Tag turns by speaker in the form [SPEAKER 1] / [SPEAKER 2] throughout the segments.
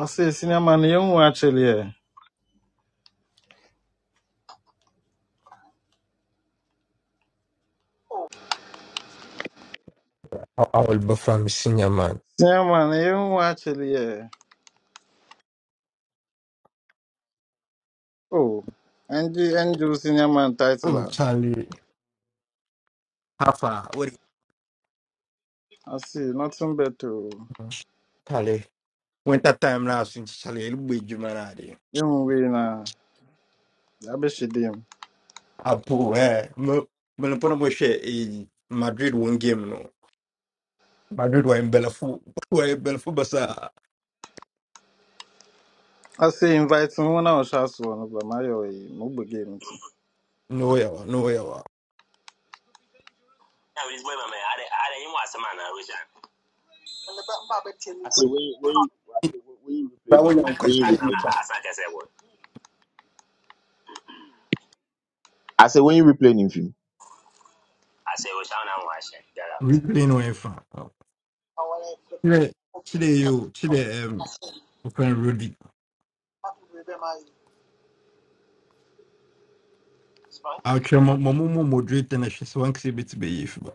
[SPEAKER 1] I say sinema ne yɛn akyɛdeɛ.
[SPEAKER 2] I, I will be from senior man.
[SPEAKER 1] Sinema ne yɛn akyɛdeɛ. Oh, NG NG sinema title
[SPEAKER 2] Oh,
[SPEAKER 1] I
[SPEAKER 2] Charlie. How far? What do
[SPEAKER 1] see. nothing better.
[SPEAKER 2] you mean? Charlie. When that time last since Charlie, it'll be Jumanadi.
[SPEAKER 1] Yɛn wei na yɛabɛhyɛ dam.
[SPEAKER 2] Abu, eh? Melapona Moshe in Madrid one game, no. Madrid were in Belafu. Were in Belafu Basa.
[SPEAKER 1] I say invite ho na ɔhyɛ i no ba ma yɛ ɔyi na ɔbɔ game ti.
[SPEAKER 2] No, yawa, no, yawa.
[SPEAKER 3] I said, when you, when you, I said,
[SPEAKER 2] That way, I'm
[SPEAKER 3] when when you
[SPEAKER 2] questioning
[SPEAKER 3] replaying him, when you replaying him.
[SPEAKER 2] you.
[SPEAKER 3] I said, when you replaying him, film.
[SPEAKER 2] Really, no, in fact. Chile, Chile, you, Chile, um, open Rudy. I'll try my mom moderate and she's one exhibit to see bit to be if.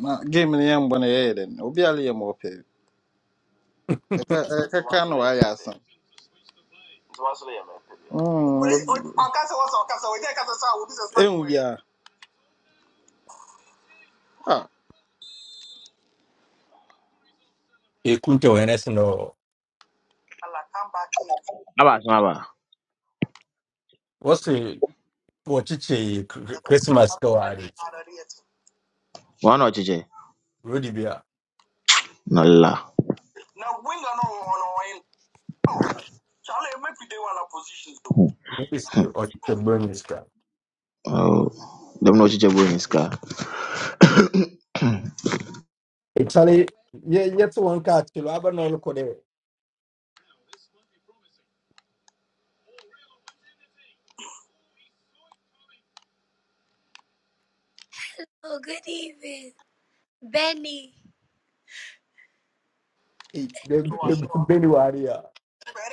[SPEAKER 1] Na game no yɛn bɔ no yɛyɛ dɛn. Obi ale yɛ ma ɔpɛ. Ɛka ɛkaka na Na game yamope. Eka eka wayɛ asa. ɛhu biaa Ah,
[SPEAKER 2] ekunte wɔyɛ sɛ no
[SPEAKER 1] na
[SPEAKER 3] Aba, so aba.
[SPEAKER 2] wɔse wɔkyekyɛ Chr- christmas kɛ wɔ ade
[SPEAKER 3] One or chiche.
[SPEAKER 2] rodi bi a
[SPEAKER 3] No la.
[SPEAKER 2] wɔbɛsi ɔkyɛ bonus kra
[SPEAKER 3] Oh, them no chiche boy in scar.
[SPEAKER 2] ɛkyale yɛte wɔn ka akyelo aba na ɔlokɔ dɛ
[SPEAKER 4] Oh, good evening, Benny.
[SPEAKER 2] "Ei, bɛ- bɛ- bɛ- beni wɔ ade a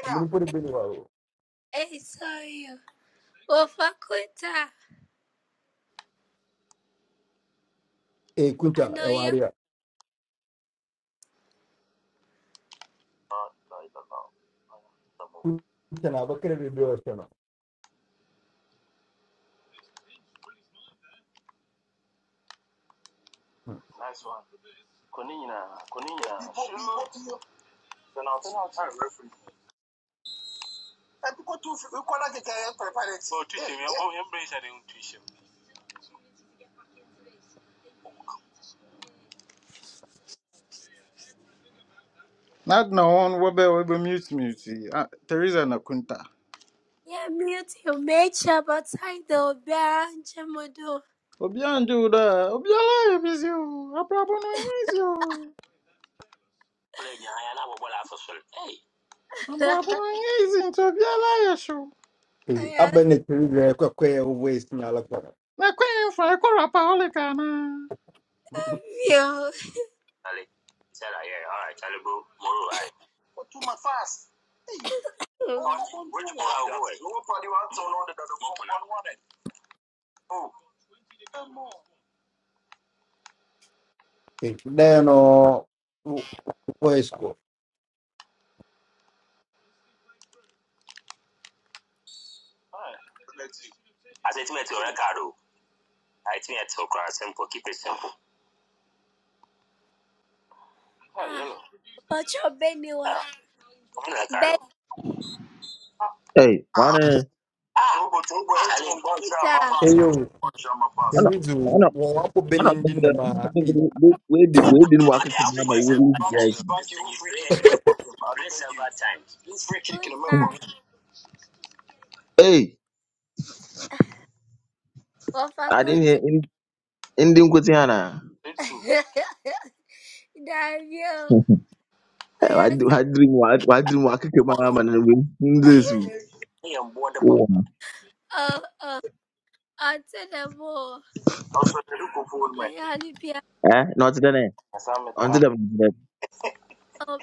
[SPEAKER 2] amene de bɛni wɔ o
[SPEAKER 4] Hey, sorry. Ofakuta. I
[SPEAKER 2] kunta e
[SPEAKER 4] know you.
[SPEAKER 2] ade a kunta na abɛkɛrɛ bebree a ɔhyɛ no
[SPEAKER 1] ade na hɔ no wɔbɛ wɔbɛmutemute yi Ah, teresa na kunta
[SPEAKER 4] Yeah, mute your nature, but I don't bear and Jamodo.
[SPEAKER 1] obiaa ngye wo daa obiara yɛ bisi o abrabɔ no ɛnyɛ si o Ambapo hizi vyala yeshu
[SPEAKER 2] Ei,
[SPEAKER 4] I love
[SPEAKER 2] aba ne tiri dɛ kɔkɔɛ wɔwɔɛsi na alakɔ
[SPEAKER 1] na kwenye mfa ikora paolekana
[SPEAKER 2] no
[SPEAKER 4] you.
[SPEAKER 1] Ali. Said I, yeah, all right, Talibu, Muru, I. But too much fast. Oh, oh,
[SPEAKER 4] Um,
[SPEAKER 1] oh, which one? Oh, boy. Nobody wants to know that the woman wanted. Oh.
[SPEAKER 2] Ei, dɛn no wɔyɛ sukɔ
[SPEAKER 1] I said to me to Ricardo. I think it's so crass, simple, keep it simple. Ah,
[SPEAKER 4] Ah,
[SPEAKER 1] yellow.
[SPEAKER 4] but your Benny wa.
[SPEAKER 1] Ah, I'm
[SPEAKER 4] Benita.
[SPEAKER 1] Ricardo.
[SPEAKER 3] Hey, one. eh,
[SPEAKER 1] Ah, oh, but oh, boy, it's one bunch of my pass.
[SPEAKER 2] ɛyɛ o
[SPEAKER 1] Bunch of my
[SPEAKER 3] One.
[SPEAKER 1] pass.
[SPEAKER 2] ɛwizi wɔ
[SPEAKER 3] One.
[SPEAKER 2] wɔn abɔ bɛni
[SPEAKER 3] One.
[SPEAKER 2] ndi ndamaa
[SPEAKER 3] We we we didn't work it. Mama, we we
[SPEAKER 1] Thank you. free kick in the member. Listen, bad times. You free kick in the member.
[SPEAKER 3] boys.
[SPEAKER 4] Kuta.
[SPEAKER 3] Hey, I didn't hear
[SPEAKER 4] Wafakuta.
[SPEAKER 3] in in the Kutiana.
[SPEAKER 1] Litu
[SPEAKER 4] Damn you. I
[SPEAKER 3] I do
[SPEAKER 4] asked.
[SPEAKER 3] I dream what I dream what I came out and win this. Oh.
[SPEAKER 4] Oh, oh. Answer the more.
[SPEAKER 1] also the look of wood
[SPEAKER 4] I
[SPEAKER 1] like
[SPEAKER 4] had to be
[SPEAKER 3] Eh, not today. eh?
[SPEAKER 1] Asame
[SPEAKER 3] Until
[SPEAKER 1] Tate
[SPEAKER 3] them.
[SPEAKER 4] a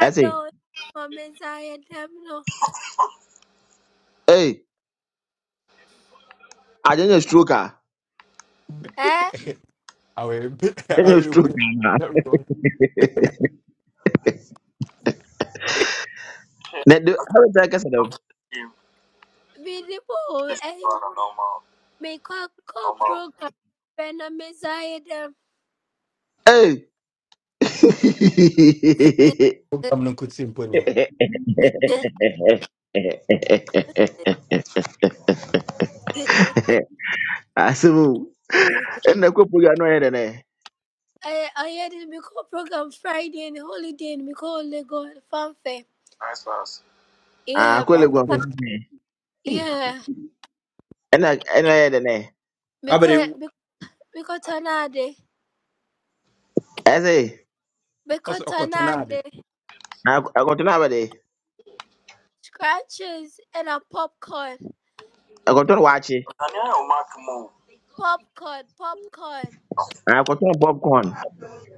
[SPEAKER 3] I say,
[SPEAKER 4] wamezaitemno
[SPEAKER 3] hey. agyanya stroke a
[SPEAKER 4] eh
[SPEAKER 2] Awe, awe
[SPEAKER 3] agyanya stroke
[SPEAKER 2] rubi.
[SPEAKER 3] a
[SPEAKER 2] Rubi.
[SPEAKER 3] na de how did i get them
[SPEAKER 1] in
[SPEAKER 4] vilipo
[SPEAKER 1] this
[SPEAKER 4] eh
[SPEAKER 1] normal
[SPEAKER 4] mikwako
[SPEAKER 1] normal
[SPEAKER 4] program pena mezaitem
[SPEAKER 3] hey
[SPEAKER 2] Program no could symphony.
[SPEAKER 3] asemu ɛna kɔ program no ɔyɛ dɛ nɛ
[SPEAKER 4] I I had a program Friday and holiday and Miko Lego fanfare.
[SPEAKER 1] as far as
[SPEAKER 4] Yeah,
[SPEAKER 3] akɔle gu ɔfa
[SPEAKER 2] Hey,
[SPEAKER 4] yeah.
[SPEAKER 3] ɛna ɛna ɔyɛ dɛ nɛ
[SPEAKER 4] Miko
[SPEAKER 2] abere
[SPEAKER 4] Miko Tanade.
[SPEAKER 3] ɛsɛ
[SPEAKER 4] Miko
[SPEAKER 2] also okotonade.
[SPEAKER 4] Tanade.
[SPEAKER 3] akɔtɔ no abɛde
[SPEAKER 4] Scratches and a popcorn.
[SPEAKER 3] akɔtɔ no waakye
[SPEAKER 1] Daniel move.
[SPEAKER 4] Popcorn, popcorn.
[SPEAKER 3] akɔtɔ no popcorn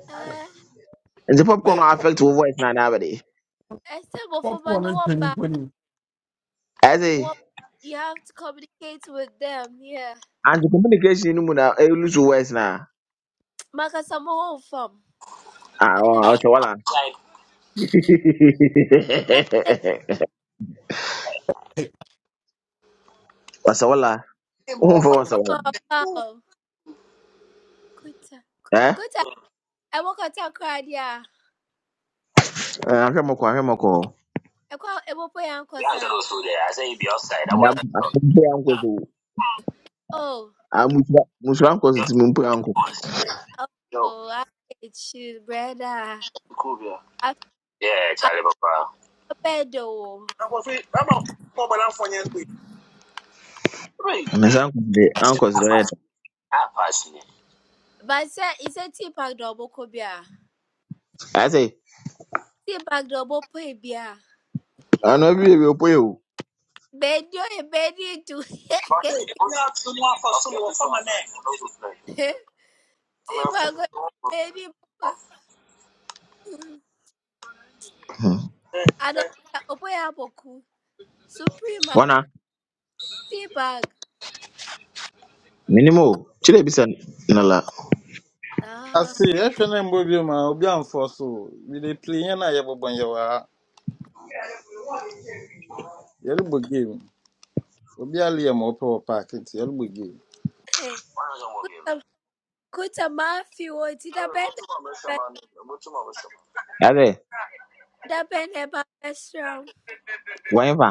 [SPEAKER 4] Uh,
[SPEAKER 3] nti popcorn
[SPEAKER 2] Ne
[SPEAKER 3] no affect wo voice na na abɛde
[SPEAKER 4] I said, well,
[SPEAKER 2] popcorn and penny
[SPEAKER 4] for
[SPEAKER 2] penny.
[SPEAKER 3] ɛsɛ
[SPEAKER 4] Well, you have to communicate with them. Yeah.
[SPEAKER 3] anti communication no mu na ɛlose wo voice na
[SPEAKER 4] Makasama Makasamo fam.
[SPEAKER 3] a
[SPEAKER 4] Ana
[SPEAKER 3] ɔsɛ
[SPEAKER 1] Like
[SPEAKER 2] Hey,
[SPEAKER 3] wasawala umva
[SPEAKER 4] oh
[SPEAKER 3] wasawala
[SPEAKER 4] wow. Kuta.
[SPEAKER 3] eh
[SPEAKER 4] Kuta. I woke up to cry. Yeah.
[SPEAKER 3] Eh, ahwɛ mɔkɔ ahwɛ mɔkɔ
[SPEAKER 4] I call I woke
[SPEAKER 1] the answer
[SPEAKER 4] up
[SPEAKER 1] was so there. I say he be outside. That was
[SPEAKER 3] madam ampɛ ankɔso
[SPEAKER 4] Oh.
[SPEAKER 3] amusra musra ankɔso
[SPEAKER 1] your
[SPEAKER 3] ti mu mpɛ ankɔ
[SPEAKER 1] response. Yo,
[SPEAKER 4] Oh. I hate you, brother.
[SPEAKER 1] Kubia.
[SPEAKER 4] I
[SPEAKER 1] Yeah,
[SPEAKER 4] I
[SPEAKER 1] Charlie Papa.
[SPEAKER 4] bed though.
[SPEAKER 1] That was it. I'm a problem for you.
[SPEAKER 3] na sa ankɔso de ankɔso de ɔyɛ dɛ
[SPEAKER 1] I pass me.
[SPEAKER 4] But say it's a tea bag double cobia.
[SPEAKER 3] ayɛ sɛ
[SPEAKER 4] Tea bag double pay beer.
[SPEAKER 3] ɔno bi ebi opo yi o
[SPEAKER 4] Bed you a bed to
[SPEAKER 1] But hey, we have to know for someone from a name.
[SPEAKER 4] tea bag baby. papa.
[SPEAKER 3] Hmm.
[SPEAKER 4] I don't. Open up Suprema,
[SPEAKER 3] wɔna
[SPEAKER 4] T bag.
[SPEAKER 3] minimu o kyerɛ bi sɛ nala
[SPEAKER 4] ah,
[SPEAKER 1] Ase ɛhwɛ no mbɔ bio ma obi amfɔ so mede pili yɛn a yɛbobɔ yɛwɔ ha game Obi a liam ɔpɛ wɔ park nti ɛlbɔ game.
[SPEAKER 4] hey,
[SPEAKER 1] Why not more game?
[SPEAKER 4] Kuta Mafi, Wotita
[SPEAKER 1] Go
[SPEAKER 4] Bene,
[SPEAKER 1] to my best man. Go to my best man.
[SPEAKER 3] ayɛ sɛ
[SPEAKER 4] Da Bene Babestrom,
[SPEAKER 3] wɔn fa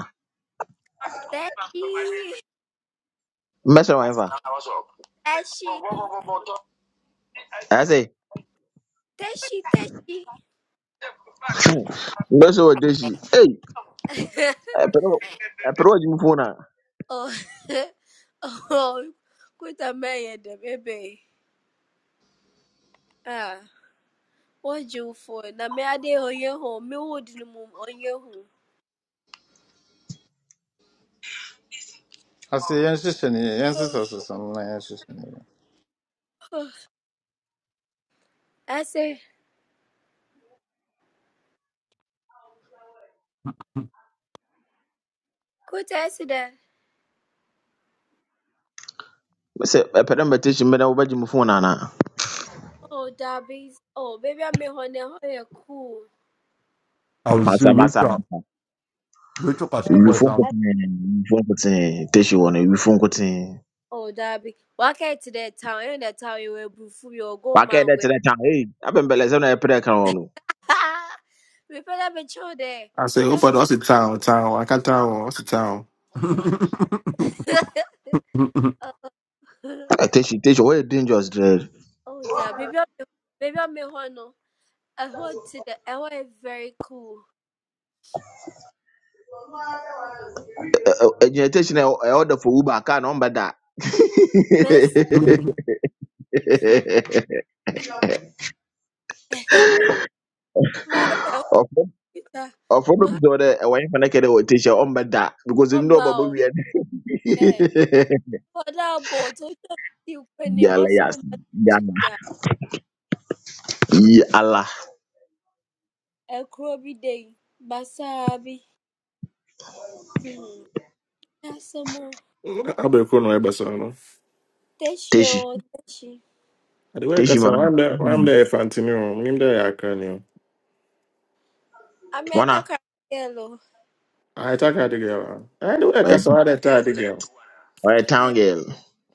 [SPEAKER 4] Teshi,
[SPEAKER 3] mbɛsɛ wɔn fa
[SPEAKER 1] I was up. Go
[SPEAKER 4] Teshi,
[SPEAKER 1] go go go go.
[SPEAKER 3] ayɛ sɛ
[SPEAKER 4] Teshi, Teshi.
[SPEAKER 3] "Hmm, mbɛsɛ wɔ deshi ei ɛpɛrɛ wo- ɛpɛrɛ wɔ gyi mu fon na
[SPEAKER 4] Oh, oh, Kuta Maya, the baby. Ah, what you for? Na me ade oye ho, me wood no mum oye ho.
[SPEAKER 1] Ase yɛnhyehyɛ ne yɛ, yɛnsesasesa no na yɛnhyehyɛ ne
[SPEAKER 4] I say, Kuta, I said
[SPEAKER 3] mbɛsɛ ɛpɛrɛ mbɛ deshi mbɛdɛ wɔ bɛ gyi mu fon na na
[SPEAKER 4] Oh, Darby's. Oh, baby, I'm a honey, honey, cool.
[SPEAKER 2] I will see
[SPEAKER 3] masa
[SPEAKER 2] we
[SPEAKER 3] masa
[SPEAKER 2] talk. We talk as we boy
[SPEAKER 3] Ewifo
[SPEAKER 2] some.
[SPEAKER 3] nkotsee, ewifo nkotsee, Teshi wɔ no, ewifo nkotsee.
[SPEAKER 4] Oh, Darby. Waka to that town, and that town you will be full your go
[SPEAKER 3] Wakɛɛ dɛ
[SPEAKER 4] mango.
[SPEAKER 3] kyerɛ kyɛn, ei, abɛmbɛlɛsɛm na ɛpɛ dɛ ɛka wo no.
[SPEAKER 4] Ha! We better be sure there.
[SPEAKER 5] I say, Opa, what's the town? Town, I can't town. What's the town?
[SPEAKER 3] Ah, Teshi, Teshi, wɔyɛ dangerous dɛ.
[SPEAKER 4] Oh, Darby. Baby, I'm baby, I'm a hono. I hold to the I hold it very cool.
[SPEAKER 3] Ɔ- Ɛgyina Teshi na ɛ- ɛorder for Uber, kaa na ɔmbɛda.
[SPEAKER 4] Miss, hello, my
[SPEAKER 3] Ɔfo
[SPEAKER 4] Peter,
[SPEAKER 3] ɔfo bɛbu
[SPEAKER 4] my
[SPEAKER 3] sɛ ɔdɛ ɛwɔ nyɛ fɛnɛ kɛ dɛ wɔ Teshi a ɔmbɛda because ɛmu dɛ ɔba
[SPEAKER 4] humble.
[SPEAKER 3] bɛwia no.
[SPEAKER 4] Hey, for that boat, what you can name
[SPEAKER 3] Yala
[SPEAKER 4] so
[SPEAKER 3] yas,
[SPEAKER 4] much
[SPEAKER 3] yala,
[SPEAKER 4] that
[SPEAKER 3] yala,
[SPEAKER 4] a crowby day, Basabi. Hmm, that's some more.
[SPEAKER 5] I be cool no ever so.
[SPEAKER 3] Teshi,
[SPEAKER 4] Teshio, Teshi.
[SPEAKER 5] I the work
[SPEAKER 3] Teshi
[SPEAKER 5] as say,
[SPEAKER 3] man.
[SPEAKER 5] I'm there, I'm there, Fantino. I'm there, I can you.
[SPEAKER 4] I'm a the
[SPEAKER 3] Wana,
[SPEAKER 4] car yellow.
[SPEAKER 5] I talk at the girl. huh? I the work
[SPEAKER 4] What?
[SPEAKER 3] ɔyɛ
[SPEAKER 5] as say, I talk the girl.
[SPEAKER 3] ɔyɛ town girl.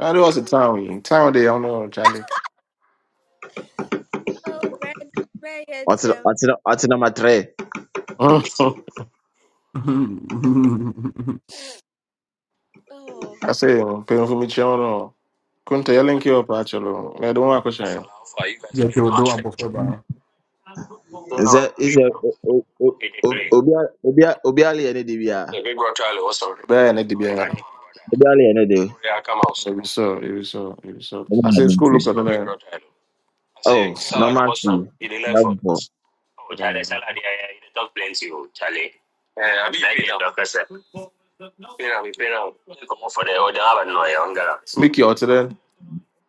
[SPEAKER 5] I do what's the town? Town they don't know, Charlie.
[SPEAKER 4] Oh, red, red, yeah,
[SPEAKER 3] Ɔtena
[SPEAKER 4] Jim.
[SPEAKER 3] ɔtena ɔtena matrɛ.
[SPEAKER 5] I
[SPEAKER 4] Oh,
[SPEAKER 5] say, pay for me, Chono. Couldn't tell link you up, actually. I don't want to shine.
[SPEAKER 2] Yeah, they will do a buffer bar.
[SPEAKER 3] sɛ sɛ obiara obiara obiara yɛ ne de bia
[SPEAKER 5] But I need to
[SPEAKER 3] obiara yɛ ne de
[SPEAKER 5] So, so, so.
[SPEAKER 3] Ɔno
[SPEAKER 5] I
[SPEAKER 3] na
[SPEAKER 5] say,
[SPEAKER 3] ɛde
[SPEAKER 5] school
[SPEAKER 3] nti.
[SPEAKER 5] looks at them.
[SPEAKER 3] oh normal fee dabɔ
[SPEAKER 5] Mickey or today,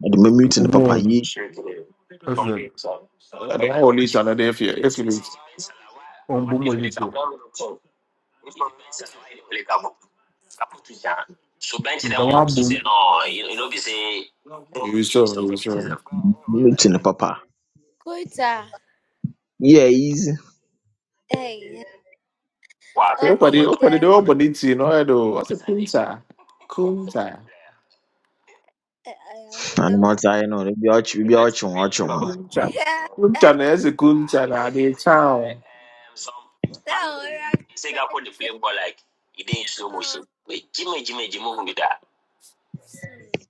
[SPEAKER 3] ɛde me mute ne papa
[SPEAKER 2] Boom.
[SPEAKER 3] yi
[SPEAKER 2] Listen,
[SPEAKER 5] another day fear.
[SPEAKER 2] on boom with you. The one boom.
[SPEAKER 3] mute ne papa
[SPEAKER 4] kuta.
[SPEAKER 3] yeah easy
[SPEAKER 4] Hey,
[SPEAKER 5] Opa, the
[SPEAKER 4] okay,
[SPEAKER 5] Opa, the
[SPEAKER 4] then.
[SPEAKER 5] old bonity, no, I do. What's the Kunta? Kunta.
[SPEAKER 4] Eh, eh,
[SPEAKER 3] and
[SPEAKER 4] So,
[SPEAKER 3] what i know ebi ɔkye ebi ɔkye ho ɔkye ho
[SPEAKER 5] Kuncha.
[SPEAKER 4] yeah,
[SPEAKER 5] Kuncha na ese kuncha na the town.
[SPEAKER 4] so red, red, Jim. Oh, hmm.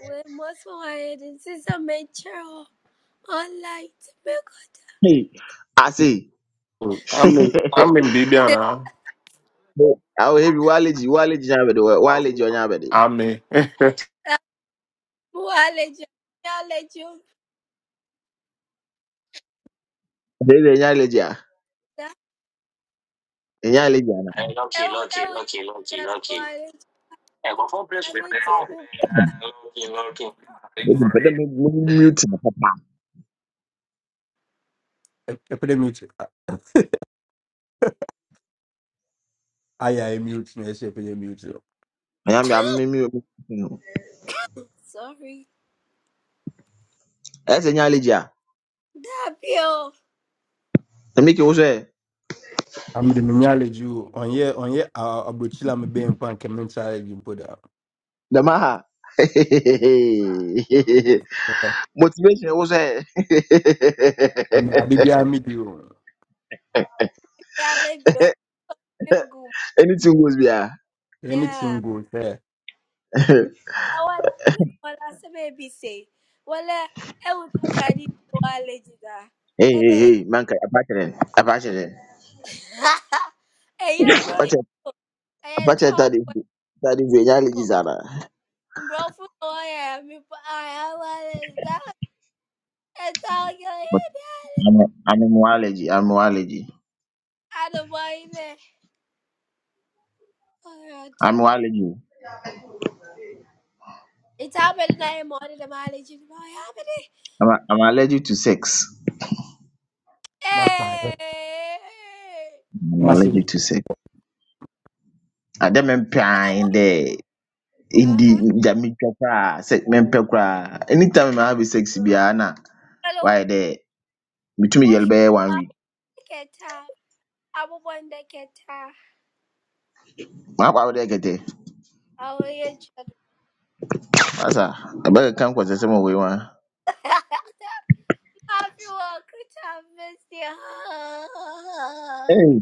[SPEAKER 4] we must find it. and see some nature online. Make
[SPEAKER 3] hey i see
[SPEAKER 5] Amen, amen, in I'm in Bibia
[SPEAKER 4] it.
[SPEAKER 5] now.
[SPEAKER 3] awo ebi waleji waleji nya abɛde waleji ɔnya abɛde
[SPEAKER 5] I'm in.
[SPEAKER 4] Wallet, wallet, Ew,
[SPEAKER 3] ɛde ɛde nya aleji a nya aleji a
[SPEAKER 4] ew, wallet. I mean, people.
[SPEAKER 3] ebi mpɛ dɛ me me mute ne papa
[SPEAKER 2] Epidemic. I am mute. Yes, epidemic.
[SPEAKER 3] ɛnya mi a me me mute no
[SPEAKER 4] Sorry.
[SPEAKER 3] ɛsɛ nya aleji a
[SPEAKER 4] Tapio.
[SPEAKER 3] ɛmi ke wo sɛ
[SPEAKER 2] I'm the minyaleji o ɔnyɛ ɔnyɛ a- abrokyire a mebɛn mpo anka mentwa bi mpo da
[SPEAKER 3] Jamaa. Motivation was there.
[SPEAKER 2] Ame- ade biara medi o
[SPEAKER 4] Yale,
[SPEAKER 3] Anything goes there.
[SPEAKER 4] Yeah.
[SPEAKER 2] anything go sɛ
[SPEAKER 4] Na wala good wala sebe bi se. Wala e wo to kradi to wale jida.
[SPEAKER 3] Hey, hey,
[SPEAKER 4] Ebe
[SPEAKER 3] hey, man, can Apache, Apache,
[SPEAKER 4] e ye bro e
[SPEAKER 3] Apache,
[SPEAKER 4] ye
[SPEAKER 3] Apache,
[SPEAKER 4] tell
[SPEAKER 3] that is,
[SPEAKER 4] wo.
[SPEAKER 3] that is the allergy, Zara.
[SPEAKER 4] Bro fu o ye mi pa I wale da e tell yo e
[SPEAKER 3] But
[SPEAKER 4] da.
[SPEAKER 3] I'm, a- I'm a allergy, I'm allergy,
[SPEAKER 4] Ada boy ne. Oh ti.
[SPEAKER 3] I'm allergy,
[SPEAKER 4] It's happening na e the mileage jida. Oh ya be de.
[SPEAKER 3] I'm, a- I'm allergic to sex.
[SPEAKER 2] master
[SPEAKER 4] Eh.
[SPEAKER 3] I'm allergic
[SPEAKER 2] master
[SPEAKER 3] to sex. I don't mean in
[SPEAKER 4] La wo.
[SPEAKER 3] the, in the, the middle cry, sex, men pekra. Anytime I have sex, be Anna,
[SPEAKER 4] Hello.
[SPEAKER 3] why there? Between
[SPEAKER 4] Wo
[SPEAKER 3] yell bear one week.
[SPEAKER 4] shiketa. Abu bwanda keta.
[SPEAKER 3] Mapawodɛ kɛtɛ
[SPEAKER 4] Awo ye
[SPEAKER 3] masa ɛbɛkeka nkɔsɛsɛm wɔ wei wa.
[SPEAKER 4] Happy Walker Time, Mr.
[SPEAKER 3] Hey.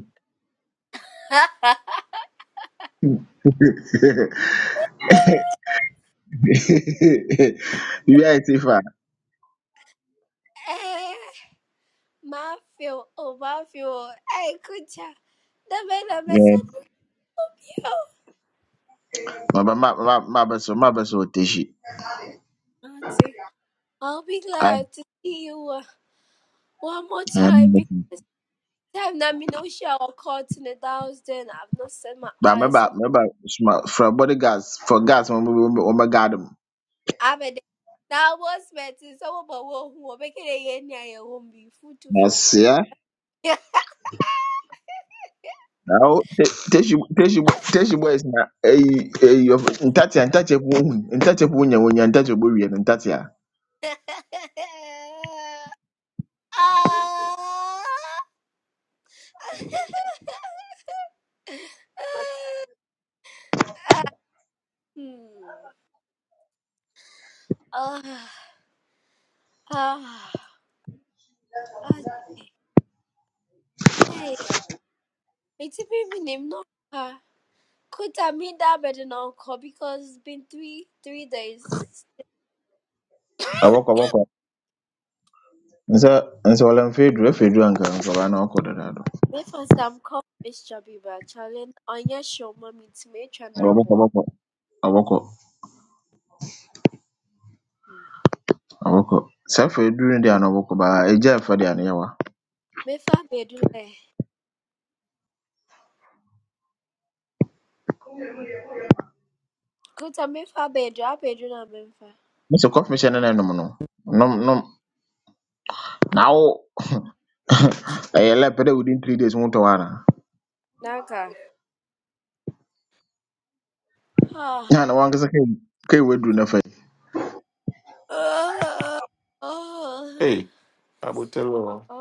[SPEAKER 3] Biribi ayɛ te fa.
[SPEAKER 4] Matthew, oh Matthew, hey, good job. The man I messed
[SPEAKER 3] Yeah.
[SPEAKER 4] with you,
[SPEAKER 3] Maba ma- ma- mabɛsɔ mabɛsɔ wɔ tehyi.
[SPEAKER 4] Auntie. I'll be
[SPEAKER 3] Ai,
[SPEAKER 4] glad to see you uh, one more
[SPEAKER 3] ɛɛ,
[SPEAKER 4] time because
[SPEAKER 3] mabɛsɔ.
[SPEAKER 4] I'm not Minosha or caught in the house then. I've not set my
[SPEAKER 3] Ba
[SPEAKER 4] eyes
[SPEAKER 3] mɛba
[SPEAKER 4] on
[SPEAKER 3] mɛba sma fra bodyguards for guards wɔn bɛ guard mu.
[SPEAKER 4] I'm a now was met in some of our work who are making a year near won't be food to fry.
[SPEAKER 3] Nasia. Awo tehyi tehyi tehyi boys na eyi eyi ntatia ntatia ko ohun ntatia ko nya wonya ntatia bo wie no ntatia.
[SPEAKER 4] Ah! Hmm. Ah, ah, ah, hey, it's even him not her. Could I mean that better now, uncle? Because it's been three three days.
[SPEAKER 3] Awɔkɔ awɔkɔ. Nsa nsa wɔlɛmfɛ edu efe edu anka nkɔla na ɔkɔ dada
[SPEAKER 4] Me for some coffee, Miss Chubby bar challenge on your show, mommy to me
[SPEAKER 3] Ɔbɔkɔ
[SPEAKER 4] chanabo.
[SPEAKER 3] ɔbɔkɔ ɔbɔkɔ ɔbɔkɔ. Sɛ afei eduru ne deɛ a na ɔbɔkɔ baa egya mfa deɛ a ne yɛwa.
[SPEAKER 4] Me for bedule. Could I me for bedu? I bedu na me for.
[SPEAKER 3] Mese kɔfe hyɛ ne na ɛnom no. Nom nom na wo ɛyɛ lɛ pɛ dɛ within three days wotɔ hɔ ana.
[SPEAKER 4] Naga. Ah.
[SPEAKER 3] Na na wankasa kai kai waduru ne fa.
[SPEAKER 4] Oh. Oh.
[SPEAKER 5] Hey, Abutelo.
[SPEAKER 4] oh,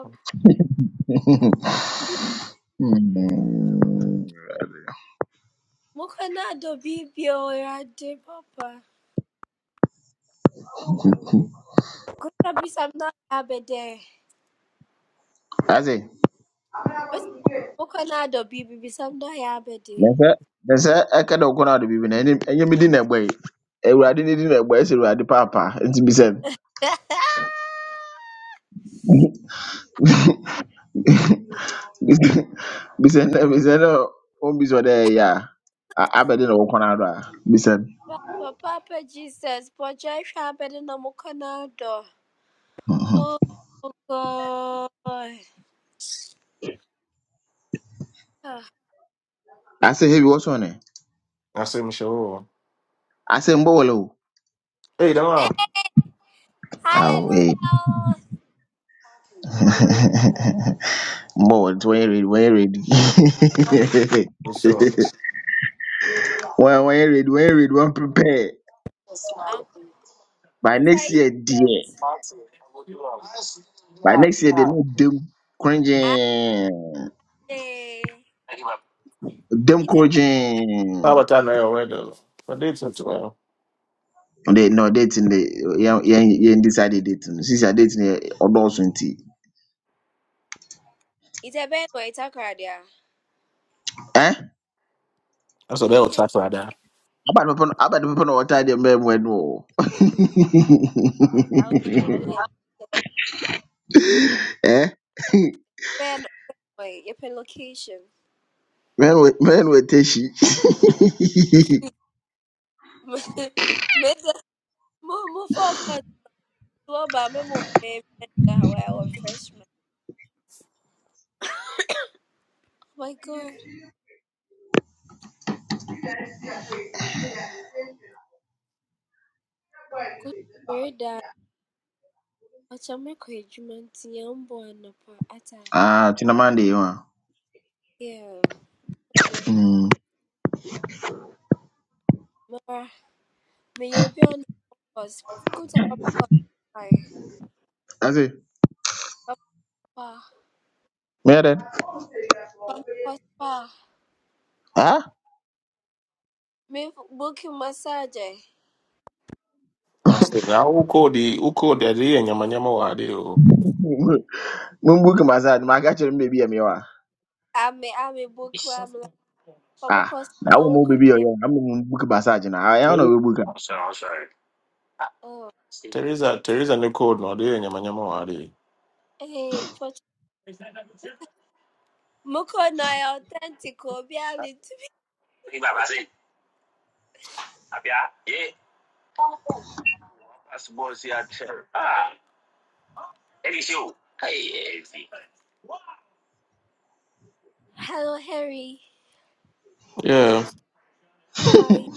[SPEAKER 4] Mukanado bibio ya de papa. Kuna bisamna ya bede.
[SPEAKER 3] Ase
[SPEAKER 4] Bes mukanado bibi bisamna ya
[SPEAKER 3] na
[SPEAKER 4] bede.
[SPEAKER 3] sɛ na sɛ ɛka dɛ wokɔ no ade biribi no ɛnyɛ ɛnyɛ me din na ɛbɔ yi. Awurade ne din na ɛbɔ yi ɛsɛ Awurade paapaa nti bisɛ no. Bisen dɛ bisen dɛ ombis ya. ɛyɛ a abɛde na wɔkɔn ado a bisen.
[SPEAKER 4] Papa pe Jesus, poja ya bede na mukana do. Oh God. Ah,
[SPEAKER 3] I say heavy what's on it?
[SPEAKER 5] Nasim Shaw.
[SPEAKER 3] I say mbɔ wɔlɛ o.
[SPEAKER 5] Hey, Dama.
[SPEAKER 3] Awo ee
[SPEAKER 4] Hallelujah.
[SPEAKER 3] mbɔ wɔlɛ nti wɔnyɛ ready wɔnyɛ ready.
[SPEAKER 5] So,
[SPEAKER 3] When wɔnyɛ ready wɔnyɛ ready when prepare
[SPEAKER 4] I'm
[SPEAKER 3] by next year dear.
[SPEAKER 4] excited.
[SPEAKER 3] by next year they ne dem
[SPEAKER 4] Ate.
[SPEAKER 3] korangyɛn dem
[SPEAKER 4] Ita
[SPEAKER 5] how
[SPEAKER 3] korangyɛn.
[SPEAKER 5] about that now? Where the for dates as well?
[SPEAKER 3] They no dating. They, de yɛn yɛn yɛn decide date no sisi a date no yɛ
[SPEAKER 4] ita it's a kardia.
[SPEAKER 5] That's a
[SPEAKER 4] Yeah.
[SPEAKER 5] bell
[SPEAKER 4] Yeah.
[SPEAKER 5] tap for that.
[SPEAKER 3] About to put about to put on tie them men when oh
[SPEAKER 4] I'll wait for them.
[SPEAKER 3] eh
[SPEAKER 4] Beno, beno, your location.
[SPEAKER 3] men with men with teshi
[SPEAKER 4] Made the more focus to about me more baby where I was freshman. Oh my god. Good very that. What's a make a human young boy and
[SPEAKER 3] ah tinamande you are.
[SPEAKER 4] yeah. bruh.
[SPEAKER 3] hmm
[SPEAKER 4] Mara, may you be on the Go to Papa Cos- Aye.
[SPEAKER 3] that's it
[SPEAKER 4] Papa.
[SPEAKER 3] yeah then
[SPEAKER 4] Papa Spa.
[SPEAKER 3] ah
[SPEAKER 4] Me book you massage. eh.
[SPEAKER 5] I said, now who called the who called the day oh.
[SPEAKER 3] mumbuki massage my catch them baby am you ah
[SPEAKER 4] I me I me book where I'm like Papa
[SPEAKER 3] na
[SPEAKER 4] Cospa
[SPEAKER 3] wo
[SPEAKER 4] won't
[SPEAKER 3] mo
[SPEAKER 4] come
[SPEAKER 3] baby
[SPEAKER 4] in.
[SPEAKER 3] you am mumbuki massage na I don't know
[SPEAKER 5] Hey,
[SPEAKER 3] we book
[SPEAKER 4] Oh.
[SPEAKER 5] Teresa, Teresa, new code no day and Yamanyama Wadi.
[SPEAKER 4] Hey, Poch Moko na authentic, Obi Ali Hello, Harry.
[SPEAKER 5] Yeah,
[SPEAKER 4] Hi.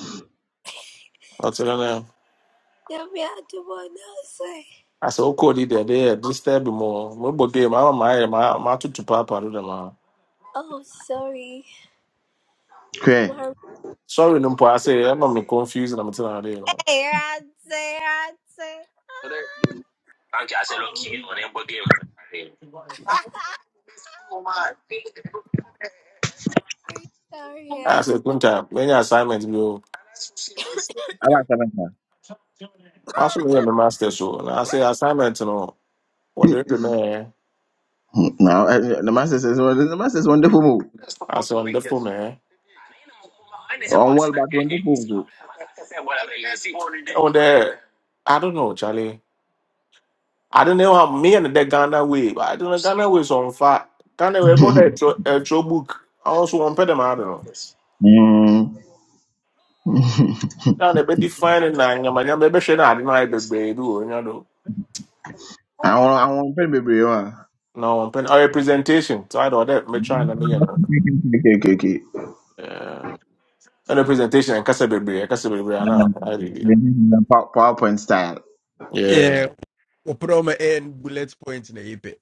[SPEAKER 5] I'll tell you now.
[SPEAKER 4] Yeah, we Do the one say?
[SPEAKER 5] I said, who called mo day? This time more. Mobile game. I'm my my my to
[SPEAKER 4] Oh, sorry.
[SPEAKER 3] okay
[SPEAKER 4] Sorry,
[SPEAKER 5] Sorry, number. I say I'm not confused and I'm telling you. Know.
[SPEAKER 4] Sarah, Sarah, Sarah. sorry.
[SPEAKER 5] I
[SPEAKER 4] sorry,
[SPEAKER 5] say, Kunta, many assignments. assignment go,
[SPEAKER 4] Yes.
[SPEAKER 3] I want seven
[SPEAKER 5] I should be my master so. And I say assignment, you know, what do you do man?
[SPEAKER 3] now eh, the master says well, the master is wonderful move
[SPEAKER 5] Man,
[SPEAKER 3] on well but wonderful too
[SPEAKER 5] But there, I don't know, Charlie. I don't know how me and the Ghana way. but I don't know Ghana way so far. fire. Ghana way more than a true book. I also want pay them. I don't know.
[SPEAKER 3] hmm
[SPEAKER 5] Now they be defining na nyama nyama. Maybe she na I don't know. I be do. You know.
[SPEAKER 3] I want I want baby you ah
[SPEAKER 5] No, I'm paying. a representation. So I don't. That me trying to me you know.
[SPEAKER 3] okay okay okay
[SPEAKER 5] Yeah. And the presentation and kasa bebre, kasa bebre ana idea.
[SPEAKER 3] Um, Pow- PowerPoint style.
[SPEAKER 5] Yeah,
[SPEAKER 2] Yeah, we put on my end bullet points in the EP.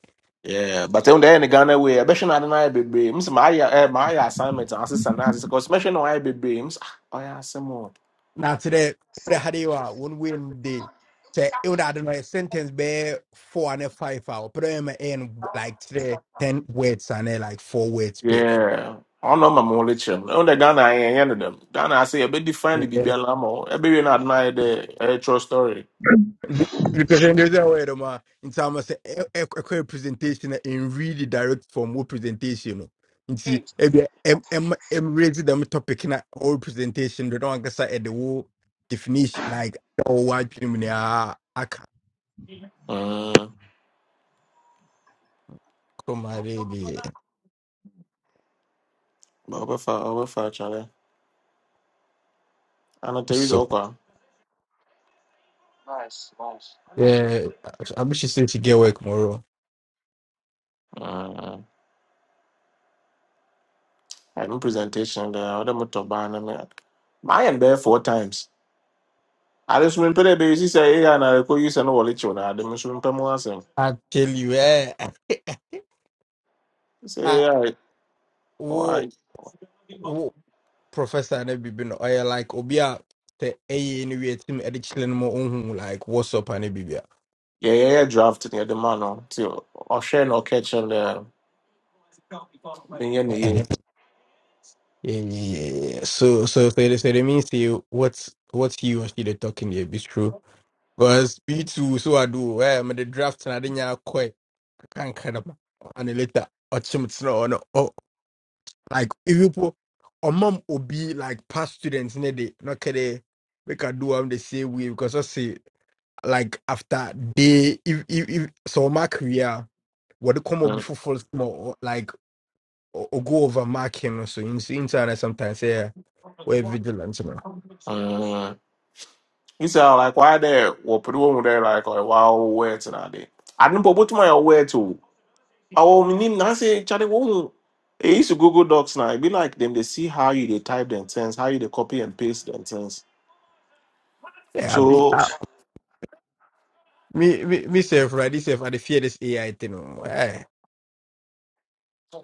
[SPEAKER 5] yeah. But on the end Ghana way, I bet you not deny bebre. Ms. My eh my assignment assistant as because mention no I B B. miss, Ms. Oh yeah, some more.
[SPEAKER 2] Now today, we had you are one win day. Say, you know, I don't know, a sentence be four and a five hour. Put on my end like today, ten words and eh, like four words pay.
[SPEAKER 5] Yeah. I know my mole chem. On the Ghana I end them. Ghana I say a bit define the bibia lamo. E be not deny the eh true story.
[SPEAKER 2] representative aware dem a nti ama sɛ ɛ- ɛ- ɛkɔyɛ presentation na ɛnwi the direct form wo presentation no nti ebia ɛm ɛm ɛmraise dɛm topic na all presentation do na wankasa the whole definition like ɔwɔ adwene mu ah, aka
[SPEAKER 5] Mm.
[SPEAKER 2] come already.
[SPEAKER 5] But we far, we fa chale. And there is
[SPEAKER 2] so
[SPEAKER 5] okwa.
[SPEAKER 2] yeah, I I wish you said she get work tomorrow
[SPEAKER 5] Mm. I have a presentation there. Other motor ban. I am there four times. ade so mempɛ dɛ ɛbɛyɛ si sɛ ai na ɛkɔyi sɛ no wɔle kyew no ade me so mempɛ mu asɛm
[SPEAKER 2] I tell you eh
[SPEAKER 5] sɛ
[SPEAKER 2] ah
[SPEAKER 5] ai
[SPEAKER 2] wo.
[SPEAKER 5] ɔai-
[SPEAKER 2] professor na bibi no ɔyɛ like obi a sɛ team. no wie tim ɛde kyerɛ no like what's up ana bibi a
[SPEAKER 5] yɛyɛyɛ draft ne yɛde ma no nti ɔhwɛ na ɔka kyerɛ no dɛ menyɛ ne
[SPEAKER 2] yeah,
[SPEAKER 5] yie
[SPEAKER 2] yeah, yeah. yeah. So, so, so, it- so it means to you what's what you or she they talking here be true. Because me too, so I do. Eh, I'm the draft and I didn't have quite can't kind of and then later or chim it's not no oh like if you put or mom will be like past students in the not can they make a do am the same way because I see. like after they if if, if so my career what the come up
[SPEAKER 5] Mm,
[SPEAKER 2] before first more like or, or go over marking or so in internet sometimes yeah we're vigilant you know.
[SPEAKER 5] mm. He said, "Oh, like, why there? What put on there, like, or wow, wet and ade. I didn't put my aware to. Our meaning, I say, Charlie, won't. It used to Google Docs now. It be like them, they see how you they type them things, how you they copy and paste them things.
[SPEAKER 2] yeah I be
[SPEAKER 5] So,
[SPEAKER 2] uh, me me myself right this self, I dey fear this AI thing oh, eh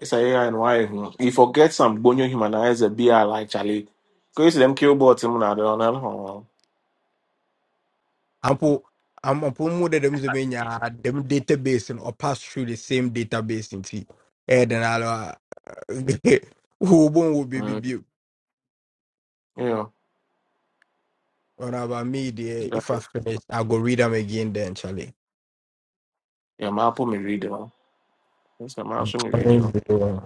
[SPEAKER 5] It's a AI and why hmm. you forget some bonyo humanizer be like Charlie. because them kill bots him na don know.
[SPEAKER 2] I'm po I'm a more than them them yeah, them database and or pass through the same database in tea eh then I'll uh, who won't baby,
[SPEAKER 5] You
[SPEAKER 2] be be
[SPEAKER 5] know.
[SPEAKER 2] on about me there
[SPEAKER 5] that-
[SPEAKER 2] if I finish I go read them again then Charlie.
[SPEAKER 5] Yeah, my apple me read you know. It's a mouse me read you know.
[SPEAKER 2] Unbelievable.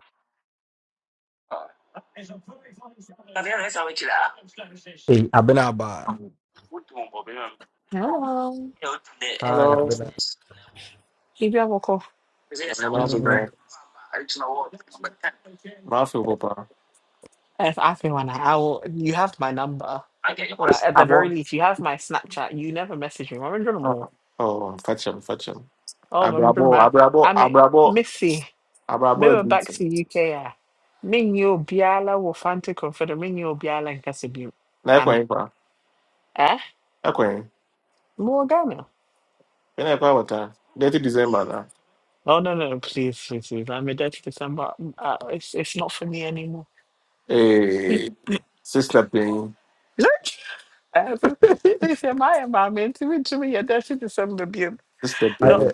[SPEAKER 2] Hey, I've
[SPEAKER 6] Hello.
[SPEAKER 2] Hi, i
[SPEAKER 6] If you have a call.
[SPEAKER 2] Mm.
[SPEAKER 5] My feel papa.
[SPEAKER 6] If I feel one, I will. You have my number. Well, at the very
[SPEAKER 5] Abo.
[SPEAKER 6] least, you have my Snapchat. You never message me. I'm in more.
[SPEAKER 5] Oh, oh, fetch him, fetch him.
[SPEAKER 6] Oh, I'm in
[SPEAKER 5] Abrabo,
[SPEAKER 6] more. I
[SPEAKER 5] abrabo,
[SPEAKER 6] mean,
[SPEAKER 5] abrabo,
[SPEAKER 6] Missy,
[SPEAKER 5] abrabo
[SPEAKER 6] maybe
[SPEAKER 5] beat
[SPEAKER 6] back
[SPEAKER 5] him.
[SPEAKER 6] to UK. ah. Minyo biala wo fante confederate. Minyo biala in Kasibu.
[SPEAKER 5] Na
[SPEAKER 6] I mean,
[SPEAKER 5] ekwen pa.
[SPEAKER 6] eh?
[SPEAKER 5] Ekwen.
[SPEAKER 6] More Ghana.
[SPEAKER 5] Kena ekwen wata. Dirty December na.
[SPEAKER 6] Oh, no, no, no, please, please, please. I'm a dirty December. Mm, Uh, it's, it's not for me anymore.
[SPEAKER 5] Hey, sister pain,
[SPEAKER 6] Look! Uh, so- so you say my environment, even to me, a dirty December. babe.
[SPEAKER 5] sister
[SPEAKER 2] I,
[SPEAKER 5] pain.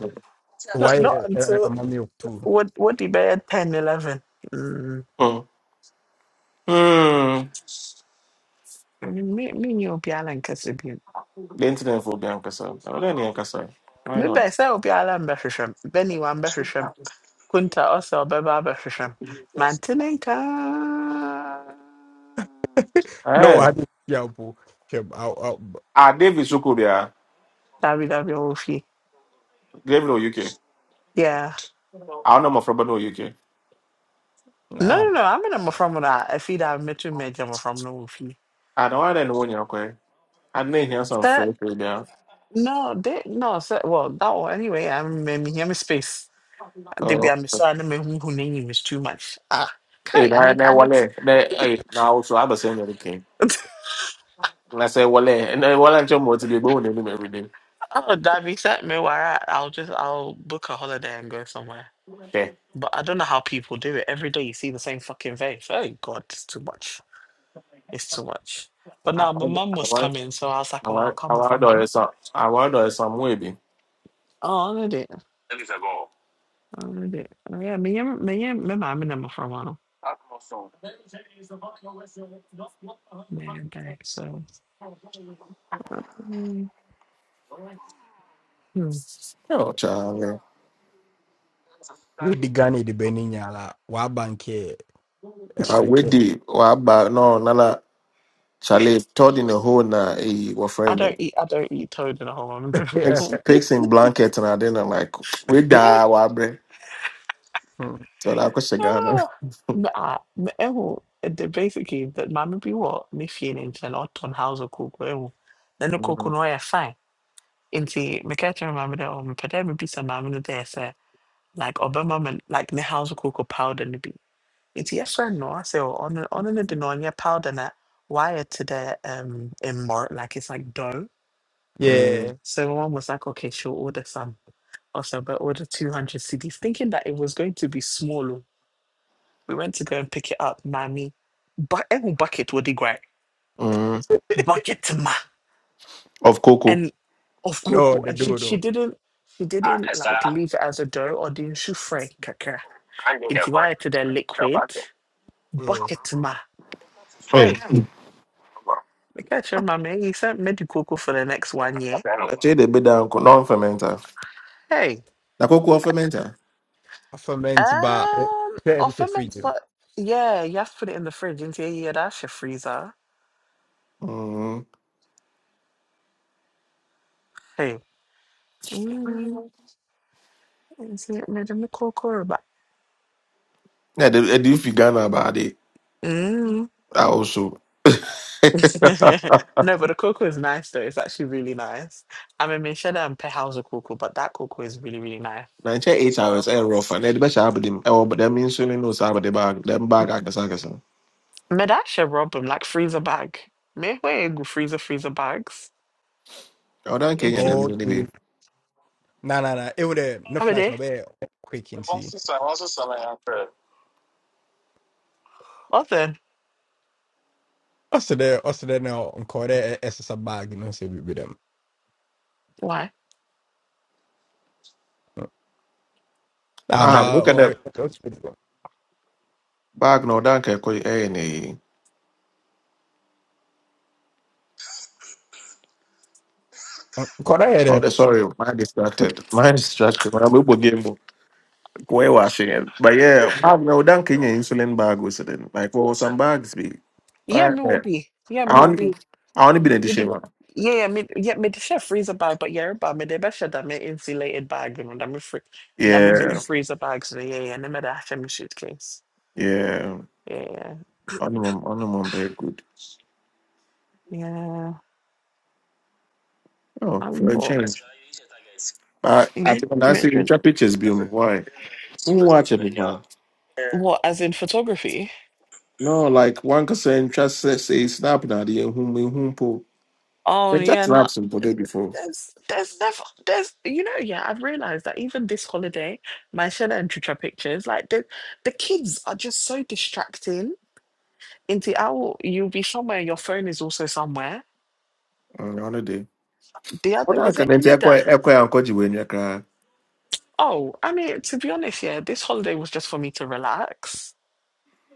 [SPEAKER 2] why
[SPEAKER 6] Not, not
[SPEAKER 2] uh,
[SPEAKER 6] until
[SPEAKER 2] I'm on milk too?
[SPEAKER 6] what what the bed ten, eleven? 11.
[SPEAKER 5] Hmm. Hmm.
[SPEAKER 6] Mm. Me me ni obi ala nkasi bi.
[SPEAKER 5] The internet for the Ankasa. I don't know Ankasa. Why
[SPEAKER 6] Me be
[SPEAKER 5] not?
[SPEAKER 6] sɛ obi ala mbɛhwehwɛ m. Bɛni wa mbɛhwehwɛ m. Kunta ɔsɛ ɔbɛba abɛhwehwɛ m. Mantene nka.
[SPEAKER 2] No,
[SPEAKER 5] Eh,
[SPEAKER 2] I didn't. Yeah, boo. Okay, I'll- I'll- but-
[SPEAKER 5] ah, David Sukubia,
[SPEAKER 6] Dabi dabi ɔwɔ
[SPEAKER 5] David or UK.
[SPEAKER 6] Yeah.
[SPEAKER 5] I don't know my friend, but no UK.
[SPEAKER 6] No
[SPEAKER 2] nah.
[SPEAKER 6] no no. I'm Ame na from that. na efi da metu mmɛgya mmɔfra mu from no fie.
[SPEAKER 5] I don't want anyone here, okay? I need here some
[SPEAKER 6] Sir,
[SPEAKER 5] friends, yeah.
[SPEAKER 6] no they no sir. well that one anyway. I'm me me me space. Debi
[SPEAKER 5] Oh,
[SPEAKER 6] a me so a na me who hu n'enyim is too much. Ah.
[SPEAKER 5] hey,
[SPEAKER 6] Kai I
[SPEAKER 5] I
[SPEAKER 6] need
[SPEAKER 5] know
[SPEAKER 6] I need.
[SPEAKER 5] Wale. Then, Hey, now also have the same little thing. And I say Wale, and then Wale and Chomo to be born with him every day.
[SPEAKER 6] Oh, that'd be something where I, I'll just I'll book a holiday and go somewhere.
[SPEAKER 5] Okay.
[SPEAKER 6] But I don't know how people do it. Every day you see the same fucking face. Oh God, it's too much. It's too much. But
[SPEAKER 5] I
[SPEAKER 6] now my
[SPEAKER 5] want,
[SPEAKER 6] mum
[SPEAKER 5] I
[SPEAKER 6] was
[SPEAKER 5] want,
[SPEAKER 6] coming, so I was
[SPEAKER 5] I
[SPEAKER 6] like, oh, I'll
[SPEAKER 5] want,
[SPEAKER 6] come
[SPEAKER 5] I
[SPEAKER 6] with my
[SPEAKER 5] want to
[SPEAKER 6] mum.
[SPEAKER 5] do some, I want to do some wedding.
[SPEAKER 6] Oh, I did it. I did it. Oh, yeah, me and me and my mum and them for a while. Man, day. So um, hmm.
[SPEAKER 5] Oh, Charlie.
[SPEAKER 2] We the Ghana the Benin yala. Wa bank here. A
[SPEAKER 5] I
[SPEAKER 2] quick.
[SPEAKER 5] wait the, oh, I buy, no, Nala, Charlie, told in the hole now, hey, what
[SPEAKER 6] I
[SPEAKER 5] friend.
[SPEAKER 6] don't eat. I don't eat toad in a
[SPEAKER 2] Yeah.
[SPEAKER 5] Pigs,
[SPEAKER 6] whole.
[SPEAKER 5] pigs in blankets and I didn't like we die wabre.
[SPEAKER 2] Mm.
[SPEAKER 5] So that question Ghana.
[SPEAKER 6] Ah, ah me ehu the basically that maame bi wɔ ne fie ne nkyɛn na ɔtɔn house of koko ehu na ne cocoa
[SPEAKER 5] Mm,
[SPEAKER 6] no ɔyɛ fine nti meka kyerɛ maame dɛ ɔmo pɛ dɛ mebisa maame no dɛ sɛ like ɔbɛma me like ne house of cocoa powder no bi nti yɛfrɛ no ɔsɛ ɔno ɔno no de na ɔnyɛ powder na wayɛ te dɛ um mmɔr like it's like dough
[SPEAKER 2] Yeah.
[SPEAKER 5] mm,
[SPEAKER 6] so one was like okay she'll order some Also, but order two hundred cds thinking that it was going to be small We went to go and pick it up, mommy. But every bucket would be great,
[SPEAKER 5] mm.
[SPEAKER 6] Bucket ma
[SPEAKER 5] Of cocoa.
[SPEAKER 6] and of
[SPEAKER 2] No,
[SPEAKER 6] cocoa.
[SPEAKER 2] the
[SPEAKER 6] And she she
[SPEAKER 2] dodo.
[SPEAKER 6] didn't she didn't like leave it as a dough or didn't she fry kaka. Into why to the liquid
[SPEAKER 2] Yeah.
[SPEAKER 6] bucket ma. Hey, look at your mommy. You sent me the cocoa for the next one year.
[SPEAKER 5] Actually they be down non fermenter.
[SPEAKER 6] Hey.
[SPEAKER 5] The cocoa or fermenter.
[SPEAKER 2] I ferment but
[SPEAKER 6] Um
[SPEAKER 2] then
[SPEAKER 6] of
[SPEAKER 2] it's a freedom.
[SPEAKER 6] but yeah, you have to put it in the fridge. Into yeah, that's your freezer.
[SPEAKER 5] Mm.
[SPEAKER 6] Hey. Mm, is it made in the cocoa? But
[SPEAKER 5] Yeah, they do if Ghana about it.
[SPEAKER 6] mm-hmm.
[SPEAKER 5] I also.
[SPEAKER 6] No, but the cocoa is nice though. It's actually really nice. I mean, me share min känner en perhauser cocoa, but that cocoa is really, really nice.
[SPEAKER 5] Nine check eight hours and rough and the best I have them. eh, Oh, but them means you know the bag. Them bag I can say.
[SPEAKER 6] Men där kör Robin, like freezer bag. Men vad go freezer, freezer bags?
[SPEAKER 5] Oh, don't care. yeah,
[SPEAKER 6] into
[SPEAKER 5] Them in the way.
[SPEAKER 2] Okay. Nah, nah, nah. It would uh, no
[SPEAKER 6] jag vet
[SPEAKER 2] flies
[SPEAKER 6] det.
[SPEAKER 2] no be quick and see.
[SPEAKER 6] Other,
[SPEAKER 2] Also there, also there now. Encore there. It's a bag. You know, say we with them.
[SPEAKER 6] why?
[SPEAKER 2] Nah,
[SPEAKER 6] Ma,
[SPEAKER 5] Ah,
[SPEAKER 2] but
[SPEAKER 5] look at
[SPEAKER 2] oh,
[SPEAKER 5] that
[SPEAKER 2] oh,
[SPEAKER 5] bag. No, don't care. Any.
[SPEAKER 2] oh, could I
[SPEAKER 5] Oh,
[SPEAKER 2] hear that?
[SPEAKER 5] the- sorry, mind distracted. Mind distracted. My mobile a game. We're washing it. But yeah, bag now don't in insulin bag was it then. Like what was some bags be?
[SPEAKER 6] yeah,
[SPEAKER 5] All
[SPEAKER 6] me will
[SPEAKER 5] right.
[SPEAKER 6] be. Yeah, me
[SPEAKER 5] I
[SPEAKER 6] will
[SPEAKER 5] only
[SPEAKER 6] be.
[SPEAKER 5] I only been in the
[SPEAKER 6] Me
[SPEAKER 5] shape.
[SPEAKER 6] de, yeah, yeah, me, yeah, me de kör freezer bag, but yeah, but me de bär kör där med insulated bag, you know, that me free that me big
[SPEAKER 5] Yeah,
[SPEAKER 6] freezer bags. Yeah, yeah, yeah. Nej, men där kör min suitcase.
[SPEAKER 5] yeah.
[SPEAKER 6] Yeah, yeah,
[SPEAKER 5] On the mom on the mom very good.
[SPEAKER 6] yeah.
[SPEAKER 5] Oh, for
[SPEAKER 6] I'm
[SPEAKER 5] a
[SPEAKER 6] bored.
[SPEAKER 5] change. But I think when I see
[SPEAKER 6] Mid,
[SPEAKER 5] ultra pictures be on why. Who watching it now?
[SPEAKER 6] Well, as in photography.
[SPEAKER 5] No, like one can say just say say snap now the whom we whom po.
[SPEAKER 6] Oh
[SPEAKER 5] They just
[SPEAKER 6] yeah, no.
[SPEAKER 5] snap some po
[SPEAKER 6] th-
[SPEAKER 5] day before.
[SPEAKER 6] There's there's never there's you know yeah I've realized that even this holiday my Shella and Trisha pictures like the the kids are just so distracting. Into owl you'll be somewhere your phone is also somewhere.
[SPEAKER 5] On on the day.
[SPEAKER 6] The other
[SPEAKER 5] Other I
[SPEAKER 6] was it
[SPEAKER 5] can enter echo
[SPEAKER 6] Enida?
[SPEAKER 5] echo and koji when you cry.
[SPEAKER 6] Oh, I mean to be honest, yeah, this holiday was just for me to relax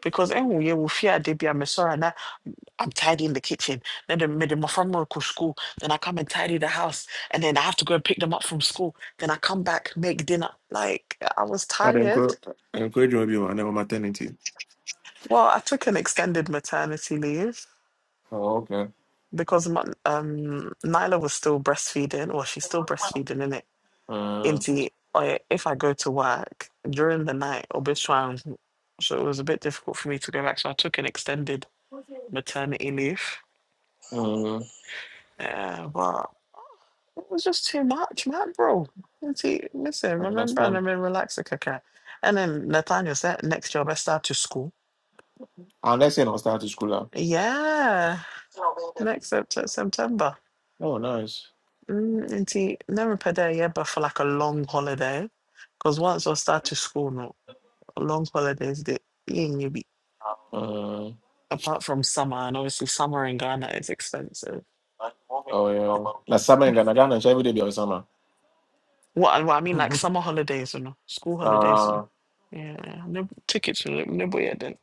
[SPEAKER 6] because enwu ye wo fi ade bi a I'm tidying the kitchen. Then the mid my friend will go school. Then I come and tidy the house. And then I have to go and pick them up from school. Then I come back, make dinner. Like I was
[SPEAKER 5] I don't
[SPEAKER 6] tired.
[SPEAKER 5] go encourage you on my maternity.
[SPEAKER 6] Well, I took an extended maternity leave
[SPEAKER 5] Oh, okay.
[SPEAKER 6] because my, um Nyla was still breastfeeding, or she's still breastfeeding in it.
[SPEAKER 5] Uh,
[SPEAKER 6] Into or if I go to work during the night or between, so it was a bit difficult for me to go back. So I took an extended maternity leave.
[SPEAKER 5] uh,
[SPEAKER 6] Yeah, but It was just too much, man, bro. And See, listen,
[SPEAKER 5] I
[SPEAKER 6] remember, and
[SPEAKER 5] understand.
[SPEAKER 6] then relax the caca. And then Nathaniel said, next year, I start to school.
[SPEAKER 5] Unless you're not starting school now.
[SPEAKER 6] Yeah, next Sept- September.
[SPEAKER 5] Oh, nice.
[SPEAKER 6] Mm, and see, never per day, yeah, but for like a long holiday. Because once I start to school, no, long holidays, they ain't you be,
[SPEAKER 5] Uh,
[SPEAKER 6] apart from summer, and obviously summer in Ghana is expensive.
[SPEAKER 5] oh, yeah. Last summer in Ghana, Ghana, every day be on summer.
[SPEAKER 6] What, what I mean, like summer holidays, you know, school holidays, you
[SPEAKER 5] Uh,
[SPEAKER 6] know. Yeah, no tickets, you know, no boy, then.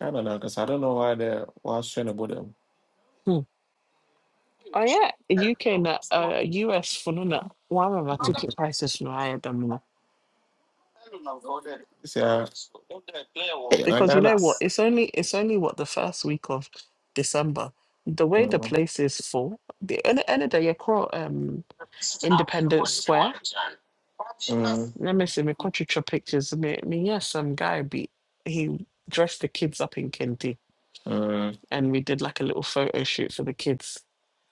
[SPEAKER 5] I don't know, because I don't know why they why straight about them.
[SPEAKER 6] Oh yeah, UK na uh, US for no na one of our ticket prices no higher than no
[SPEAKER 5] See, I, yeah, like
[SPEAKER 6] because you
[SPEAKER 5] Ghana.
[SPEAKER 6] know what it's only it's only what the first week of December the way the
[SPEAKER 5] Uh,
[SPEAKER 6] place is full the end end of the year call um Independence Square let me see me country trip pictures me me yeah some guy be he dressed the kids up in kente
[SPEAKER 5] uh,
[SPEAKER 6] and we did like a little photo shoot for the kids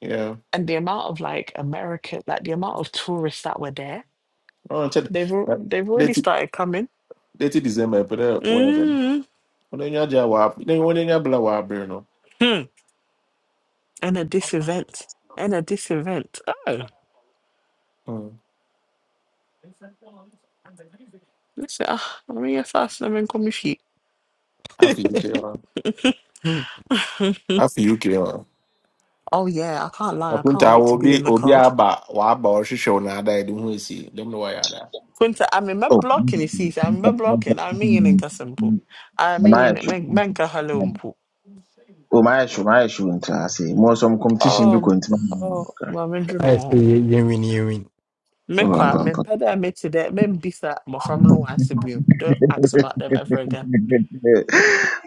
[SPEAKER 5] yeah.
[SPEAKER 6] and the amount of like American like the amount of tourists that were there
[SPEAKER 5] Oh, check.
[SPEAKER 6] they've al- they've already
[SPEAKER 5] Date,
[SPEAKER 6] started coming
[SPEAKER 5] date December, but uh, where then?
[SPEAKER 6] Mm.
[SPEAKER 5] When you are wap, then when you are blow wap, you know.
[SPEAKER 6] Hmm. And a this event. And a this event. Oh,
[SPEAKER 5] Hmm.
[SPEAKER 6] listen, ah, I'm here fast and I'm in coming feet.
[SPEAKER 5] After UK, uh, after UK, uh.
[SPEAKER 6] Oh yeah, I can't lie. I can't
[SPEAKER 5] Apunta
[SPEAKER 6] wait to be
[SPEAKER 5] obi
[SPEAKER 6] in the
[SPEAKER 5] obi
[SPEAKER 6] cold.
[SPEAKER 5] aba waba ɔhwehwɛ wo na ada ɛde ho esi dem na wɔyɛ
[SPEAKER 6] Kunta, I mean, my
[SPEAKER 3] Oh,
[SPEAKER 6] blocking is easy. I'm my blocking. I mean, in
[SPEAKER 3] Mm-hmm. Mm-hmm.
[SPEAKER 6] Kasampu. I
[SPEAKER 3] Oh,
[SPEAKER 6] mean,
[SPEAKER 3] my
[SPEAKER 6] in
[SPEAKER 3] issue.
[SPEAKER 6] Menka Halumpu.
[SPEAKER 3] Oh, my issue. My issue in class. Eh, More some competition be
[SPEAKER 6] Um,
[SPEAKER 3] going to.
[SPEAKER 6] oh, my
[SPEAKER 2] I say
[SPEAKER 6] mentor.
[SPEAKER 2] you you win, you win.
[SPEAKER 6] Me
[SPEAKER 3] Oh,
[SPEAKER 6] quiet,
[SPEAKER 3] bam,
[SPEAKER 6] me
[SPEAKER 3] bam.
[SPEAKER 6] better me to that, me bisa, my family wants to be. Don't ask about them ever again.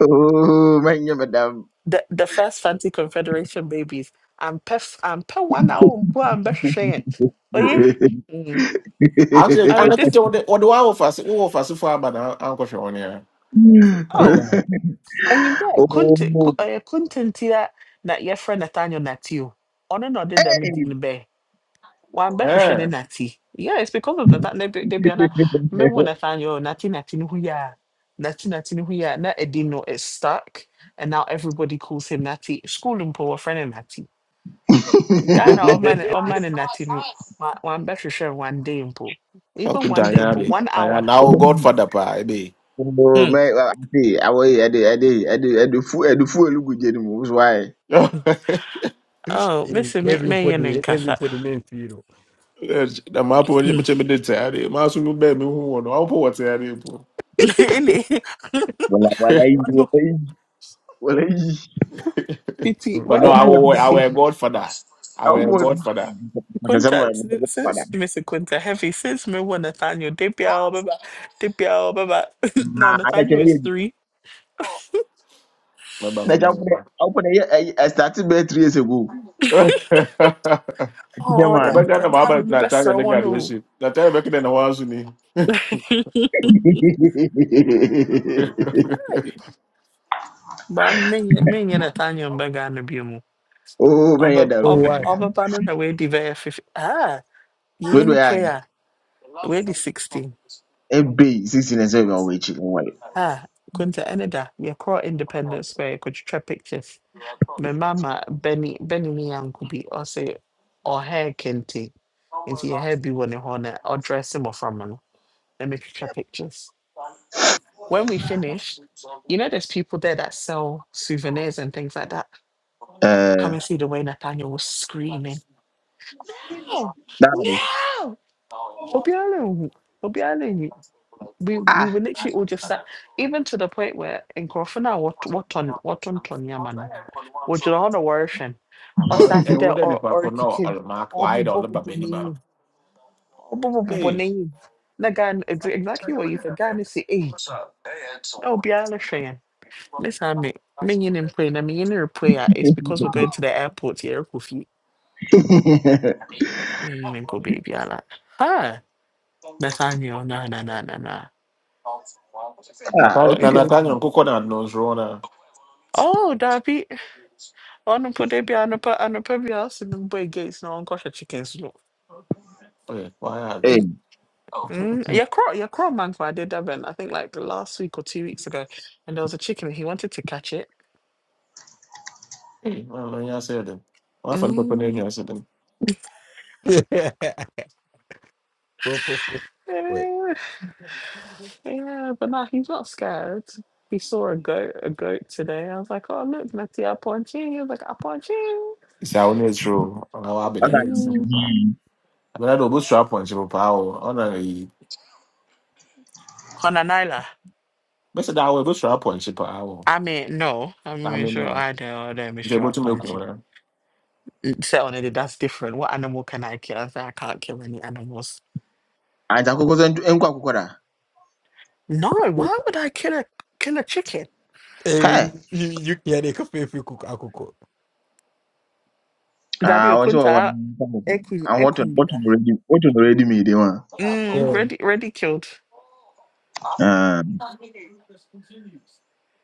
[SPEAKER 3] oh my name, madam.
[SPEAKER 6] the the first anti confederation babies ampɛ f- ampɛ one hour mpo ambɛhwehwɛ yɛn oye mm.
[SPEAKER 5] Actually, and
[SPEAKER 6] amete
[SPEAKER 5] I put
[SPEAKER 6] this,
[SPEAKER 5] on the on the wall of us, all of us for about uncle Sean here.
[SPEAKER 6] oh
[SPEAKER 2] Understand?
[SPEAKER 6] ɛnyim dɛ konte ko-
[SPEAKER 3] Oh,
[SPEAKER 6] ɛyɛ kontenti a na yɛfrɛ nathaniel nati o ɔno na ɔde dɛm
[SPEAKER 3] hey.
[SPEAKER 6] din no bɛɛ wambɛhwehwɛ
[SPEAKER 5] Eh,
[SPEAKER 6] ne nati Yeah, it's because of nata ne de bia na mewo nathaniel nati nati no ho yɛ a nati nati no ho yɛ a na ɛdin no is stuck and now everybody calls him Natty. school and poor friend no Natty. Ghana ọman ọman nati no wambɛhwehwɛ one day mpo
[SPEAKER 5] how
[SPEAKER 6] even
[SPEAKER 5] couldn't
[SPEAKER 6] one day
[SPEAKER 5] I add
[SPEAKER 6] mpo
[SPEAKER 5] it?
[SPEAKER 6] one
[SPEAKER 5] I am
[SPEAKER 6] hour
[SPEAKER 5] now Godfather pa be.
[SPEAKER 3] oh,
[SPEAKER 6] hmm.
[SPEAKER 3] my. well, I see. I will. I do. I do. I do. I do. Fu. I do. Fu. Look good. anymore. Why?
[SPEAKER 6] oh
[SPEAKER 2] You-
[SPEAKER 6] mesi me menyɛ ne
[SPEAKER 2] Everybody,
[SPEAKER 6] nkasa
[SPEAKER 2] everybody main hero.
[SPEAKER 5] The map which
[SPEAKER 6] hmm.
[SPEAKER 5] which I did say, I must be baby who won. I'll put what I
[SPEAKER 6] ɛne
[SPEAKER 3] Wala wala yi
[SPEAKER 6] ɔno
[SPEAKER 3] wala yi
[SPEAKER 6] fiti
[SPEAKER 2] Mm.
[SPEAKER 5] But
[SPEAKER 6] when
[SPEAKER 5] no,
[SPEAKER 6] did
[SPEAKER 5] I
[SPEAKER 6] I
[SPEAKER 3] wala
[SPEAKER 5] will,
[SPEAKER 6] last
[SPEAKER 3] yi.
[SPEAKER 5] I
[SPEAKER 6] see
[SPEAKER 5] will Godfather. I will
[SPEAKER 3] Awuo du
[SPEAKER 5] Godfather.
[SPEAKER 3] asɛm na
[SPEAKER 6] Kunta
[SPEAKER 3] ɛmu
[SPEAKER 6] si-
[SPEAKER 3] padà.
[SPEAKER 6] since Mr. Kunta Heavy since me wɔ Nathaniel da biara ɔbɛba da biara ɔbɛba
[SPEAKER 3] Na
[SPEAKER 6] now
[SPEAKER 3] adaka
[SPEAKER 6] Nathaniel
[SPEAKER 3] yɛ
[SPEAKER 6] is
[SPEAKER 3] bi.
[SPEAKER 6] three
[SPEAKER 5] Remember,
[SPEAKER 3] Adaka fo dɛ
[SPEAKER 5] remember,
[SPEAKER 3] awofo dɛ yɛ ɛyi ɛstati three years ago.
[SPEAKER 5] remember.
[SPEAKER 3] Ɛti
[SPEAKER 6] Oh,
[SPEAKER 3] man.
[SPEAKER 6] then
[SPEAKER 5] Obeka
[SPEAKER 6] per
[SPEAKER 5] na
[SPEAKER 6] time
[SPEAKER 5] mama
[SPEAKER 6] no
[SPEAKER 5] na tanya
[SPEAKER 6] mebɛsrɛ
[SPEAKER 5] na
[SPEAKER 6] wɔ no
[SPEAKER 5] graduation. Na tanya beki na wazo ni.
[SPEAKER 6] o Ai, ba me, me, Nathaniel mbɛ Ghana bio mu
[SPEAKER 3] Oh man!
[SPEAKER 6] ɔbɛ
[SPEAKER 3] dɛ o.
[SPEAKER 2] Oh
[SPEAKER 6] ɔb-
[SPEAKER 2] why?
[SPEAKER 6] ɔbɛba no na wadi bɛyɛ fifi ah Ye,
[SPEAKER 3] Wei do
[SPEAKER 6] any
[SPEAKER 3] yɛ ayɛ.
[SPEAKER 6] prayer We weadi 16
[SPEAKER 3] Ebe yi sisi na ɛsɛ bi ɔwɔ
[SPEAKER 6] ah kunta eneda. da yɛkɔɔ independence square yɛkɔtwitwa pictures My mama benny benny ne yanko bi ɔse ɔhair kente nti yɛhair bi wɔ ne hɔ na ɔdrɛse mmɔframma Let me metwitwa pictures when we finished you know there's people there that sell souvenirs and things like that come and see the way nathaniel was screaming oh no obiara we we
[SPEAKER 3] Ah.
[SPEAKER 6] were literally all just sat, even to the point where in Krofana, what what on what on Tonyamano, what you don't worship, or
[SPEAKER 5] Ana- eh,
[SPEAKER 6] started there
[SPEAKER 5] wote ni
[SPEAKER 6] or
[SPEAKER 5] kwako
[SPEAKER 6] or
[SPEAKER 5] no
[SPEAKER 6] kicking,
[SPEAKER 5] almak
[SPEAKER 6] or
[SPEAKER 5] wa
[SPEAKER 6] bubo
[SPEAKER 5] idol ba
[SPEAKER 6] bubo
[SPEAKER 5] beni ma
[SPEAKER 6] name, or bubo bubo
[SPEAKER 5] de
[SPEAKER 6] name. Nagan, exactly what you said, Gan is eh, no be all shame. This time, me, me in him play, na me in prayer is because we're going to the airport here, Kofi. Me in go baby, ala. Ah, that's on you, na na na na na.
[SPEAKER 3] Ah
[SPEAKER 5] natanya
[SPEAKER 3] Okay.
[SPEAKER 5] na
[SPEAKER 3] mi.
[SPEAKER 5] natanya nkuko na nose rona
[SPEAKER 6] Oh, Darby. Ɔnompo da bi anɔpa anɔpa bi a ɔse mbɔ gates na ɔnkɔhwɛ chickens no.
[SPEAKER 5] eh why are they
[SPEAKER 3] Ee
[SPEAKER 6] Mm, mm, Yɛkorɔ yeah. Mankwade man, for I did that event. I think like the last week or two weeks ago and there was a chicken and he wanted to catch it.
[SPEAKER 5] eh well ya said them wa fan pepe ne
[SPEAKER 6] Mm.
[SPEAKER 5] ya said them
[SPEAKER 2] Proper food. Wait.
[SPEAKER 6] eh, Yeah, but now he's not scared. He saw a goat a goat today. I was like, oh look, Nati Aponchi. He was like Aponchi.
[SPEAKER 5] isa one true na wa be na
[SPEAKER 3] ɔka
[SPEAKER 5] ne
[SPEAKER 3] na
[SPEAKER 5] se
[SPEAKER 3] mo
[SPEAKER 6] Mm.
[SPEAKER 5] ba
[SPEAKER 3] hin.
[SPEAKER 5] abena do busra point bo pa o ona yi
[SPEAKER 6] Honanaila.
[SPEAKER 5] bese da we busra point pa o
[SPEAKER 6] I mean, no, I'm
[SPEAKER 5] ta
[SPEAKER 6] not
[SPEAKER 5] me
[SPEAKER 6] sure
[SPEAKER 5] no
[SPEAKER 6] I don't know,
[SPEAKER 5] nze
[SPEAKER 6] Mr.
[SPEAKER 5] bo tu me ko
[SPEAKER 6] Aponchi.
[SPEAKER 5] na
[SPEAKER 6] Set on it, that's different. What animal can I kill? I said, I can't kill any animals.
[SPEAKER 3] Anta koko sɛ ntu enku akoko da.
[SPEAKER 6] No, why would I kill a kill a chicken?
[SPEAKER 2] Eh,
[SPEAKER 3] Hɛ.
[SPEAKER 2] You you can't make a fair cook akoko.
[SPEAKER 6] Dabi
[SPEAKER 3] Ah wɔn sɛ wɔwɔ
[SPEAKER 6] Okunta
[SPEAKER 3] nkɔmɔ.
[SPEAKER 6] Ekun
[SPEAKER 3] Wɔtɔn
[SPEAKER 6] Ekunbida.
[SPEAKER 3] wɔtɔn already wɔtɔn already mi de wɔn.
[SPEAKER 6] Mm,
[SPEAKER 2] Yeah.
[SPEAKER 6] ready ready killed.
[SPEAKER 3] Ah.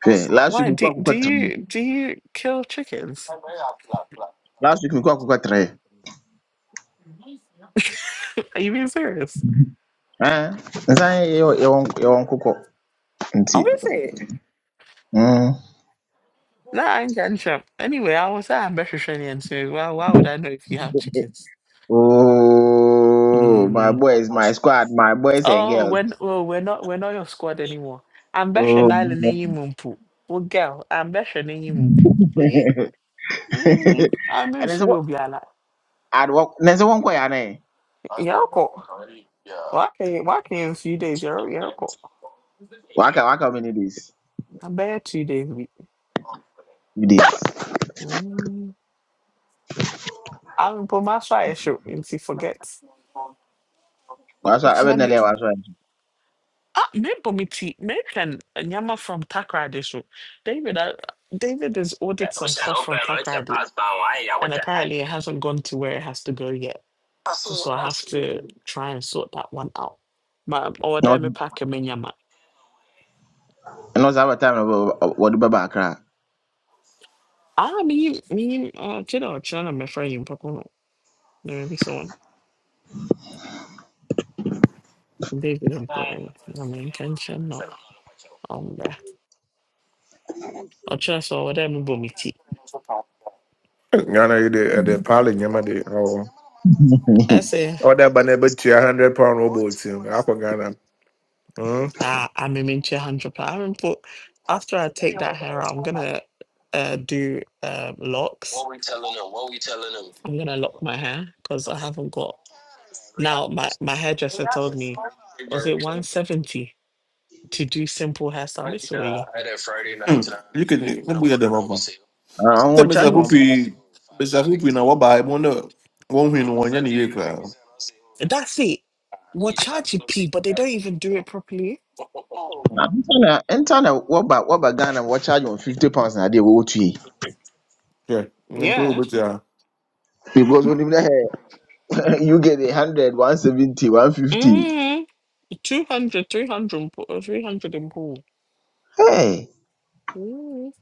[SPEAKER 3] Hwɛ last week
[SPEAKER 6] Why
[SPEAKER 3] nku
[SPEAKER 6] do do
[SPEAKER 3] akoko
[SPEAKER 6] you do you kill chickens?
[SPEAKER 3] last week mekɔ akokɔ trɛ
[SPEAKER 6] Are you being serious?
[SPEAKER 3] Eh, nsan yɛwɔ yɛwɔ nk- yɛwɔ nkokɔ nti
[SPEAKER 6] Oh, is it?
[SPEAKER 3] mm.
[SPEAKER 6] No, I ain't getting shot. Anyway, I was at Mediterranean, so why why would I know if you have chickens?
[SPEAKER 3] oh my
[SPEAKER 6] Mm.
[SPEAKER 3] boys my squad my boys and
[SPEAKER 6] Oh,
[SPEAKER 3] girls
[SPEAKER 6] when oh we're not we're not your squad anymore.
[SPEAKER 3] oh
[SPEAKER 6] Ambition Island in Mumpu. Well girl, ambition in Mumpu. Oh yeah. Mm. I'm in
[SPEAKER 3] ɛne sɛ
[SPEAKER 6] Suyobiala.
[SPEAKER 3] ne sɛ wɔnkɔ yɛ anɛ
[SPEAKER 6] Yoko. Well, I came, well, I came a few days earlier.
[SPEAKER 3] waka waka many days
[SPEAKER 6] I'm bad two days a week.
[SPEAKER 3] few days
[SPEAKER 6] Mm. I haven't put my fire show and she forgets.
[SPEAKER 3] waso
[SPEAKER 6] What's your
[SPEAKER 3] abɛdina
[SPEAKER 6] name?
[SPEAKER 3] lɛ waso
[SPEAKER 6] Ah, maybe me tea. Maybe can Nyama from Takrade show. David, I, David has ordered some stuff from Takrade, and apparently it hasn't gone to where it has to go yet. So I have to try and sort that one out. My order me pack me Nyama.
[SPEAKER 3] ɛno saa bɛtime no wɔde bɛba akra
[SPEAKER 6] Ah, me me. Uh, kid or children, my friend, you probably know. Maybe so don't put mpoani na menka nkyɛ no ɔmbra ɔkyerɛ sɛ ɔwɔ dɛ mebɔ me
[SPEAKER 5] Ghana yi de ɛde paale nyɛma de awɔ.
[SPEAKER 6] I say,
[SPEAKER 5] Ɔda ba na ɛbɛtua hundred pound wɔ bɔɔl tim akɔ Ghana. Mm.
[SPEAKER 6] ah I'm ameme nkyɛ ha ntwo paa mpo after I take that hair out I'm gonna uh, do um, locks I'm gonna lock my hair because I haven't got now my my hairdresser told me was it 170 to do simple hairstyle Mitsui
[SPEAKER 3] ɔwɔ charge
[SPEAKER 6] and
[SPEAKER 3] wɔn paa
[SPEAKER 5] na wo ba e mo no
[SPEAKER 6] that's it We're charging pee but they don't even do it properly
[SPEAKER 3] nta na nta na wɔba wɔba ghana wɔcharge wɔn fifty pounds na adeɛ wɔwɔ tue
[SPEAKER 5] Yeah, improve
[SPEAKER 6] yeah
[SPEAKER 5] it. Yeah,
[SPEAKER 3] because onim dɛ you get a hundred, one seventy, one fifty.
[SPEAKER 6] Mm-hmm. 200, uh, 300 and pool.
[SPEAKER 3] Hey.
[SPEAKER 6] Ooh.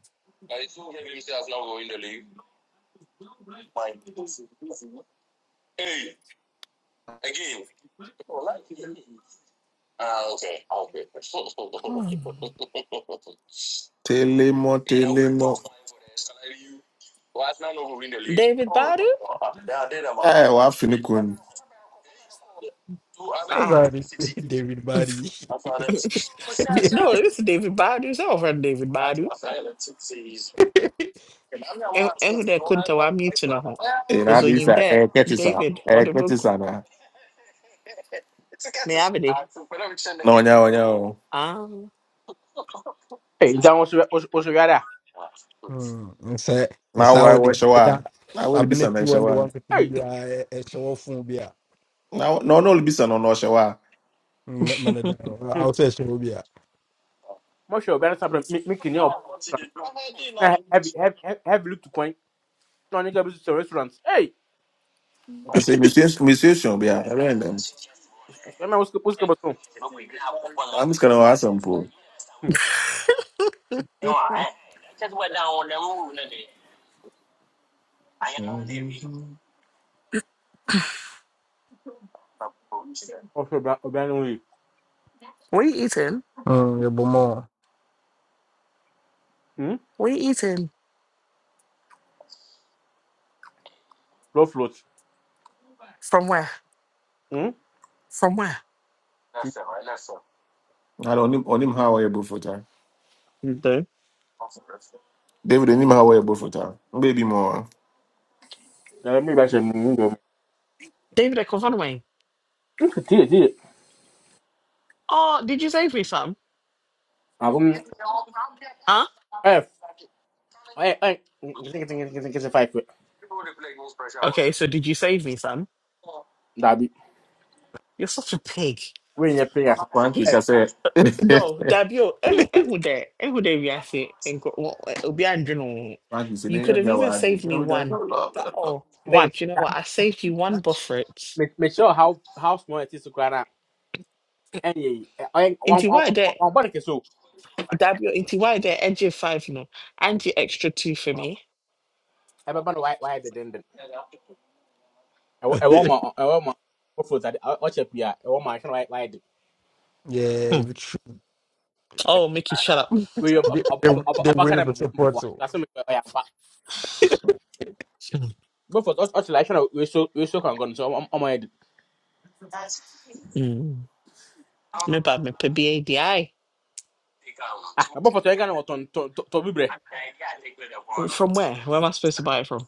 [SPEAKER 6] Hmm.
[SPEAKER 5] telemon.
[SPEAKER 6] David Badu?
[SPEAKER 5] I wa fini kun.
[SPEAKER 2] What's
[SPEAKER 6] Ah.
[SPEAKER 2] that? David Barry.
[SPEAKER 6] No, this is David Badu. It's all from David Badu. And and who that couldn't tell I'm to know.
[SPEAKER 5] Ina
[SPEAKER 6] Because when
[SPEAKER 5] di
[SPEAKER 6] you
[SPEAKER 5] sa
[SPEAKER 6] that,
[SPEAKER 5] eh keti sa
[SPEAKER 6] David, or
[SPEAKER 5] eh
[SPEAKER 6] the
[SPEAKER 5] keti
[SPEAKER 6] book,
[SPEAKER 5] sa na.
[SPEAKER 6] me have it.
[SPEAKER 5] Onya onya o.
[SPEAKER 6] Ah,
[SPEAKER 7] Hey, nti àwọn oṣù yàrá a.
[SPEAKER 2] Hmm. And say and
[SPEAKER 5] Na
[SPEAKER 2] say
[SPEAKER 5] wa
[SPEAKER 2] how
[SPEAKER 5] wa
[SPEAKER 2] they.
[SPEAKER 5] shawa. Na wa
[SPEAKER 2] abena
[SPEAKER 5] libisa na
[SPEAKER 2] fi wɔn the one
[SPEAKER 5] shawa.
[SPEAKER 2] nkete
[SPEAKER 7] Hey,
[SPEAKER 2] bi a ɛhyɛ wɔ fun bi a
[SPEAKER 5] Na wa- no no libisa no no shawa.
[SPEAKER 2] mana da hɔ a wɔsɛ ɛhyɛ hɔ
[SPEAKER 7] mo ṣe ọ̀bẹ ẹ̀rẹ́sà pẹ̀lú mi kì ní ọba restaurant. have, have, have heavy look to coin. Náà ní kẹ́bi sọ restaurant. Hey,
[SPEAKER 5] I say misuse musician be a render.
[SPEAKER 7] ṣe máa wọ́n sì kébọ̀ sọ̀rọ̀.
[SPEAKER 5] This kind of awesome po.
[SPEAKER 7] Ọṣù ọ̀bẹ ẹ̀rẹ́ wọ̀nyí.
[SPEAKER 6] what are you eating?
[SPEAKER 2] Mm, your bomb.
[SPEAKER 6] What are you eating?
[SPEAKER 7] Flow float.
[SPEAKER 6] From where? From where?
[SPEAKER 5] I don't onim onim how we both for time.
[SPEAKER 6] Okay.
[SPEAKER 5] David onim how we both for time. Baby more.
[SPEAKER 7] Ẹ̀rẹ́ mi ìgbà ṣe mú un yọ̀ mí.
[SPEAKER 6] David, I come from away.
[SPEAKER 7] Nkì tíye tíye.
[SPEAKER 6] Oh, did you save me some?
[SPEAKER 7] Àgùn
[SPEAKER 6] Huh?
[SPEAKER 7] ẹ̀f ẹ̀ ẹ̀ kìsìkìsìkìsìkìsì five
[SPEAKER 6] Okay, so did you save me some?
[SPEAKER 7] Dàbí
[SPEAKER 6] You're such a pig.
[SPEAKER 7] wíyìn yẹn pé yàtọ̀. Ẹ̀f
[SPEAKER 5] Thank you. See,
[SPEAKER 6] No, Dabio, ehu ehu de, ehu de wiase, enko, wo- eh, obi andwene wo ho.
[SPEAKER 5] now you.
[SPEAKER 6] You
[SPEAKER 5] Sine ya
[SPEAKER 6] could have
[SPEAKER 5] bia
[SPEAKER 6] even
[SPEAKER 5] wa adi.
[SPEAKER 6] saved me one. That, oh,
[SPEAKER 7] one.
[SPEAKER 6] babe, do you know what? I saved you one buffet.
[SPEAKER 7] Make make sure how how small it is to cry out. Ẹ̀yẹ̀ yìí. Ẹ̀ ọ̀yẹ́
[SPEAKER 6] Into why that,
[SPEAKER 7] wọn
[SPEAKER 6] Dabio, into why that, NJ five, no, and you extra two for me.
[SPEAKER 7] bọ́ ɛwɔ ɛwɔ ma ɛwɔ ma ɔfuru tade ɔ- ɔkyɛ pii a ɛwɔ ma ahyɛn wayɛ wayɛ de
[SPEAKER 6] Hmm.
[SPEAKER 2] Yeah, the tr-
[SPEAKER 6] Oh, Mickey, shut up.
[SPEAKER 7] wei yɛ
[SPEAKER 2] the they the
[SPEAKER 7] ɔbaka
[SPEAKER 2] waiting
[SPEAKER 7] dɛ
[SPEAKER 2] for
[SPEAKER 7] mbɔ
[SPEAKER 2] support
[SPEAKER 7] mbɔ
[SPEAKER 2] too.
[SPEAKER 7] lase mi ɔyɛ ampa bɔfɔ ɔkyɛ la ahyɛn We so We so kan gɔn so ɔmo ɔmo yɛ de
[SPEAKER 6] Mm. Me bad me pe B A D I
[SPEAKER 7] ah na bɔfɔ tɔ ɛga na wɔtɔn tɔ tɔ tɔ bibrɛ
[SPEAKER 6] From where? Where am I supposed to buy it from?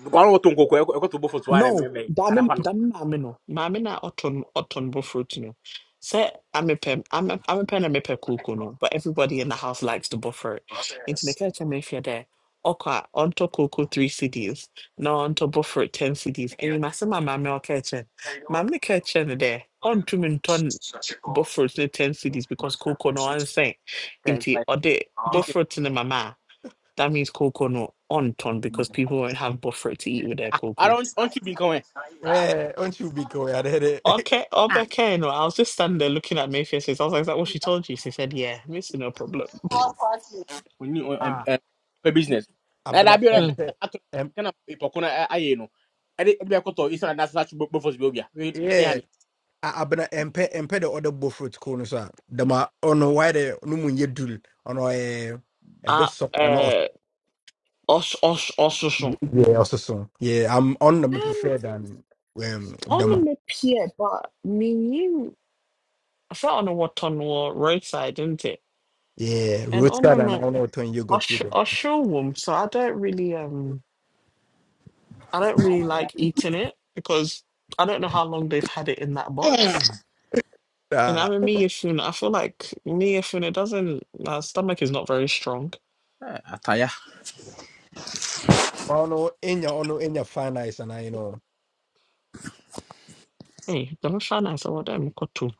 [SPEAKER 7] gɔn wɔtɔn koko ɛkɔ ɛkɔtɔ bɔfɔ tɔ ayɛ
[SPEAKER 6] No,
[SPEAKER 7] mɛmɛ
[SPEAKER 6] dame
[SPEAKER 7] arapa no
[SPEAKER 6] dame maame no. Maame na ɔtɔ no ɔtɔ no bofrot no. Sɛ amepɛ ame- amepɛ na mepɛ kuku no, but everybody in the house likes to buffer it. Nti meka kyerɛ me hwɛ dɛ ɔkɔ a ɔntɔ kuku three CDs na ɔntɔ bofrot ten CDs. Ɛyi ma sɛ ma maame ɔka kyerɛ no. Maame no ka kyerɛ no dɛ ɔntumi ntɔ bofrot ne ten CDs because kuku no ɔnsɛn.
[SPEAKER 7] Kɛn-
[SPEAKER 6] Nti
[SPEAKER 7] kɛn-
[SPEAKER 6] ɔde
[SPEAKER 7] business
[SPEAKER 6] bofrot ne mama a that means cocoa no on ton because people won't have buffer to eat with their
[SPEAKER 7] ah
[SPEAKER 6] cocoa.
[SPEAKER 7] ara ɔntwi bi nkan wɛ
[SPEAKER 2] Yeah, aren't you big boy? I did it.
[SPEAKER 6] Okay, okay, no, I was just standing there looking at Mayfair's face. I was like, is that what she told you? She said, yeah, this is no problem.
[SPEAKER 7] oni
[SPEAKER 2] Ah,
[SPEAKER 7] ɛ pɛ business
[SPEAKER 2] I've
[SPEAKER 7] na
[SPEAKER 2] been
[SPEAKER 7] ɛda
[SPEAKER 2] a
[SPEAKER 7] bi na
[SPEAKER 6] Hmm.
[SPEAKER 2] MP.
[SPEAKER 7] ato
[SPEAKER 2] M-
[SPEAKER 7] kana ipɔko na ayɛ no ɛde ɛde bɛ kɔtɔ isan adasa bɔfɔ bi obia ne
[SPEAKER 2] yeah, I- I've been a MP. MP the other bullfruit corner, sir. The ma on the why the no mun ye dul on a a bit
[SPEAKER 6] Ah,
[SPEAKER 2] soft and also
[SPEAKER 6] uh, osh, osh, osh, osh.
[SPEAKER 2] yeah also so yeah I'm on the me
[SPEAKER 6] Um,
[SPEAKER 2] prefer than um the ma
[SPEAKER 6] on the pier, but me knew, I felt on the what on the roadside, didn't it?
[SPEAKER 2] yeah
[SPEAKER 6] And on the,
[SPEAKER 2] roadside and I don't know what you got you.
[SPEAKER 6] osh, osh, womb. So I don't really, um, I don't really like eating it because I don't know how long they've had it in that box. And
[SPEAKER 2] Uh,
[SPEAKER 6] I'm a miyafuna. I feel like miyafuna doesn't, my stomach is not very strong.
[SPEAKER 7] ha
[SPEAKER 2] I don't know in your on in your fine eyes and I you know.
[SPEAKER 6] Hey, Jonathan, I saw them go to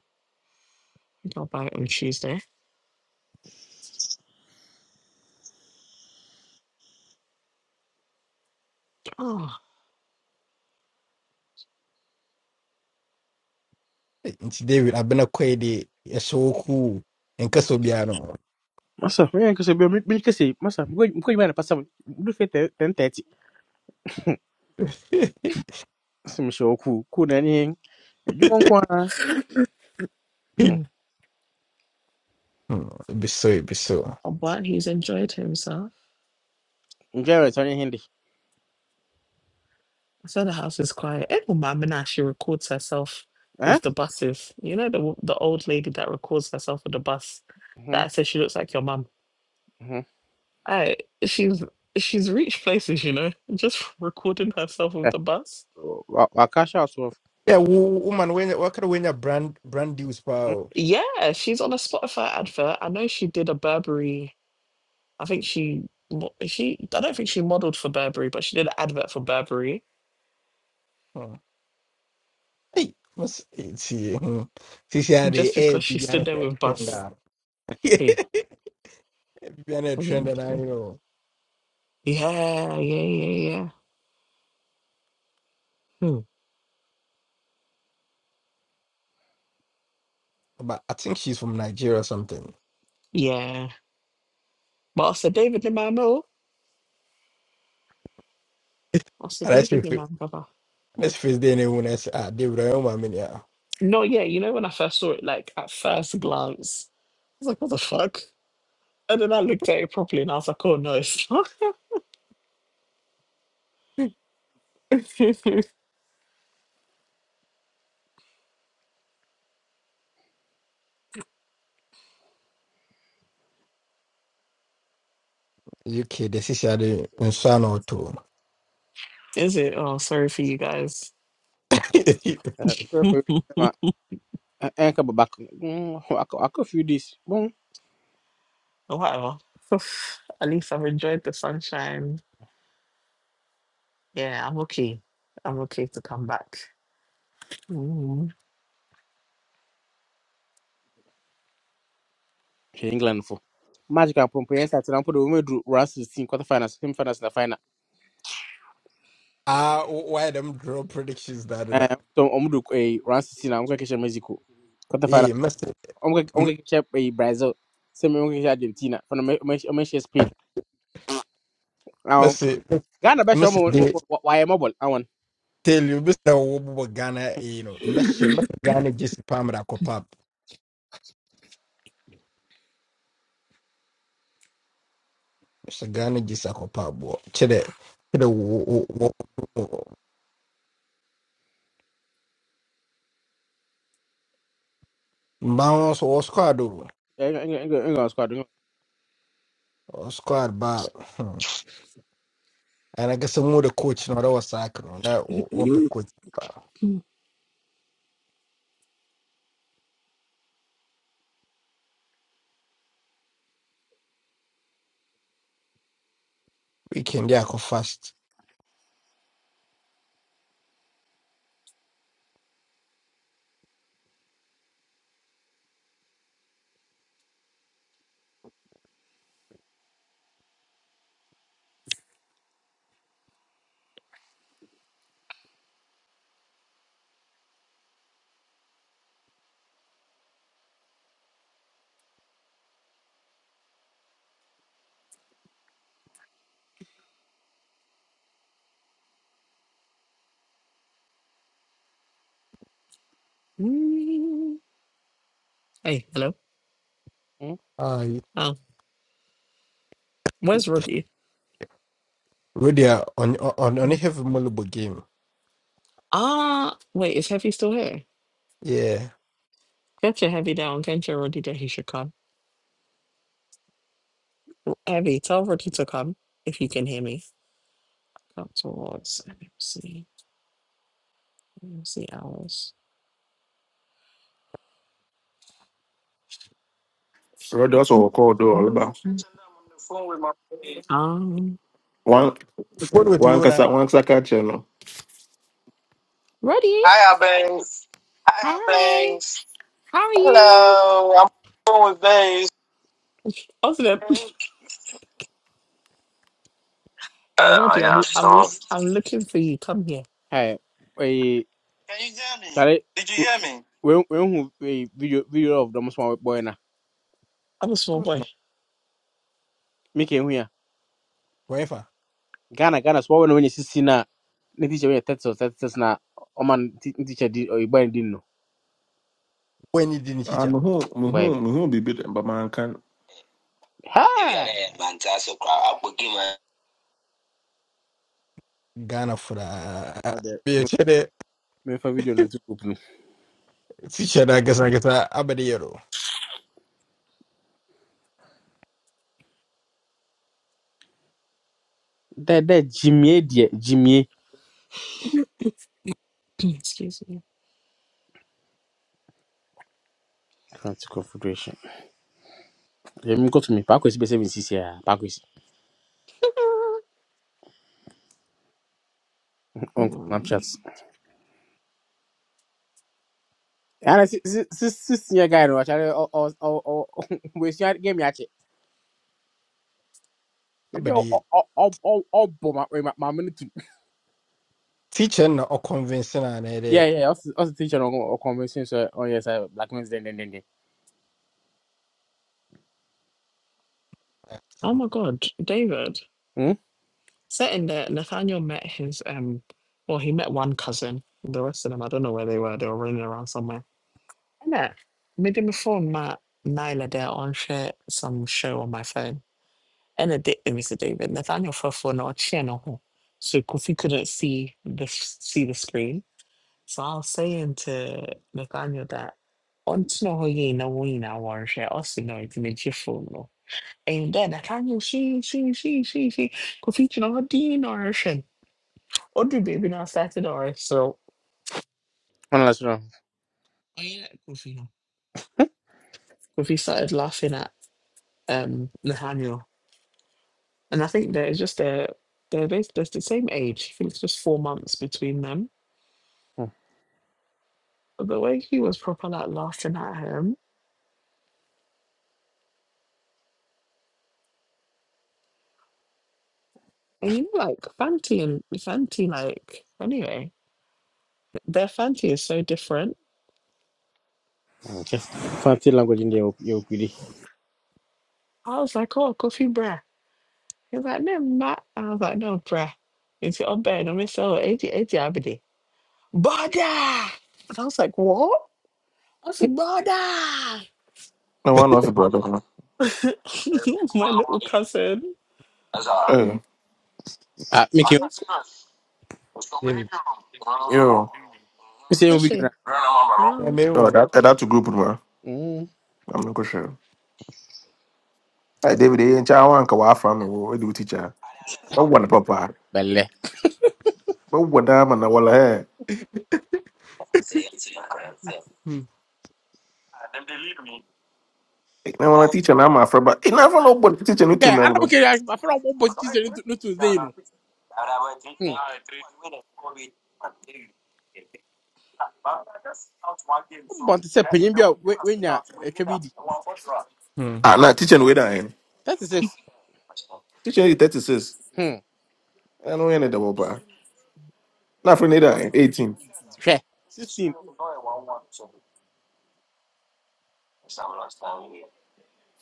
[SPEAKER 6] job out on Tuesday. Oh,
[SPEAKER 2] nti david abena kɔe de ɛhyɛ wo kuu nkasa obiara no ho
[SPEAKER 7] Masa, mwen kese, mwen mwen kese, masa, mwen mwen mwen pasa, mwen fe ten teti. Se mwen show ku, ku nani hen, jupon kwa,
[SPEAKER 6] mm.
[SPEAKER 2] Hmm, ebi so ebi so
[SPEAKER 6] Oh, but he's enjoyed himself.
[SPEAKER 7] njere tani hindi.
[SPEAKER 6] I said the house is quiet. Even Mamina, she records herself
[SPEAKER 7] Eh?
[SPEAKER 6] with the buses. You know the the old lady that records herself with the bus. That
[SPEAKER 7] Mhm,
[SPEAKER 6] I said she looks like your mum.
[SPEAKER 7] mhm.
[SPEAKER 6] I she's she's reached places, you know, just recording herself with
[SPEAKER 7] Eh,
[SPEAKER 6] the bus.
[SPEAKER 7] wakash out of,
[SPEAKER 2] yeah wo woman wenya wakara wenya brand brand deals paa o
[SPEAKER 6] Yeah, she's on a Spotify advert. I know she did a Burberry. I think she mo- she. I don't think she modeled for Burberry, but she did an advert for Burberry
[SPEAKER 2] Hmm. hey mas ti sisi ade
[SPEAKER 6] just
[SPEAKER 2] eh
[SPEAKER 6] because she stood
[SPEAKER 2] bibiana
[SPEAKER 6] there with
[SPEAKER 2] trend
[SPEAKER 6] bus.
[SPEAKER 2] ah
[SPEAKER 6] Hey,
[SPEAKER 2] bibiana trend
[SPEAKER 6] Mm,
[SPEAKER 2] and i
[SPEAKER 6] mm.
[SPEAKER 2] know
[SPEAKER 6] yeah, yeah, yeah, yeah. Hmm.
[SPEAKER 2] but i think she's from nigeria or something
[SPEAKER 6] Yeah. But I said, David in my mill. I said,
[SPEAKER 2] and i say
[SPEAKER 6] David in my brother.
[SPEAKER 2] let's face the day ne wona ah david i am a
[SPEAKER 6] No, yeah, you know, when I first saw it, like at first glance, I was like, what the fuck? And then I looked at it properly and I was like, oh, no, it's not.
[SPEAKER 2] uk the sisi ade nsa na
[SPEAKER 6] Is it? Oh, sorry for you guys.
[SPEAKER 7] enka babak, waka few days, bon,
[SPEAKER 6] Whatever. Oof, at least I've enjoyed the sunshine. Yeah, I'm okay. I'm okay to come back.
[SPEAKER 7] she England for. Magic and Pompe, yes, that's an ample woman do round 16 quarterfinals, semi finals, and the final.
[SPEAKER 2] Ah, why them draw predictions that do that?
[SPEAKER 7] Um, so, Omudu, a round 16, I'm going to Mexico.
[SPEAKER 2] Hey, Messi,
[SPEAKER 7] onge
[SPEAKER 2] M-
[SPEAKER 7] onge e Brazil se me onge kisha Argentina for me me she speed now
[SPEAKER 2] Messi,
[SPEAKER 7] Ghana be show me
[SPEAKER 2] Messi, they
[SPEAKER 7] why am mobile I want
[SPEAKER 2] tell you, Mister, na wabu Ghana, eh, you know, Messi, Messi, Ghana just palm that copap. Messi, Ghana just a copap, boy. Chede, chede, wo, wo, wo, wo. Bounce or squad, do,
[SPEAKER 7] engo engo squad eh,
[SPEAKER 2] or squad, but, hmm. and I guess I'm more the coach, no, that was soccer, no, that, what the coach, ba.
[SPEAKER 6] Mm.
[SPEAKER 2] we can, yeah, go fast.
[SPEAKER 6] Hey, hello.
[SPEAKER 7] Hmm.
[SPEAKER 2] Aye.
[SPEAKER 6] Oh, where's Roddy?
[SPEAKER 2] Really, uh, on, on, on, on a
[SPEAKER 6] Mm.
[SPEAKER 2] heavy mullible game.
[SPEAKER 6] Ah, wait, is Heavy still here?
[SPEAKER 2] Yeah.
[SPEAKER 6] Get your Heavy down. Get your Roddy that he should come. Heavy, tell Roddy to come if you can hear me. Come towards MC, MC hours.
[SPEAKER 5] So that's what we call do all about.
[SPEAKER 6] Mhm. Um,
[SPEAKER 5] One
[SPEAKER 2] What with
[SPEAKER 5] one
[SPEAKER 2] you?
[SPEAKER 5] kasa one kasa catch no.
[SPEAKER 6] Roddy, hi. How are you? Awesome. Hey, Roddy, I'm I'm I'm looking for you. Come here.
[SPEAKER 7] hey e chare we we hu eh, video video of the small boy na
[SPEAKER 6] I'm a small boy.
[SPEAKER 7] make hu ya
[SPEAKER 2] wefa
[SPEAKER 7] Ghana Ghana small when when you see na ne teacher wey thirty or thirty six na ọman teacher di or igba di no
[SPEAKER 2] wani din
[SPEAKER 5] Ah,
[SPEAKER 2] cica
[SPEAKER 5] muhu,
[SPEAKER 7] igba yi
[SPEAKER 5] muhu, muhu be bibi but man can.
[SPEAKER 7] ha
[SPEAKER 2] gana fura
[SPEAKER 7] ọdẹ
[SPEAKER 2] bai ce da
[SPEAKER 7] mẹfà fídíò ní ti group nu.
[SPEAKER 2] cica na gasa gasa abadi yaro
[SPEAKER 7] dẹ dẹ jimie diẹ jimie.
[SPEAKER 6] Excuse me.
[SPEAKER 7] atlantic confederation. Mko to me back with seven six year back with on
[SPEAKER 6] Um,
[SPEAKER 7] Snapchat. And six six year guy no actually or or or we share game yache. You know
[SPEAKER 2] abadi
[SPEAKER 7] all all all all bomb my my my money to
[SPEAKER 2] cica na o convince na ne da
[SPEAKER 7] yeah yeah also also teacher on on convention so oh yes I black men, then then then then.
[SPEAKER 6] oh my God, David.
[SPEAKER 7] Hmm.
[SPEAKER 6] Set in there, Nathaniel met his um well, he met one cousin. The rest of them, I don't know where they were, they were running around somewhere. And that made him phone my Nyla there on share some show on my phone. And it did Mr. David. Nathaniel for phone or chin or who. So Kofi couldn't see the see the screen. So I was saying to Nathaniel that on to know you know we now one share also know it's made your phone. no." And then Nathaniel she she she she she Kofi you know Dean or shin. Audrey Baby now started off, so
[SPEAKER 7] One last one.
[SPEAKER 6] oh yeah, Kofi now. Kofi started laughing at um Nathaniel, and I think there's just a they're based they're the same age. I think it's just four months between them.
[SPEAKER 7] Hmm.
[SPEAKER 6] But the way he was proper like laughing at him, and you know, like Fanti and Fanti, like anyway, their Fanti is so different.
[SPEAKER 7] Okay. Fancy language in the you you.
[SPEAKER 6] I was like, oh, Kofi bruh. He was like, no, Matt. I was like, no, bruh. It's your bed. I'm so eighty eighty 80, Abidi. Brother! And I was like, what? I said, brother.
[SPEAKER 5] No one knows about it.
[SPEAKER 6] My little cousin.
[SPEAKER 5] Hey,
[SPEAKER 7] Ah, make you
[SPEAKER 6] Is
[SPEAKER 2] david
[SPEAKER 5] oh,
[SPEAKER 7] say you
[SPEAKER 6] is
[SPEAKER 7] video na.
[SPEAKER 6] she?
[SPEAKER 2] ya
[SPEAKER 6] Oh.
[SPEAKER 2] mai
[SPEAKER 5] oh,
[SPEAKER 2] mu
[SPEAKER 5] that eh, that's a group man.
[SPEAKER 7] Hmm.
[SPEAKER 5] I'm not sure. Hey, David, eh, ncha wan ka wa from me. We do teacher. But what one papa?
[SPEAKER 7] Belle.
[SPEAKER 5] But what one da man na wala eh. Eh, Na wala teacher na ma fra ba. Ina fa no but teacher no tun
[SPEAKER 7] Yeah,
[SPEAKER 5] na
[SPEAKER 7] I don't
[SPEAKER 5] no.
[SPEAKER 7] care. I feel like one boy is no Tuesday no. Hmm. But to say penyin bi a we we nya etwa bi di.
[SPEAKER 5] Ah, na teacher no we da eh.
[SPEAKER 7] 36.
[SPEAKER 5] Teacher is 36. I know any double ba. Na fra ni da eh, 18.
[SPEAKER 7] hwɛ sixteen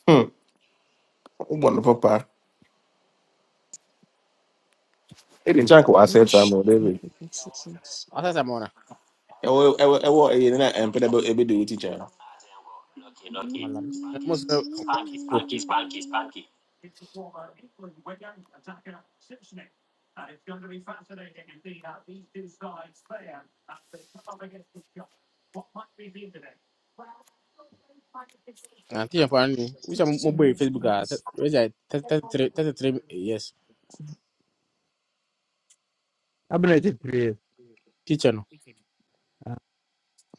[SPEAKER 5] Hmm. What no papa? Eh, ncha ka wa set am
[SPEAKER 6] Sh-
[SPEAKER 5] o David.
[SPEAKER 7] wasasa ma ɔna
[SPEAKER 5] Eh, eh, eh, eh, na empedable e na em pe da be be do teacher.
[SPEAKER 7] malam mo sɛ o ante yɛ paa ni wisa mo bɔ yi facebook a wisa thirty three thirty three eh, years
[SPEAKER 2] abin da ta three years
[SPEAKER 7] teacher no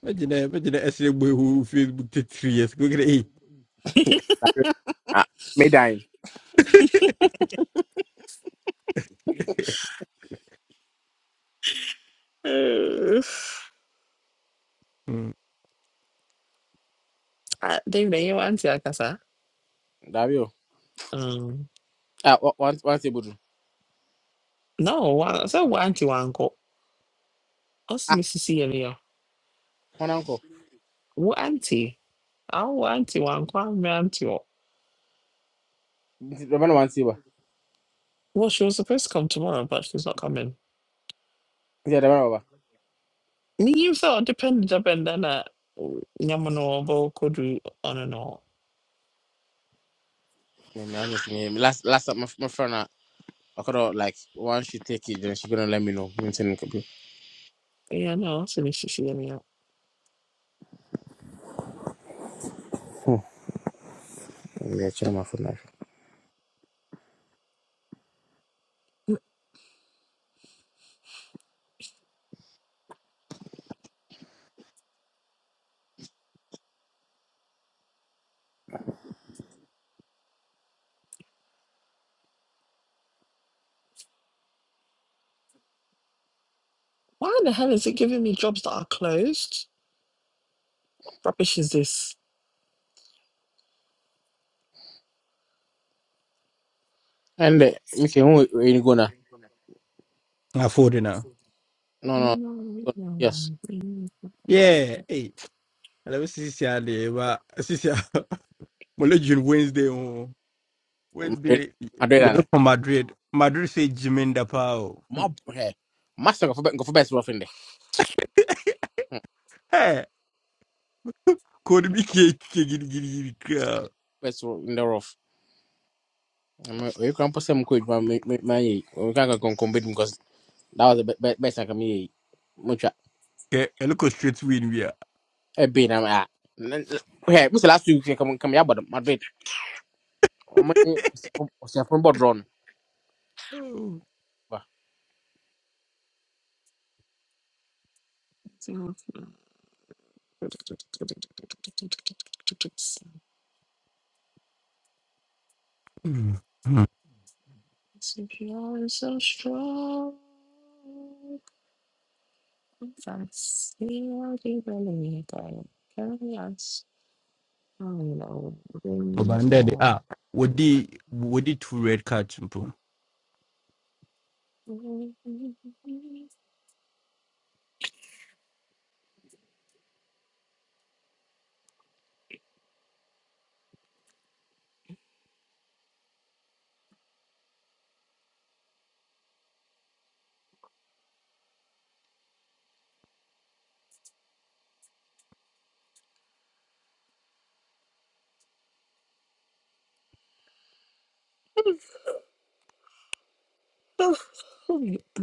[SPEAKER 2] majina asiri gbe hu facebook ta three years Go get gida eh
[SPEAKER 7] Dabi. ah me dan
[SPEAKER 6] Eh, ah, David, you want to akasa?
[SPEAKER 7] dabi o
[SPEAKER 6] Um,
[SPEAKER 7] ah wa- one one table do
[SPEAKER 6] no, one. So one auntie, one uncle. What's
[SPEAKER 7] ah
[SPEAKER 6] Mrs. Celia?
[SPEAKER 7] wɔn ankɔ
[SPEAKER 6] What auntie? Our auntie, one I my auntie. Well,
[SPEAKER 7] nti dɔbɔ na one table
[SPEAKER 6] she was supposed to come tomorrow, but she's not coming.
[SPEAKER 7] nti dɔbɔ na baba
[SPEAKER 6] Menim sɛ ɔde pɛ ne dabɛn da na nyam no ɔbɔ kɔdu ɔno no.
[SPEAKER 7] me me ɔnyɛ fi me last last time, my my friend na ɔkɔdɔ like once she take it then she gonna let me know me n sɛ no kabi
[SPEAKER 6] Yeah, no, it's an issue for me. a.
[SPEAKER 7] hmm me kyerɛ ma phone na
[SPEAKER 6] Why the hell is it giving me jobs that are closed? What rubbish is this?
[SPEAKER 7] And ɛn dɛ mi kɛ n wo ni go
[SPEAKER 2] na four na
[SPEAKER 7] no no yes
[SPEAKER 2] yeah eh alabi sisi ya da ba sisi ya molejin wednesday o
[SPEAKER 7] madrid
[SPEAKER 2] wednesday
[SPEAKER 7] madrid
[SPEAKER 2] ya from madrid madrid sai jimin da
[SPEAKER 7] Mob hey, master go for best rough in there. Hmm,
[SPEAKER 2] Hey, could
[SPEAKER 7] hmm,
[SPEAKER 2] be cake, cake, giddy, giddy, uh,
[SPEAKER 7] Best rough in the rough. You can put some quick man. We can't go compete because that was the be- be- best I can make. Much
[SPEAKER 2] Okay, a look straight win we are.
[SPEAKER 7] a bit. I'm at. Hey, Mr. Last week come come here, but Madrid. I'm from board run.
[SPEAKER 2] Oh. Hmm. Hmm.
[SPEAKER 6] CPR is so strong. Fancy what you believe in. Carry us. I know. Things
[SPEAKER 2] Obanda de
[SPEAKER 6] are-
[SPEAKER 2] ah, would the would the two red cards bro?
[SPEAKER 6] Oh, oh,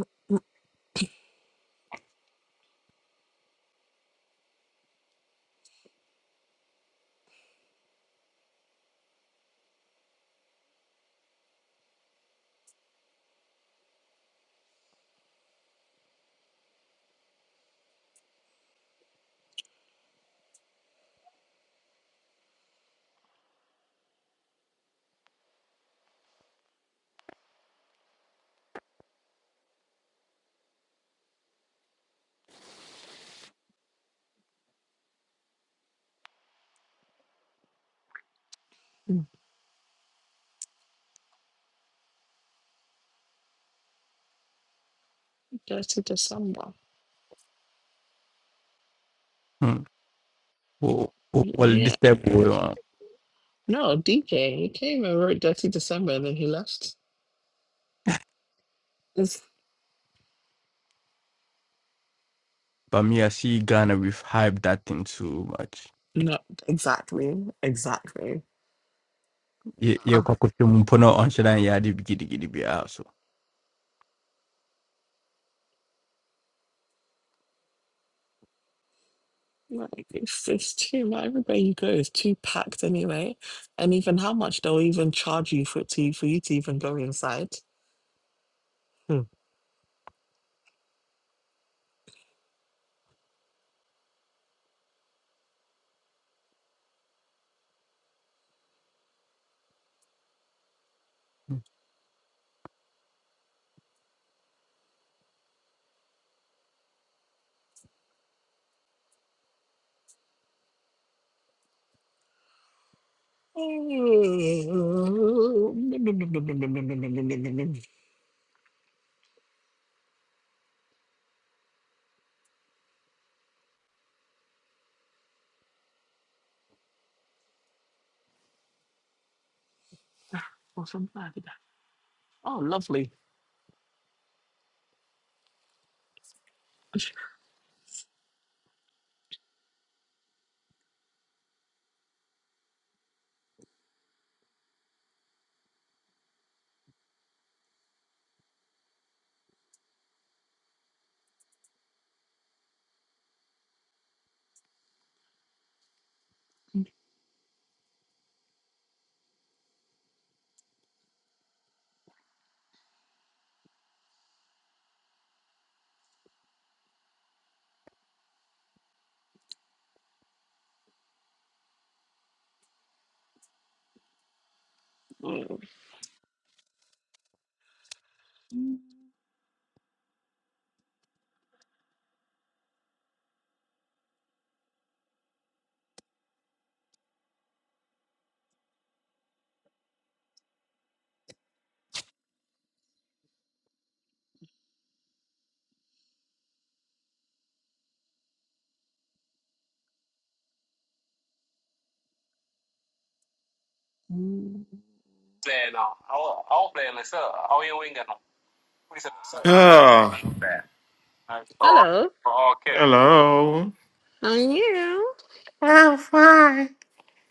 [SPEAKER 6] Dirty December.
[SPEAKER 2] Hmm. Oh, oh, well,
[SPEAKER 6] Yeah.
[SPEAKER 2] this type of uh,
[SPEAKER 6] No, DJ. He came and wrote Dirty December and then he left. It's
[SPEAKER 2] but me I see Ghana we've hyped that thing so much.
[SPEAKER 6] not exactly. Exactly.
[SPEAKER 2] Yeah, yeah,
[SPEAKER 6] Ah,
[SPEAKER 2] mpono on shadan yadi giddy giddy be out so.
[SPEAKER 6] like it's, it's too much. Everywhere you go is too packed anyway. And even how much they'll even charge you for to for you to even go inside. Hmm. Oh, or something like that. Oh, lovely.
[SPEAKER 5] Ah,
[SPEAKER 6] Hello.
[SPEAKER 5] hello.
[SPEAKER 6] How are you?
[SPEAKER 5] I'm fine.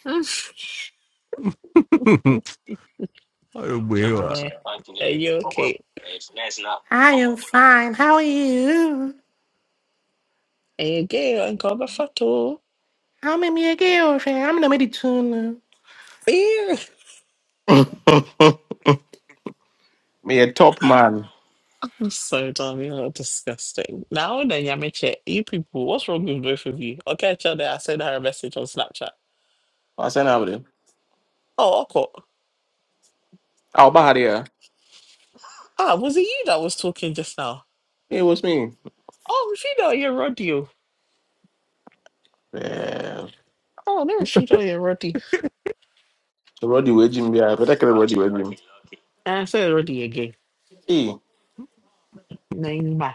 [SPEAKER 6] Ale
[SPEAKER 2] Oh boy,
[SPEAKER 6] are you okay?
[SPEAKER 5] I am fine. How are you?
[SPEAKER 6] Are you gay? I'm going to photo.
[SPEAKER 5] I'm in my girlfriend. I'm in the middle meditation.
[SPEAKER 6] Ew.
[SPEAKER 5] Me a top man.
[SPEAKER 6] I'm so dumb. You're disgusting. Now then, Yamiche, you people, what's wrong with both of you? Okay, chill there. I sent her a message on Snapchat.
[SPEAKER 5] I said now there.
[SPEAKER 6] Oh, okay.
[SPEAKER 5] I'll buy there.
[SPEAKER 6] Ah, was it you that was talking just now?
[SPEAKER 5] It was me.
[SPEAKER 6] Oh, Fido, you're Roddy.
[SPEAKER 5] Yeah.
[SPEAKER 6] Oh, no, Fido, you're Roddy.
[SPEAKER 5] Roddy with Jim. Yeah, but I can Roddy with Jim.
[SPEAKER 6] And I said Roddy again.
[SPEAKER 5] Hey.
[SPEAKER 6] No, you ma.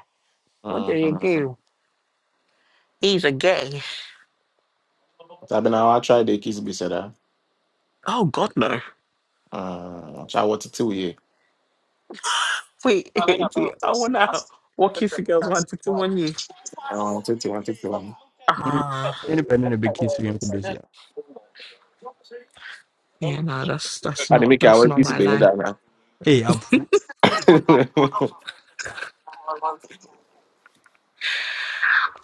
[SPEAKER 6] What do you
[SPEAKER 5] Mm-hmm.
[SPEAKER 6] do? He's a gay.
[SPEAKER 5] I've been out. I tried the kiss be said. Uh,
[SPEAKER 6] Oh, God, no.
[SPEAKER 5] I want to tell you.
[SPEAKER 6] Wait, I want to walk you through girls' one to one you. Ah.
[SPEAKER 2] independent a big kiss we ain't busy.
[SPEAKER 6] Yeah, no, that's that's
[SPEAKER 5] I didn't
[SPEAKER 6] not
[SPEAKER 5] make
[SPEAKER 6] that's
[SPEAKER 5] our
[SPEAKER 6] not
[SPEAKER 5] kiss
[SPEAKER 6] my
[SPEAKER 5] be in
[SPEAKER 6] line.
[SPEAKER 5] that now.
[SPEAKER 2] Hey, up.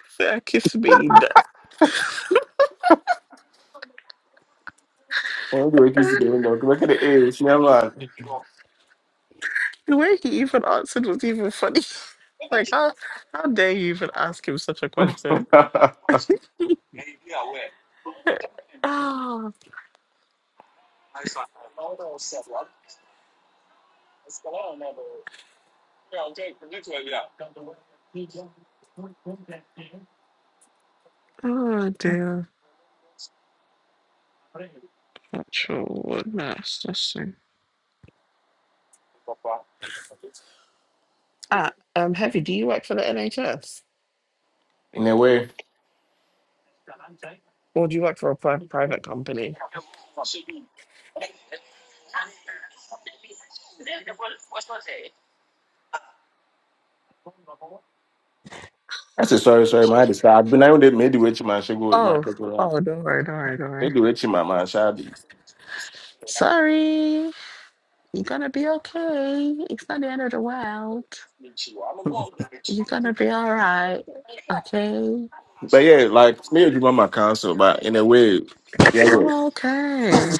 [SPEAKER 6] Fair kiss me. The
[SPEAKER 5] I want to kiss be in that. Look at the age. Never.
[SPEAKER 6] the way he even answered was even funny. Like how how dare you even ask him such a question? Oh, oh dear. Actual nurse. That's so- Ah, um, Heavy, do you work for the NHS?
[SPEAKER 5] In a way.
[SPEAKER 6] Or do you work for a pri- private company?
[SPEAKER 5] I said, sorry, sorry, my head is I've been able made the way to my sugar, my
[SPEAKER 6] Oh,
[SPEAKER 5] cocoa,
[SPEAKER 6] oh, don't worry, don't worry, don't
[SPEAKER 5] make
[SPEAKER 6] worry.
[SPEAKER 5] the way to my man, shadi.
[SPEAKER 6] Sorry, you're gonna be okay. It's not the end of the world. You're gonna be all right, okay?
[SPEAKER 5] But yeah, like, me, and you my counsel, but in a way, yeah, yeah,
[SPEAKER 6] Oh, okay.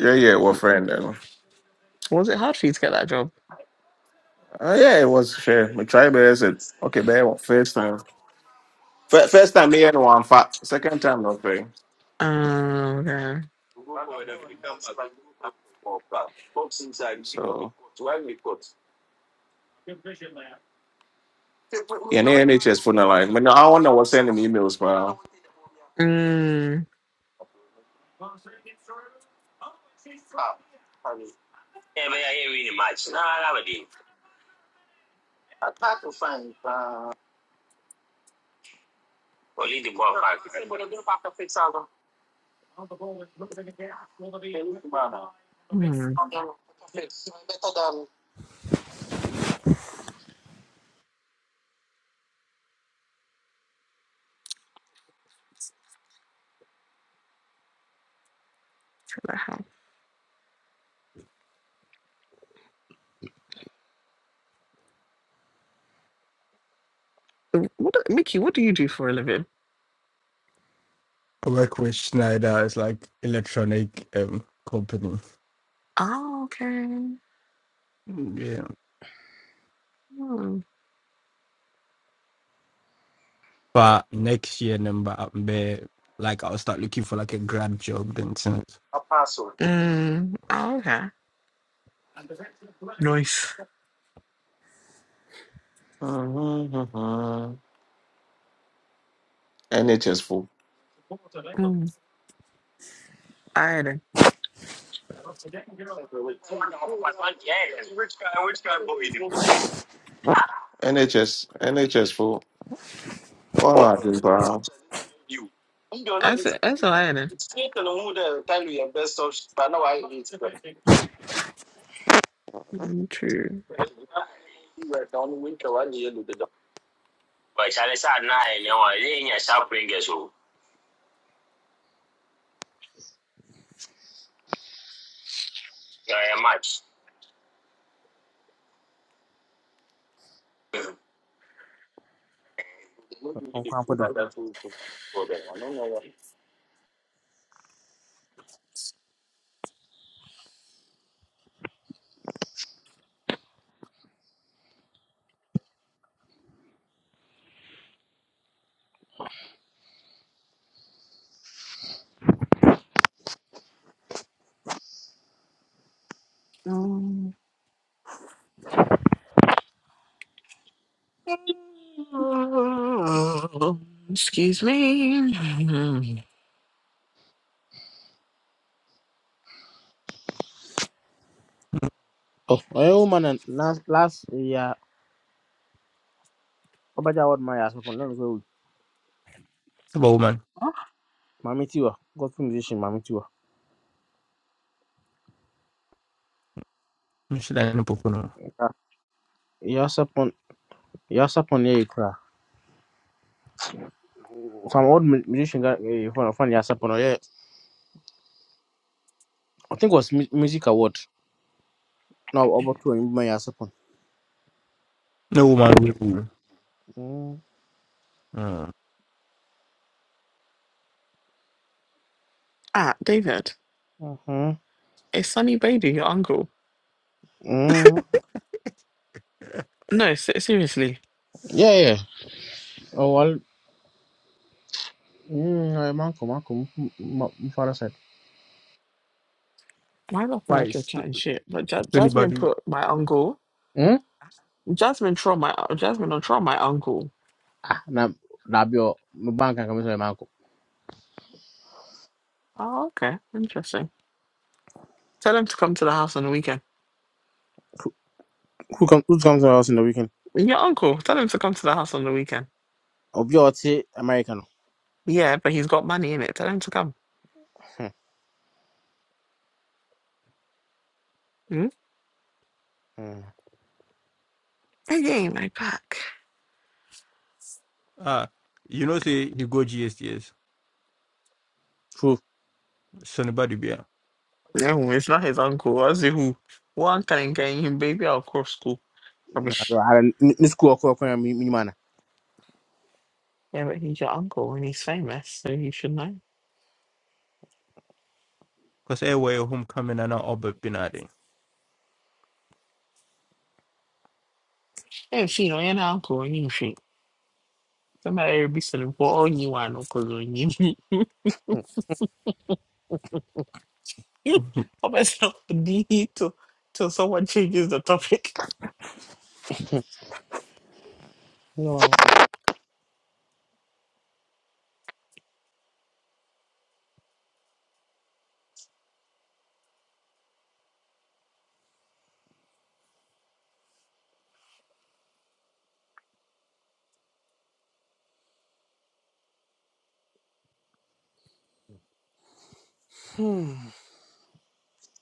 [SPEAKER 5] yeah, yeah, we're friend. You know.
[SPEAKER 6] Was it hard for you to get that job?
[SPEAKER 5] uh, yeah, it was fair. My try bear said, okay, bear, first time. Fir- First time, me, and one fat. Second time, not fair.
[SPEAKER 6] Oh, okay.
[SPEAKER 5] It's funny, line, but no, I wonder what's sending me emails, pal.
[SPEAKER 6] Mm. Hmm. Get that help. What do, Mickey, what do you do for a living?
[SPEAKER 2] I work with Schneider. It's like electronic um company.
[SPEAKER 6] Oh, okay.
[SPEAKER 2] Yeah.
[SPEAKER 6] Hmm.
[SPEAKER 2] But next year, number up there, like I'll start looking for like a grad job. Then since
[SPEAKER 6] Mm. Oh, okay.
[SPEAKER 5] Mhm. NHS full.
[SPEAKER 6] Mm. Ironing.
[SPEAKER 5] NHS, NHS full. What happened, pal?
[SPEAKER 6] That's it. that's all ironing. One, two.
[SPEAKER 7] I'm can't put them.
[SPEAKER 6] Um. Excuse me.
[SPEAKER 7] Oh, oh man, and last last yeah. Obaja what my ass upon. Let's go.
[SPEAKER 2] about woman,
[SPEAKER 7] Mami Tiwa, gospel musician Mami Tiwa.
[SPEAKER 2] You should I know no No
[SPEAKER 7] Yeah, upon, yeah, upon, yeah, you cry. some old mu- musician got eh, fun fun Yasapon. Oh, Yeah, I think it was mu- music award. No, about to remember Yasapon.
[SPEAKER 2] No woman will.
[SPEAKER 7] Mm,
[SPEAKER 2] Uh,
[SPEAKER 6] Ah, David.
[SPEAKER 7] hmm
[SPEAKER 6] It's Sunny Badu, your uncle.
[SPEAKER 7] mm.
[SPEAKER 6] No, se- seriously.
[SPEAKER 7] Yeah, yeah. Oh well. Mm, eh, manko, manko. My father said.
[SPEAKER 6] Mine not feel
[SPEAKER 2] why?
[SPEAKER 6] like you're
[SPEAKER 2] So,
[SPEAKER 6] chatting shit, but Ja-
[SPEAKER 2] so
[SPEAKER 6] Jasmine
[SPEAKER 2] anybody?
[SPEAKER 6] put my uncle.
[SPEAKER 7] Hmm.
[SPEAKER 6] Jasmine troll my uh, Jasmine not troll my uncle.
[SPEAKER 7] Ah, na na bio. My bank can come to manko.
[SPEAKER 6] Oh, okay, interesting. Tell him to come to the house on the weekend.
[SPEAKER 7] Who who come? Who comes to us in the weekend?
[SPEAKER 6] Your uncle, tell him to come to the house on the weekend.
[SPEAKER 7] Obio ati American.
[SPEAKER 6] Yeah, but he's got money in it. Tell him to come.
[SPEAKER 7] Hmm.
[SPEAKER 6] Hmm?
[SPEAKER 7] hmm.
[SPEAKER 6] Again, my back.
[SPEAKER 2] Ah, you know, say you go GSTS.
[SPEAKER 7] True.
[SPEAKER 2] So anybody be
[SPEAKER 6] No, it's not his uncle. I see who. One can getting him, baby. I'll cross school. Rubbish.
[SPEAKER 7] I ni school ako ako ya minimana.
[SPEAKER 6] Yeah, but he's your uncle and he's famous, so you should know.
[SPEAKER 2] because everywhere your homecoming and all but binary.
[SPEAKER 6] Hey, she know your uncle and you should. Somebody will be selling for all you want, uncle. What was D to till someone changes the topic?
[SPEAKER 7] No.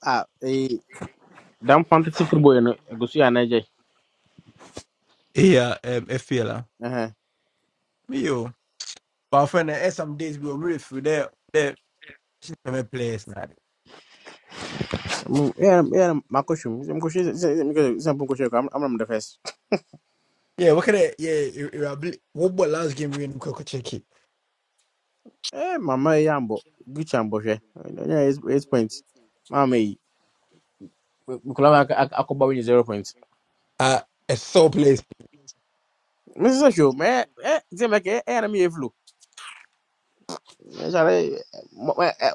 [SPEAKER 7] Ah, eh. Damn fantasy football. No, go see Nigeria.
[SPEAKER 2] Yeah, um, FPL. Me yo. But I find that eh, some days we will move through there. There, I'm a place now.
[SPEAKER 7] Mm, Yeah, yeah, yeah, my question. yeah, My question is, is- is- because it's a simple question. I'm, I'm the first.
[SPEAKER 2] Yeah, what can I? Yeah, what about last game we in Koko Cheki?
[SPEAKER 7] Eh, mama, eh, yambo, Gucci ambo, she. Yeah, eight, eight points. Mama, eh, we could have a a couple of zero points.
[SPEAKER 2] Uh, a sore place.
[SPEAKER 7] Mrs. Show, eh, eh, they make eh, eh, me a flu. Sorry,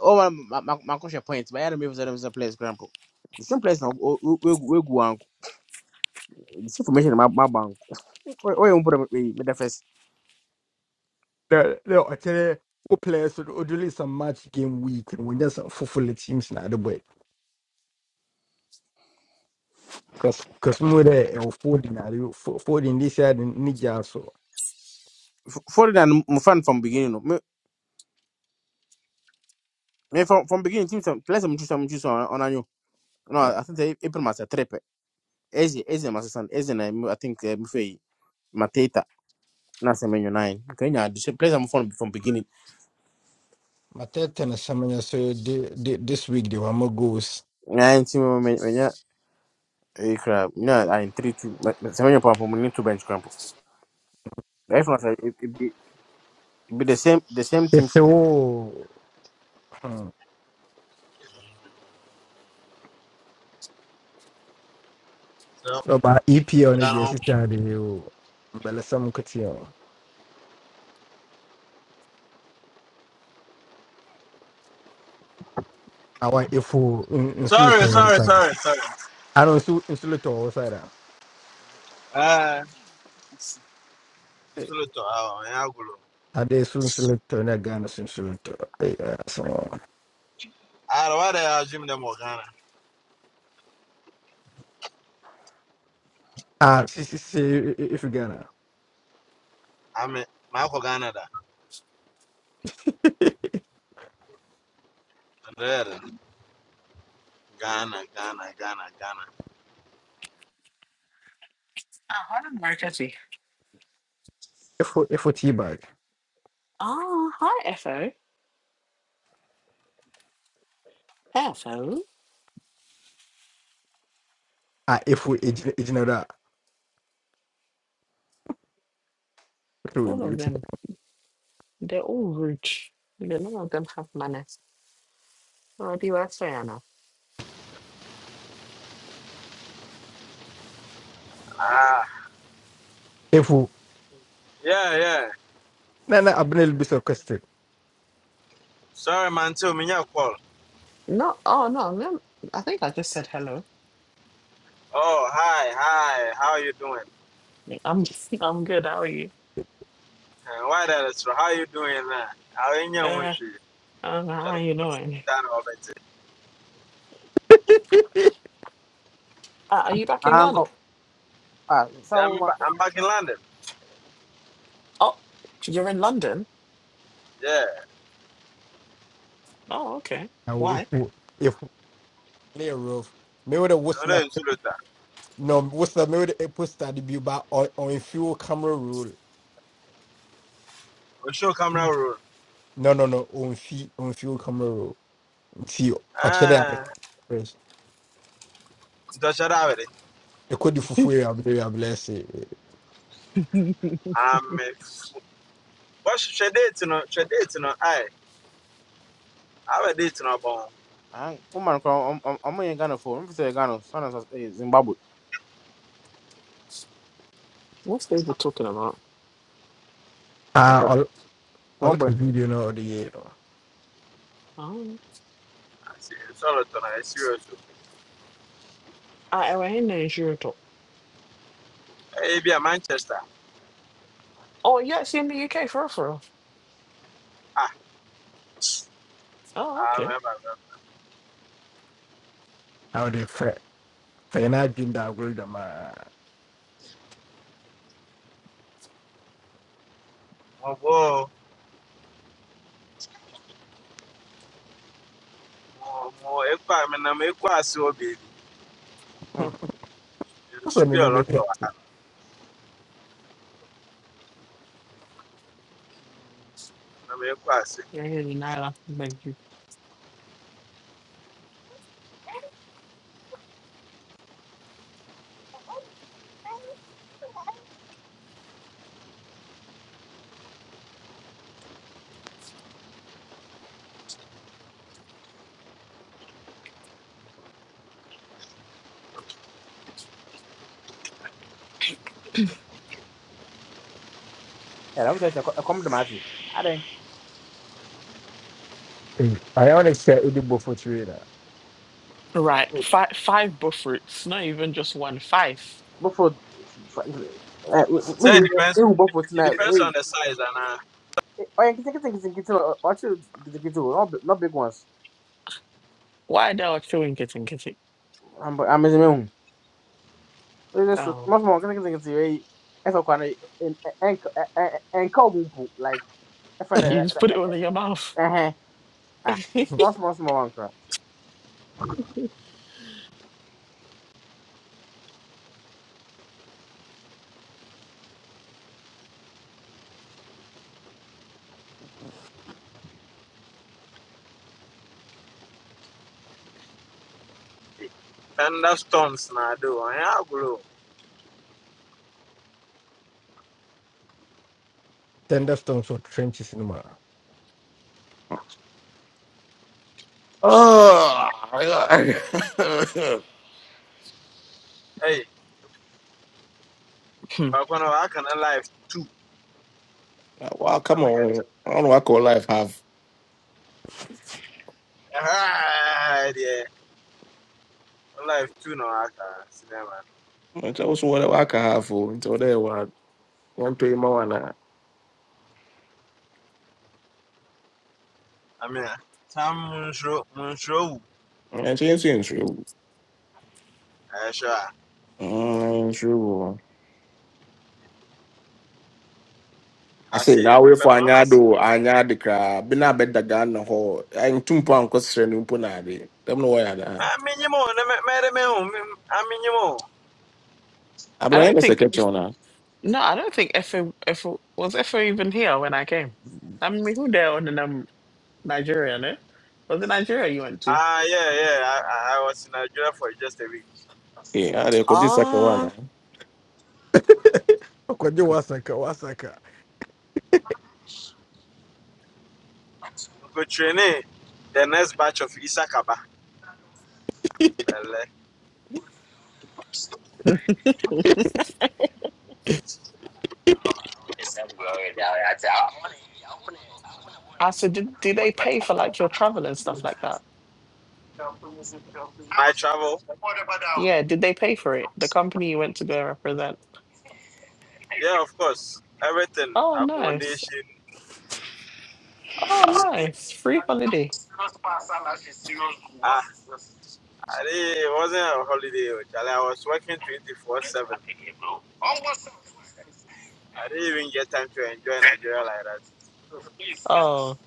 [SPEAKER 7] Oh, my, my, my question points. My enemy was a place, grandpa. The same place now, we we we go on. This information about my bank. Oh, you put me the first.
[SPEAKER 2] The the actually, what players should only some match game week and when there's four full teams now the boy. Cause cause we were there or folding folding this year in Niger so.
[SPEAKER 7] Foreign and fun from beginning. no. Me me from from beginning, team some place I'm choosing, I'm choosing on on annual. No, I
[SPEAKER 2] My
[SPEAKER 7] think they April mas a trepe. Eze, eze mas san, eze na I think eh, mfe mateta na se nine. Kenya the place I'm from from beginning.
[SPEAKER 2] third ten is something so the- the- this week they were more goals.
[SPEAKER 7] Na nti mo menya e kra na I in three two se menyo pa from need to bench cramp. Life na it it be it be the same the same thing
[SPEAKER 2] It's the
[SPEAKER 7] from.
[SPEAKER 2] whole.
[SPEAKER 8] So,
[SPEAKER 2] About EP on the
[SPEAKER 8] Shannon,
[SPEAKER 2] sister the whole. But some could see. I if you insulate.
[SPEAKER 8] Sorry, sorry, sorry, sorry.
[SPEAKER 2] I don't insulate all
[SPEAKER 8] Ah. sulu to awa, ya gulo.
[SPEAKER 2] Ade sunsulito na Ghana sunsulito. So
[SPEAKER 8] Ara wada ya jim da mo
[SPEAKER 2] ah si si si if Ghana
[SPEAKER 8] Ame, ma Ghana da. Rere. Ghana, Ghana, Ghana, Ghana.
[SPEAKER 6] Ah, Harlem Marketing.
[SPEAKER 2] if if T-bag
[SPEAKER 6] Oh, hi F O. Hey, F O.
[SPEAKER 2] ah if ejinara through
[SPEAKER 6] All of
[SPEAKER 2] mute
[SPEAKER 6] them. They're all rude. They- None of them have manners. Oh, do I say Anna?
[SPEAKER 8] ah,
[SPEAKER 2] if
[SPEAKER 8] yeah, yeah.
[SPEAKER 2] na na abnel be so question
[SPEAKER 8] Sorry man, too, me ya call.
[SPEAKER 6] No. Oh no. no, I think I just said hello.
[SPEAKER 8] Oh, hi, hi. How are you doing?
[SPEAKER 6] I'm I'm good. How are you?
[SPEAKER 8] Uh, why that is how are you doing now? How in your
[SPEAKER 6] Uh,
[SPEAKER 8] wish?
[SPEAKER 6] uh
[SPEAKER 8] Yeah,
[SPEAKER 6] how you doing? Uh, are you back in Ghana?
[SPEAKER 7] Anko ah sa o
[SPEAKER 8] I'm,
[SPEAKER 7] ma
[SPEAKER 8] ba- I'm back in London.
[SPEAKER 6] Oh, you're in London.
[SPEAKER 8] Yeah,
[SPEAKER 6] Oh, okay.
[SPEAKER 2] ah if
[SPEAKER 6] Why?
[SPEAKER 2] if lay rough me with a was not
[SPEAKER 8] Ole sulu ta.
[SPEAKER 2] no was not me with a poster the be ba on on fuel camera roll
[SPEAKER 8] O show camera roll.
[SPEAKER 2] no no no on fee on fuel camera roll see actually I'm.
[SPEAKER 8] ah,
[SPEAKER 2] fresh
[SPEAKER 8] Do shara
[SPEAKER 2] e ko di fufu e abless
[SPEAKER 8] am wɔhwehwɛ date no hwɛ date no ae aba date no abɔn
[SPEAKER 7] ah o man ko am am Ghana for. Mfe say Ghana son as Zimbabwe.
[SPEAKER 6] What's David talking about?
[SPEAKER 2] ah all
[SPEAKER 7] Small
[SPEAKER 2] all
[SPEAKER 7] boy.
[SPEAKER 2] the video no the year
[SPEAKER 6] Oh,
[SPEAKER 8] sɔlɔtɔ no ɛsirios
[SPEAKER 6] I
[SPEAKER 8] ɛyɛ bi a manchester
[SPEAKER 6] Oh, you're actually in the UK for real, for real.
[SPEAKER 8] ah
[SPEAKER 6] Oh,
[SPEAKER 8] I
[SPEAKER 6] okay.
[SPEAKER 8] remember. ah
[SPEAKER 2] How they fɛ fɛ na adwene da agorɔ dwamaa
[SPEAKER 8] mɛba mɔbɔ mɔ ekɔ a menam ekɔ ase wɔ beebi
[SPEAKER 7] Hmm.
[SPEAKER 8] nsu
[SPEAKER 2] wosɔ ne
[SPEAKER 8] bi
[SPEAKER 2] no
[SPEAKER 8] a ɔlɔtɔ
[SPEAKER 2] bɛfɛ
[SPEAKER 8] a menam ekɔ ase
[SPEAKER 6] Yeah, yeah, in Ireland. Thank you.
[SPEAKER 7] Yeah, I'm say come to Matthew.
[SPEAKER 2] ayɛ wone sɛ wode bɔfo kyerɛ na
[SPEAKER 6] Right, five five buff roots, not even just one, five.
[SPEAKER 7] Buffalo.
[SPEAKER 8] sɛ it
[SPEAKER 7] Maybe
[SPEAKER 8] depends
[SPEAKER 7] who Buffalo
[SPEAKER 8] it
[SPEAKER 7] tonight?
[SPEAKER 8] depends
[SPEAKER 7] Hey,
[SPEAKER 8] on the size anaa
[SPEAKER 7] hey, oh yeah, kita kita kita kita actually kita kita not big- not big ones.
[SPEAKER 6] Why they are killing kitten kitty?
[SPEAKER 7] I'm I'm missing one. It's just
[SPEAKER 6] Oh,
[SPEAKER 7] much more kita kita kita. Hey, if I can en en en call bumpo like if I
[SPEAKER 6] you just put it
[SPEAKER 7] eh
[SPEAKER 6] all in your mouth.
[SPEAKER 7] eh ah it's small small small one crap.
[SPEAKER 8] thunder storms na ade i ɛyɛ agorɔ o
[SPEAKER 2] thunderstorms wɔ trenches no mu a
[SPEAKER 5] Oh, my God.
[SPEAKER 8] ɛyɛ
[SPEAKER 6] Hmm.
[SPEAKER 8] i no waka no life two
[SPEAKER 5] Uh, Wow,
[SPEAKER 8] na
[SPEAKER 5] come
[SPEAKER 8] mɛka
[SPEAKER 5] on.
[SPEAKER 8] kyerɛ
[SPEAKER 5] I don't know what call life have.
[SPEAKER 8] ɛhaa deɛ life two na waka
[SPEAKER 5] Nti wo so what I can have o. Nti wo one what? more pay that?
[SPEAKER 8] i amina saa mo nsoro
[SPEAKER 5] wana. she ain't sin true.
[SPEAKER 8] Eh, Sure.
[SPEAKER 5] Mm, true. I
[SPEAKER 8] I
[SPEAKER 5] say
[SPEAKER 8] see.
[SPEAKER 5] now
[SPEAKER 8] My
[SPEAKER 5] we for
[SPEAKER 8] performance.
[SPEAKER 5] anyado, anyade kra. Bi na bed daga na ho. En tumpo an kwesre ni mpo na ade. Dem no why ada.
[SPEAKER 8] I minimum. Madam, I minimum.
[SPEAKER 6] I
[SPEAKER 5] Abro
[SPEAKER 6] don't
[SPEAKER 5] yan se
[SPEAKER 6] think
[SPEAKER 5] keche ona.
[SPEAKER 6] no, I don't think FA, FA was FA even here when I came. I mean, who there on in um, Nigeria, no? Was it Nigeria you went to?
[SPEAKER 8] Ah, yeah, yeah. I, I I was in Nigeria for just a week.
[SPEAKER 5] Yeah, they could do second one. huh?
[SPEAKER 6] Ah,
[SPEAKER 2] ɔkɔgye wasaka wasaka
[SPEAKER 8] Go training. The next batch of Isakaba. Well, eh,
[SPEAKER 6] I said, did, did they pay for like your travel and stuff like that?
[SPEAKER 8] My travel.
[SPEAKER 6] Yeah, did they pay for it? The company you went to go represent?
[SPEAKER 8] Yeah, of course. Everything.
[SPEAKER 6] Oh, nice.
[SPEAKER 8] Accommodation.
[SPEAKER 6] Oh, nice. Free holiday.
[SPEAKER 8] Ah, I did, it wasn't a holiday. oh, Charlie. I was working 24 7. I didn't even get time to enjoy Nigeria like that.
[SPEAKER 6] Oh.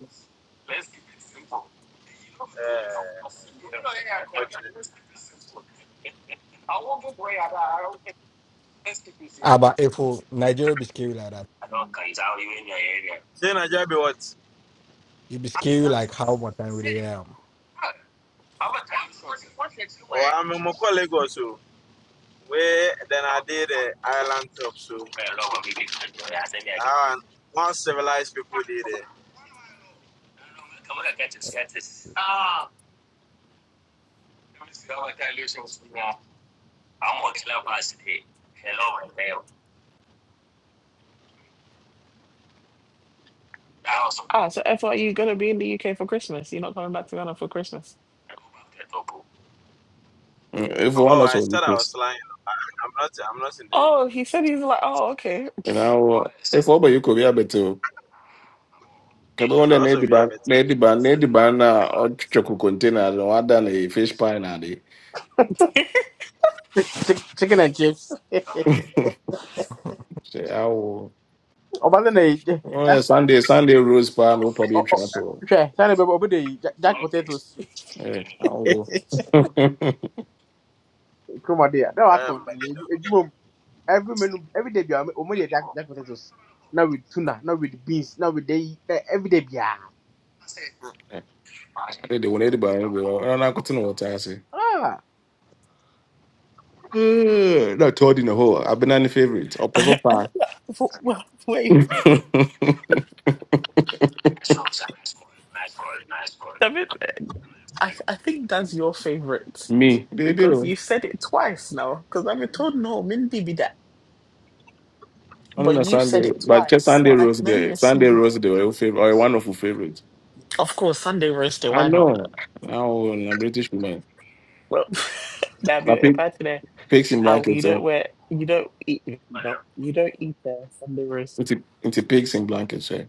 [SPEAKER 8] Uh, unfortunately.
[SPEAKER 2] Ah, aba ɛfo nigeria be scary like that
[SPEAKER 8] Say Nigeria be what?
[SPEAKER 2] it be scary like how much time we am
[SPEAKER 8] Oh, I'm in Moko Lagos. oh. Where then I did an island top, so I one civilized people did it.
[SPEAKER 6] Ah, so F are you gonna be in the UK for Christmas. You're not coming back to Ghana for Christmas.
[SPEAKER 5] Mm, If one
[SPEAKER 8] Oh, I
[SPEAKER 5] also will
[SPEAKER 8] said I
[SPEAKER 5] please.
[SPEAKER 8] was lying. I'm not. I'm not in the
[SPEAKER 6] Oh, he
[SPEAKER 8] UK.
[SPEAKER 6] said he's like, oh, okay.
[SPEAKER 5] You know, if over you could be able to. Kebe wale na
[SPEAKER 8] also, we have
[SPEAKER 5] ediba
[SPEAKER 8] it.
[SPEAKER 5] na ediba na ediba na or chocolate container no other than a fish pie na de.
[SPEAKER 7] Chick- Chicken and chips.
[SPEAKER 5] Say I will.
[SPEAKER 7] Oh, but then
[SPEAKER 5] Oh,
[SPEAKER 7] they.
[SPEAKER 5] yeah, Sunday Sunday rose pie. no probably
[SPEAKER 7] Oh, oh,
[SPEAKER 5] trap.
[SPEAKER 7] hwɛ sani bɛbɛ ɔbɛ de yi ja- jack potatoes
[SPEAKER 5] Eh, awo.
[SPEAKER 7] Come on, ya na wa
[SPEAKER 8] Um,
[SPEAKER 7] kɔn na every menu every day we are yɛ jack jack potatoes Now with tuna now with beans now with they. na every day we are.
[SPEAKER 5] They the one ediba go. I na kutu know what I say.
[SPEAKER 7] ah
[SPEAKER 5] Eh, na told in the hole. I've been any favorite or
[SPEAKER 6] I
[SPEAKER 5] pepper
[SPEAKER 6] don't
[SPEAKER 5] pie.
[SPEAKER 6] know. Well, wait. I, mean, I, I think that's your favorite
[SPEAKER 5] Me,
[SPEAKER 6] because
[SPEAKER 5] baby.
[SPEAKER 6] you said it twice now. Because I've been told no, Mindy be that.
[SPEAKER 5] I don't
[SPEAKER 6] But
[SPEAKER 5] know
[SPEAKER 6] you said
[SPEAKER 5] Sunday,
[SPEAKER 6] it
[SPEAKER 5] but just
[SPEAKER 6] twice.
[SPEAKER 5] Sunday
[SPEAKER 6] Well, I
[SPEAKER 5] Rose
[SPEAKER 6] can only
[SPEAKER 5] guy. Sunday
[SPEAKER 6] assume.
[SPEAKER 5] Rose the oil favorite or one of your favorites.
[SPEAKER 6] Of course, Sunday roast day,
[SPEAKER 5] I
[SPEAKER 6] why not?
[SPEAKER 5] know. Now a British woman.
[SPEAKER 6] Well, that'd
[SPEAKER 5] I
[SPEAKER 6] be a
[SPEAKER 5] pick
[SPEAKER 6] party
[SPEAKER 5] pigs in
[SPEAKER 6] Oh, you
[SPEAKER 5] blankets, eh?
[SPEAKER 6] don't wear, you don't eat, you don't, you don't eat the Sunday roast.
[SPEAKER 5] Into into pigs in blankets, eh?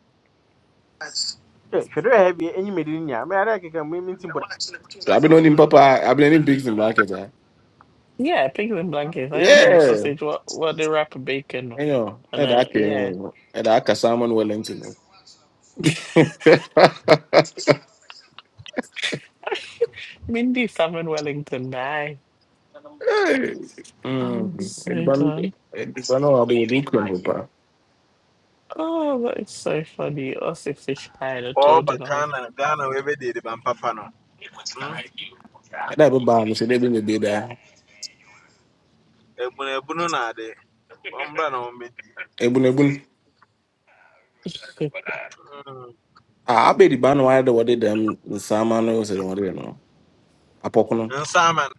[SPEAKER 7] should hwɛ have any medicine? enyim edi ni ya mɛ ada keka mu mi ti bɔ
[SPEAKER 5] So I've been on him papa I've been on pigs in blankets, eh?
[SPEAKER 6] Yeah, pigs in blankets. I had them with
[SPEAKER 5] Yeah.
[SPEAKER 6] sausage. What, what they wrap a bacon
[SPEAKER 5] I know.
[SPEAKER 6] and
[SPEAKER 5] And
[SPEAKER 6] uh,
[SPEAKER 5] I
[SPEAKER 6] yeah,
[SPEAKER 5] can and I can salmon Wellington.
[SPEAKER 6] Mindy salmon Wellington. Bye.
[SPEAKER 5] Hey.
[SPEAKER 6] Oh,
[SPEAKER 5] Mm. It
[SPEAKER 6] so
[SPEAKER 5] ban
[SPEAKER 6] done.
[SPEAKER 5] it ban all the Papa.
[SPEAKER 6] Oh, that is so funny. Also, fish pie and a
[SPEAKER 8] all
[SPEAKER 6] toad and
[SPEAKER 8] but
[SPEAKER 6] all.
[SPEAKER 8] Ghana, Ghana, we did the but Papa no. Hmm.
[SPEAKER 5] That be ban, so they been be there.
[SPEAKER 8] Ebunu ebunu na de. Ombra na ombe.
[SPEAKER 5] Ebun ebun.
[SPEAKER 8] Hmm.
[SPEAKER 5] Ah, abɛdiba na wayɛ de wɔde dɛm nsaama no sɛ wɔde no apɔko no
[SPEAKER 8] Nsaman.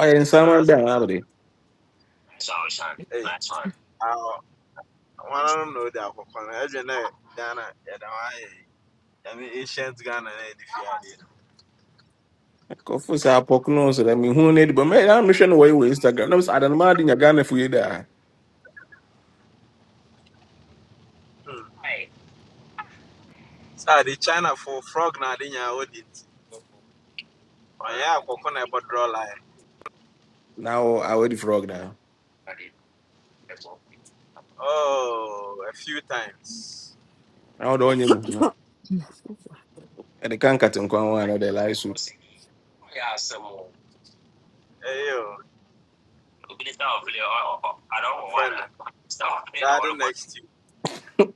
[SPEAKER 5] ɔyɛ nsaama
[SPEAKER 8] That's
[SPEAKER 5] da a
[SPEAKER 8] nsam.
[SPEAKER 5] abɛde
[SPEAKER 8] Hey, I want to know that i Ghana. Every night, Ghana, yeah, that one. I mean, ancient Ghana, eh, if you
[SPEAKER 5] kɔfo sɛ apɔko no sɛ dɛ mehu no adiba mɛ na mehwɛ no wɔyɛ wɔ instagram na mesɛ adanoma de nya ghanafo yi daa
[SPEAKER 8] there. Hmm. So the China for frog na de nya audit. ɔnyɛ akɔkɔ na draw line
[SPEAKER 5] na wɔ awɛdi frog daa
[SPEAKER 8] oh a few times
[SPEAKER 5] na wɔde ɔnyɛ mu ɛde ka nkate nkwa ho ana ɔde lae so
[SPEAKER 8] Hey yo, ɔfrɛ friend. eh. garden next to you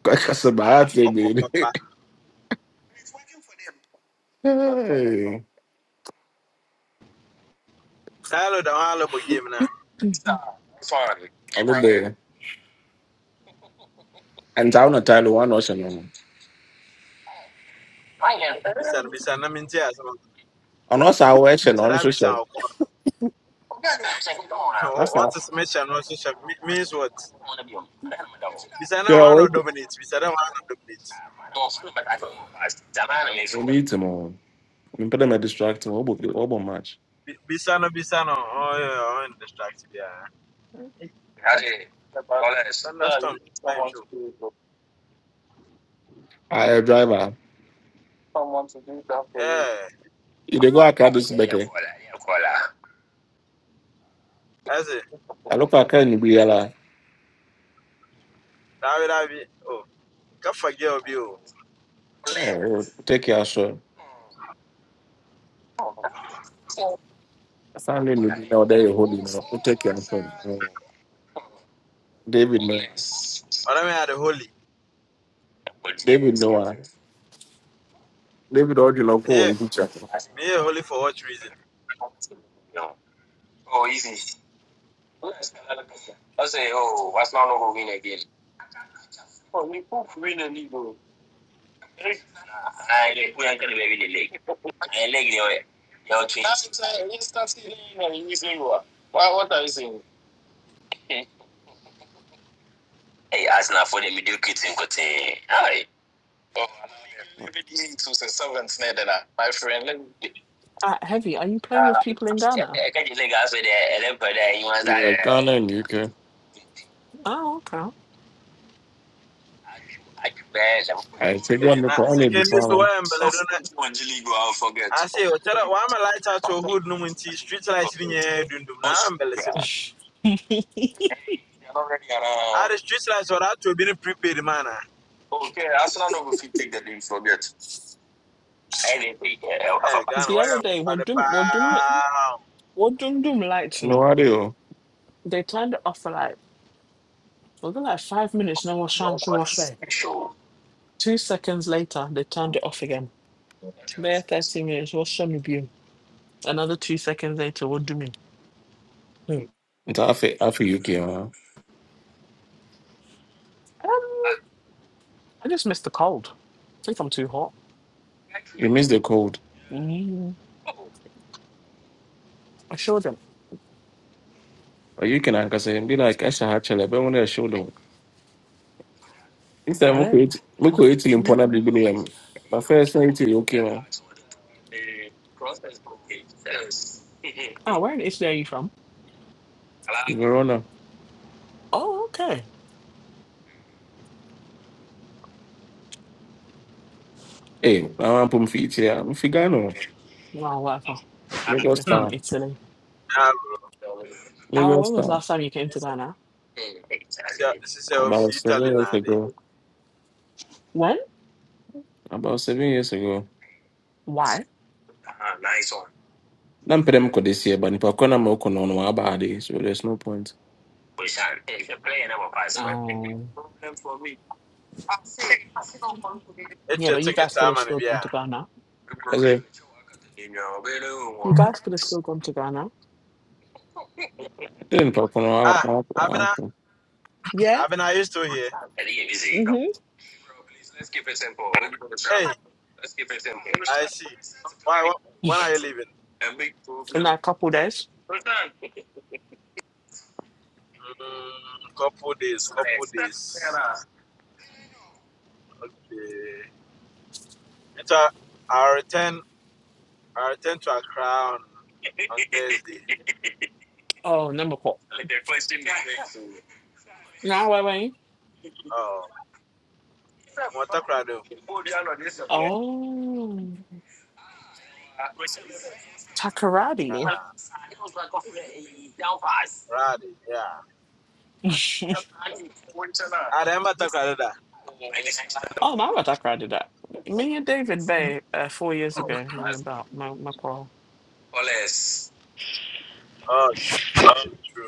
[SPEAKER 5] kakasɛ baa afei
[SPEAKER 8] ɔkɔ
[SPEAKER 5] bɛde
[SPEAKER 8] papa taalo da hɔ alɔbɔ game no
[SPEAKER 5] ɛnta wo na tile wɔ na ɔhyɛ no no
[SPEAKER 8] bisa no bisa na mente asɛm
[SPEAKER 5] ɔno ɔsɛ awɔ ɛhyɛ I want
[SPEAKER 8] kyɛda
[SPEAKER 5] to
[SPEAKER 8] bisa
[SPEAKER 5] hyɛ
[SPEAKER 8] a ɔkɔ Wɔ-
[SPEAKER 5] ɔsa
[SPEAKER 8] wɔte sɛ mehyɛ no nso hyɛ me- means what bisa na
[SPEAKER 5] hwɛ ɔwɔ
[SPEAKER 8] wano dominate. bisa na wano dominate.
[SPEAKER 5] yi tem ɔ mempɛ dɛ mɛdistract wɔbɔ match
[SPEAKER 8] Bisa Bi- bisa no Oh yeah, I'm distracted. Yeah. Eh, that's- thunderstorm na nhwɛ
[SPEAKER 5] ayɛ driver
[SPEAKER 8] yeah
[SPEAKER 5] You dey go Akadu see.
[SPEAKER 8] ɛse
[SPEAKER 5] I look at Ken Ibiala.
[SPEAKER 8] daabi daabi o kafa gɛ you.
[SPEAKER 5] Take your shot. Sunday Nibi now there you hold him up. You Take your shot. Eh, David.
[SPEAKER 8] But i yɛ ade holy
[SPEAKER 5] David Oji Loko
[SPEAKER 8] Yeah.
[SPEAKER 5] and teacher.
[SPEAKER 8] Me a holy for what reason?
[SPEAKER 6] Uh, Heavy, are you playing with people in Ghana?
[SPEAKER 5] Ghana in UK.
[SPEAKER 6] Oh, okay.
[SPEAKER 5] They got
[SPEAKER 8] Eh,
[SPEAKER 5] the
[SPEAKER 8] na
[SPEAKER 5] call me
[SPEAKER 8] secondly
[SPEAKER 5] before.
[SPEAKER 8] so
[SPEAKER 5] now.
[SPEAKER 8] i am bele do na I say o chara wa am I light out to a hood no nti street lights ni nyɛ dundum na am bele sem si. Ah the street lights or that to be ni prepaid man Hey, gan, Ghana
[SPEAKER 6] the
[SPEAKER 8] why
[SPEAKER 6] other
[SPEAKER 8] am
[SPEAKER 6] day,
[SPEAKER 8] what
[SPEAKER 6] what
[SPEAKER 8] the
[SPEAKER 6] doom, what doom,
[SPEAKER 8] pa.
[SPEAKER 6] what doom doom like, you
[SPEAKER 5] No
[SPEAKER 6] know?
[SPEAKER 5] radio.
[SPEAKER 6] They planned it off for like. Was it like five minutes? No, wash hands, wash hair. Two seconds later, they turned it off again. There, 30 minutes, wash me beam. Another two seconds later, what do you mean? Hmm.
[SPEAKER 5] It's half a half a UK. Man.
[SPEAKER 6] Um, I just missed the cold. I think I'm too hot.
[SPEAKER 5] You miss the cold.
[SPEAKER 6] Mm. I showed them.
[SPEAKER 5] But you can anchor say be like Asha Hatchel. But when I show them. This time
[SPEAKER 6] I
[SPEAKER 5] we
[SPEAKER 6] don't.
[SPEAKER 5] could we could eat in
[SPEAKER 6] Mm.
[SPEAKER 5] Pona Bibilium. My first time to UK. Man.
[SPEAKER 6] Ah, where in Italy are you from?
[SPEAKER 5] Verona.
[SPEAKER 6] Oh, okay.
[SPEAKER 5] Hey, I want to put feet here. I'm Figano.
[SPEAKER 6] Wow, whatever. You're
[SPEAKER 5] Lagos
[SPEAKER 8] Hmm.
[SPEAKER 6] from
[SPEAKER 5] town.
[SPEAKER 6] Italy.
[SPEAKER 8] Ah
[SPEAKER 6] Oh,
[SPEAKER 5] Lagos
[SPEAKER 6] when was the
[SPEAKER 5] town.
[SPEAKER 6] last time you came to Ghana?
[SPEAKER 8] this is a of
[SPEAKER 5] About seven
[SPEAKER 8] Italy
[SPEAKER 5] years
[SPEAKER 8] na de.
[SPEAKER 5] ago.
[SPEAKER 6] When?
[SPEAKER 5] About seven years ago.
[SPEAKER 6] Why?
[SPEAKER 5] Na mpere m kɔ this year, but nipa kɔ na ma ɔkɔ no no waba ade, so there's no point.
[SPEAKER 6] Um,
[SPEAKER 8] It
[SPEAKER 6] yeah,
[SPEAKER 8] your
[SPEAKER 6] but you
[SPEAKER 8] ticket
[SPEAKER 6] guys could
[SPEAKER 8] time
[SPEAKER 6] have
[SPEAKER 8] and
[SPEAKER 6] still gone
[SPEAKER 8] bia.
[SPEAKER 6] to Ghana. You guys could have still gone to Ghana.
[SPEAKER 5] Then nipa kɔ no
[SPEAKER 8] Ah
[SPEAKER 5] wakɔ
[SPEAKER 8] I've I've been,
[SPEAKER 5] wakɔ.
[SPEAKER 6] Yeah.
[SPEAKER 8] I've been, I used to here?
[SPEAKER 6] Mm-hmm.
[SPEAKER 8] Hey, I see. Why wh- when are you leaving?
[SPEAKER 6] in a couple days.
[SPEAKER 8] Mm, couple days, couple days. Okay. And so I'll return I'll return to Accra on, on Thursday.
[SPEAKER 6] Oh, number four. Now I wait.
[SPEAKER 8] Oh Matakrado.
[SPEAKER 6] Oh, Takaradi.
[SPEAKER 8] Uh Radi, yeah. I remember Takrado.
[SPEAKER 6] oh, my what Takaradi did that. Me and David Bay uh, four years ago. Remember my my call.
[SPEAKER 8] Oh true.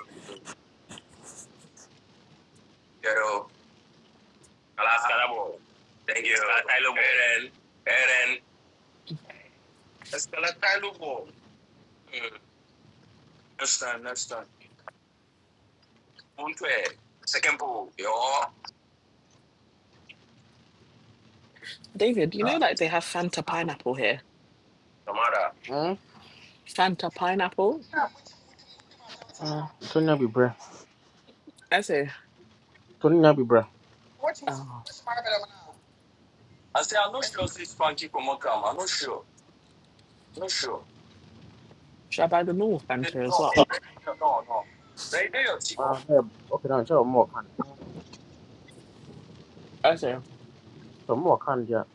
[SPEAKER 6] David, you know like they have Fanta pineapple here. Fanta pineapple.
[SPEAKER 7] da tonya bi brɛ
[SPEAKER 6] I say, oh, should I buy the normal Fanta as well?
[SPEAKER 7] ah ɛ ɔkè na nkyɛn ɔmo wɔ kan
[SPEAKER 6] I say,
[SPEAKER 7] ɔmo wɔ kan deɛ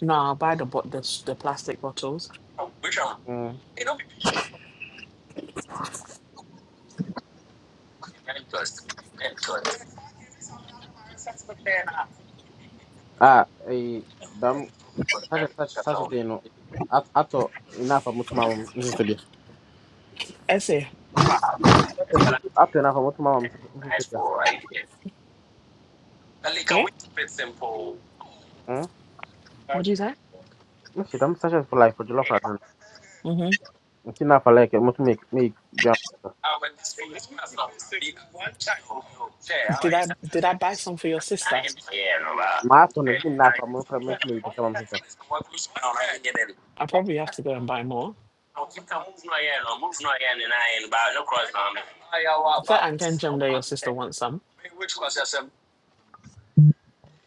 [SPEAKER 6] no, I'll buy the bot the, s- the plastic bottles.
[SPEAKER 7] ah eh, damn. Such such such thing. no at atɔ enough a mo tuma mo
[SPEAKER 6] I say,
[SPEAKER 7] After na fa mutu mama musu kika.
[SPEAKER 6] yeah.
[SPEAKER 7] Hmm.
[SPEAKER 6] What do you say?
[SPEAKER 7] Musu dam sasha for life for jollof rice.
[SPEAKER 6] hmm
[SPEAKER 7] Musu na fa like mutu make make biya.
[SPEAKER 6] Did I did I buy some for your sister?
[SPEAKER 7] Ma to ne zin na fa mutu fa mutu ne kama musu
[SPEAKER 6] I probably have to go and buy more. Sɛ anka nkyɛm dɛ your sister wants some.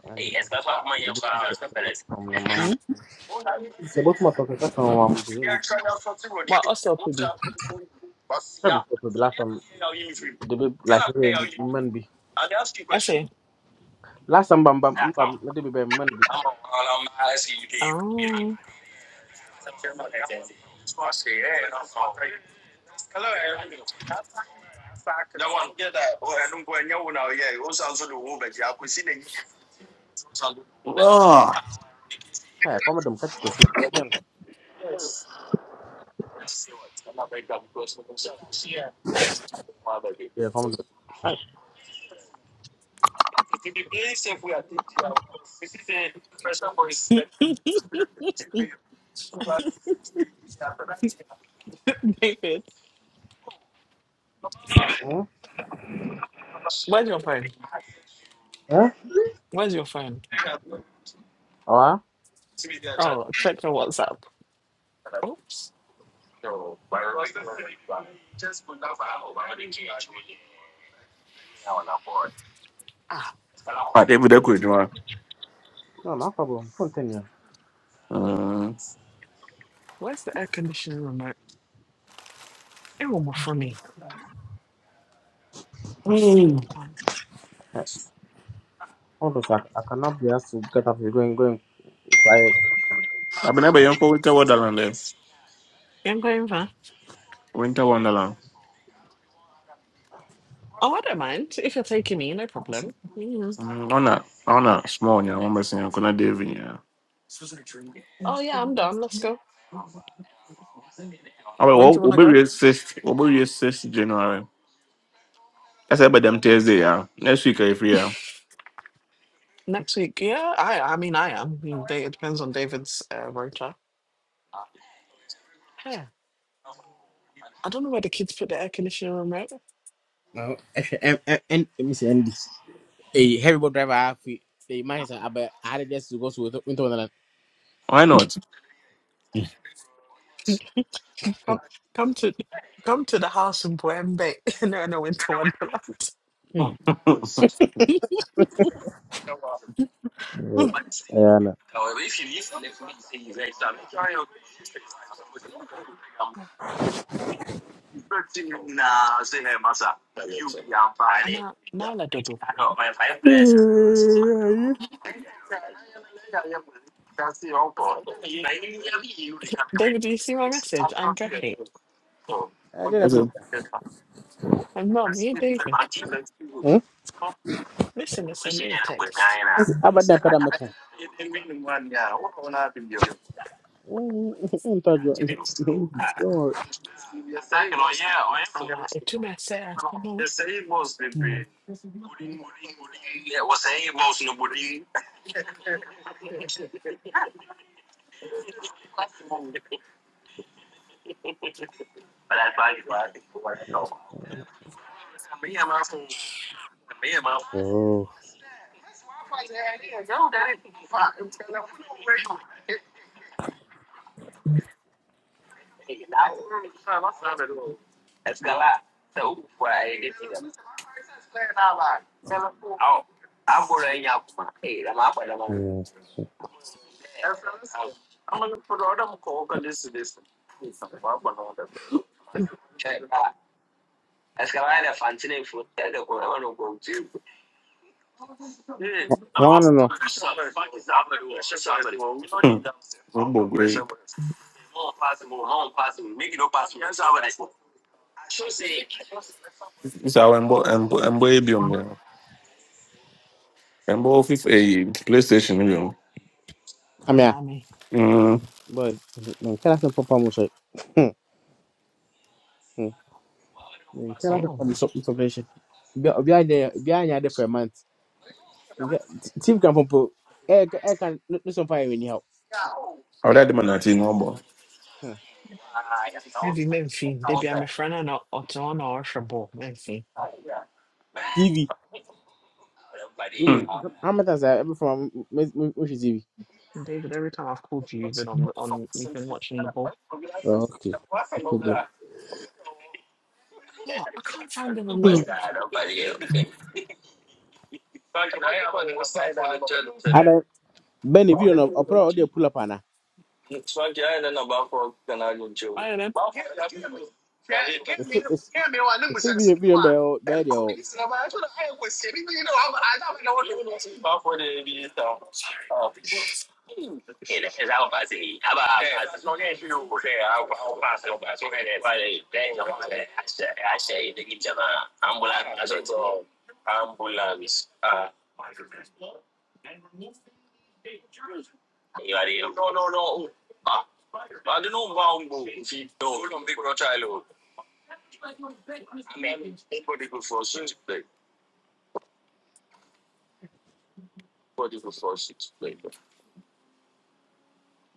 [SPEAKER 7] And the good people from your mom.
[SPEAKER 6] Hmm?
[SPEAKER 7] It's about my talk about my mom. Tell
[SPEAKER 6] Well, also could be.
[SPEAKER 7] me for the last time the baby like really man be.
[SPEAKER 6] I say,
[SPEAKER 7] Last time bam bam bam the baby man be.
[SPEAKER 6] oh,
[SPEAKER 5] Oh,
[SPEAKER 7] Hey, come with them catch this. Yeah, come with them. Hey.
[SPEAKER 6] David,
[SPEAKER 7] Hmm.
[SPEAKER 6] where's your phone?
[SPEAKER 7] Eh?
[SPEAKER 6] Where's your phone?
[SPEAKER 7] Ah.
[SPEAKER 6] Oh, check your WhatsApp. Oops. Ah,
[SPEAKER 5] David Echo,
[SPEAKER 6] where's,
[SPEAKER 5] Juma.
[SPEAKER 7] No, no problem. Continue.
[SPEAKER 5] Mm.
[SPEAKER 6] where's the air conditioning remote? It will more for me. The flip one.
[SPEAKER 7] Hey. Hold on, sir. I cannot be asked to get up. You're going, going.
[SPEAKER 5] Abena bɛyɛnkɔ Winter Wonderland dɛ.
[SPEAKER 6] you am going for.
[SPEAKER 5] Winter Wonderland.
[SPEAKER 6] Oh, I don't mind. If you're taking me, no problem. Mhm.
[SPEAKER 5] Mm, Ɔna ɔna small Yeah. nyɛ wɔn bɛsɛn yɛn kɔnɔ David nyɛ.
[SPEAKER 6] Oh, yeah, I'm done. Let's go.
[SPEAKER 5] Ɔbɛ
[SPEAKER 6] When do
[SPEAKER 5] wɔ
[SPEAKER 6] you want to go?
[SPEAKER 5] obewie six obewie six January. Ɛsɛ ɛbɛ dɛm Thursday Yeah. Next week ɛyɛ free ya.
[SPEAKER 6] Next week. Yeah, I I mean, I am. I mean, they- It depends on David's uh, rotor. Yeah. I don't know where the kids put the air conditioning remote.
[SPEAKER 7] No, and, and, and, let Andy. A heavy boat driver, I feel. The man is, I bet, I had just to go to into into another.
[SPEAKER 5] Why not?
[SPEAKER 6] Come, come to, come to the house in Buembe. no, no, into Wonderland. Hmm.
[SPEAKER 7] Oh,
[SPEAKER 6] and
[SPEAKER 7] yeah, no.
[SPEAKER 6] now, Nyla double.
[SPEAKER 7] Eh,
[SPEAKER 6] David, do you see my message? I'm Gershi.
[SPEAKER 7] I didn't have them.
[SPEAKER 6] And Mum, here, David.
[SPEAKER 7] Hmm?
[SPEAKER 6] Listen to Sando text.
[SPEAKER 7] How about that pedameter?
[SPEAKER 6] Awa, itu mese askamo.
[SPEAKER 7] Oh, yeah. Well, I don't know.
[SPEAKER 5] Ɔbɔ gwe. Nsa awɔ mbɔ mbɔ mbɔ ebi mbɔ. And both FIFA a PlayStation you know.
[SPEAKER 7] I mean,
[SPEAKER 6] Anami.
[SPEAKER 5] Mm.
[SPEAKER 7] boy, man, can I have some papa muscle? Man, can I have some
[SPEAKER 6] Oh,
[SPEAKER 7] papa muscle? Behind there, behind there for a month. Team can pump. Air, air can, no, no, some fire anyhow.
[SPEAKER 5] I would like them at number.
[SPEAKER 6] heavy Memphi. Maybe I'm a friend and not or or Shabo Memphi.
[SPEAKER 7] Hmm. Mm, How much has I ever from Mushizivi?
[SPEAKER 6] David, every time I've called you, you've been on, on, you've been watching the ball.
[SPEAKER 7] Oh, okay. No problem.
[SPEAKER 6] Oh, I can't find the
[SPEAKER 7] Mm.
[SPEAKER 6] remote.
[SPEAKER 7] And then, Benny, video no, I'll probably pull up, Anna.
[SPEAKER 6] I am
[SPEAKER 7] If it is, if it be a video by bed, or
[SPEAKER 6] sorry.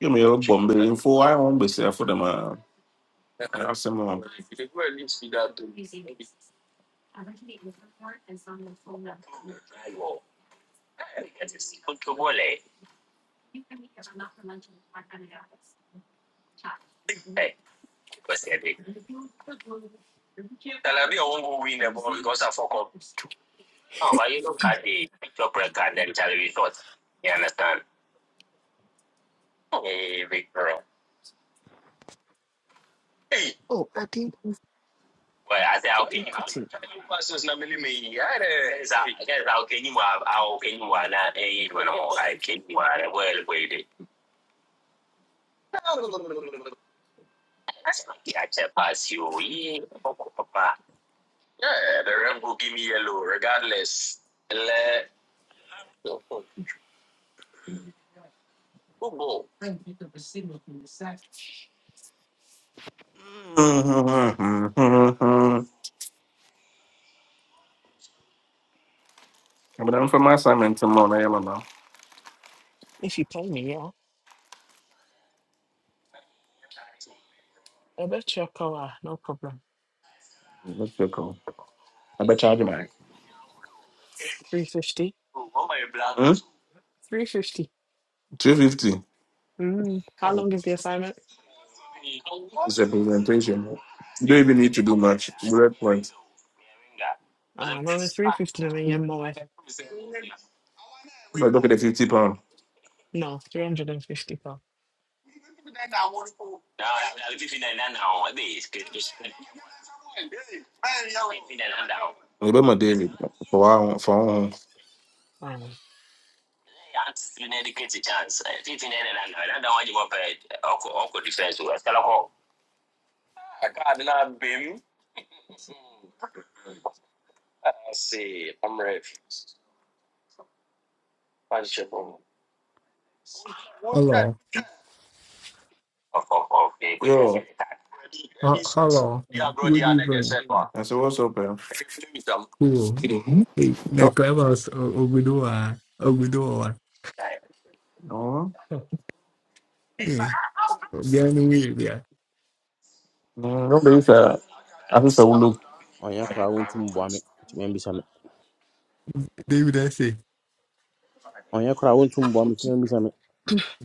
[SPEAKER 5] You may have info I won't be safe for them. uh, I have some uh,
[SPEAKER 6] Oh, Adi, where did they put it?
[SPEAKER 5] but I'm for my assignment tomorrow. I am now.
[SPEAKER 6] If you pay me, yeah. I bet you your cover. no problem.
[SPEAKER 5] Let's check out. I bet charge my
[SPEAKER 6] 350. 350.
[SPEAKER 5] 250
[SPEAKER 6] Mm. How long is the assignment?
[SPEAKER 5] It's a presentation. You don't even need to do much. Bullet point.
[SPEAKER 6] Uh, I'm only 350 and then you're more.
[SPEAKER 5] But look at the 50 pound.
[SPEAKER 6] No, 350 pounds.
[SPEAKER 5] I bet my daily for one for one.
[SPEAKER 6] Um,
[SPEAKER 9] Hello. Uh, hello. Good evening.
[SPEAKER 5] I said, What's up? eh?"
[SPEAKER 9] Cool.
[SPEAKER 5] Mhm.
[SPEAKER 9] Hey, na
[SPEAKER 5] No,
[SPEAKER 9] Clemens Ogudua. Ogudua.
[SPEAKER 5] no,
[SPEAKER 9] Hey, Bian Wilbia.
[SPEAKER 5] no, no, but it's a I just a look.
[SPEAKER 7] on your crowd, won't to bomb it, to maybe some.
[SPEAKER 9] David, I say,
[SPEAKER 7] On your crowd, won't to bomb it, to maybe some.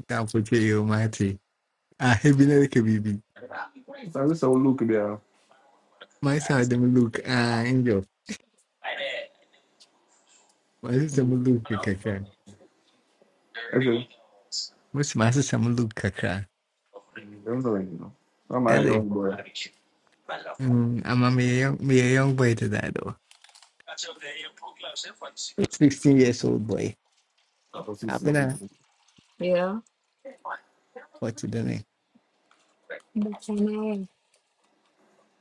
[SPEAKER 9] can't put you, Marty. Ah, have been a baby.
[SPEAKER 5] I just a look there.
[SPEAKER 9] My side, them look, ah, angel. My sister, them look, Kakra. Most my sister, them look, Kakra.
[SPEAKER 5] Remember, I'm my
[SPEAKER 9] Hey,
[SPEAKER 5] young boy.
[SPEAKER 9] um, I'm a me a young, me a young boy to that, though. 16 years old boy.
[SPEAKER 5] I was just
[SPEAKER 9] I've
[SPEAKER 5] saying,
[SPEAKER 6] yeah.
[SPEAKER 9] what to the name?
[SPEAKER 6] But for now,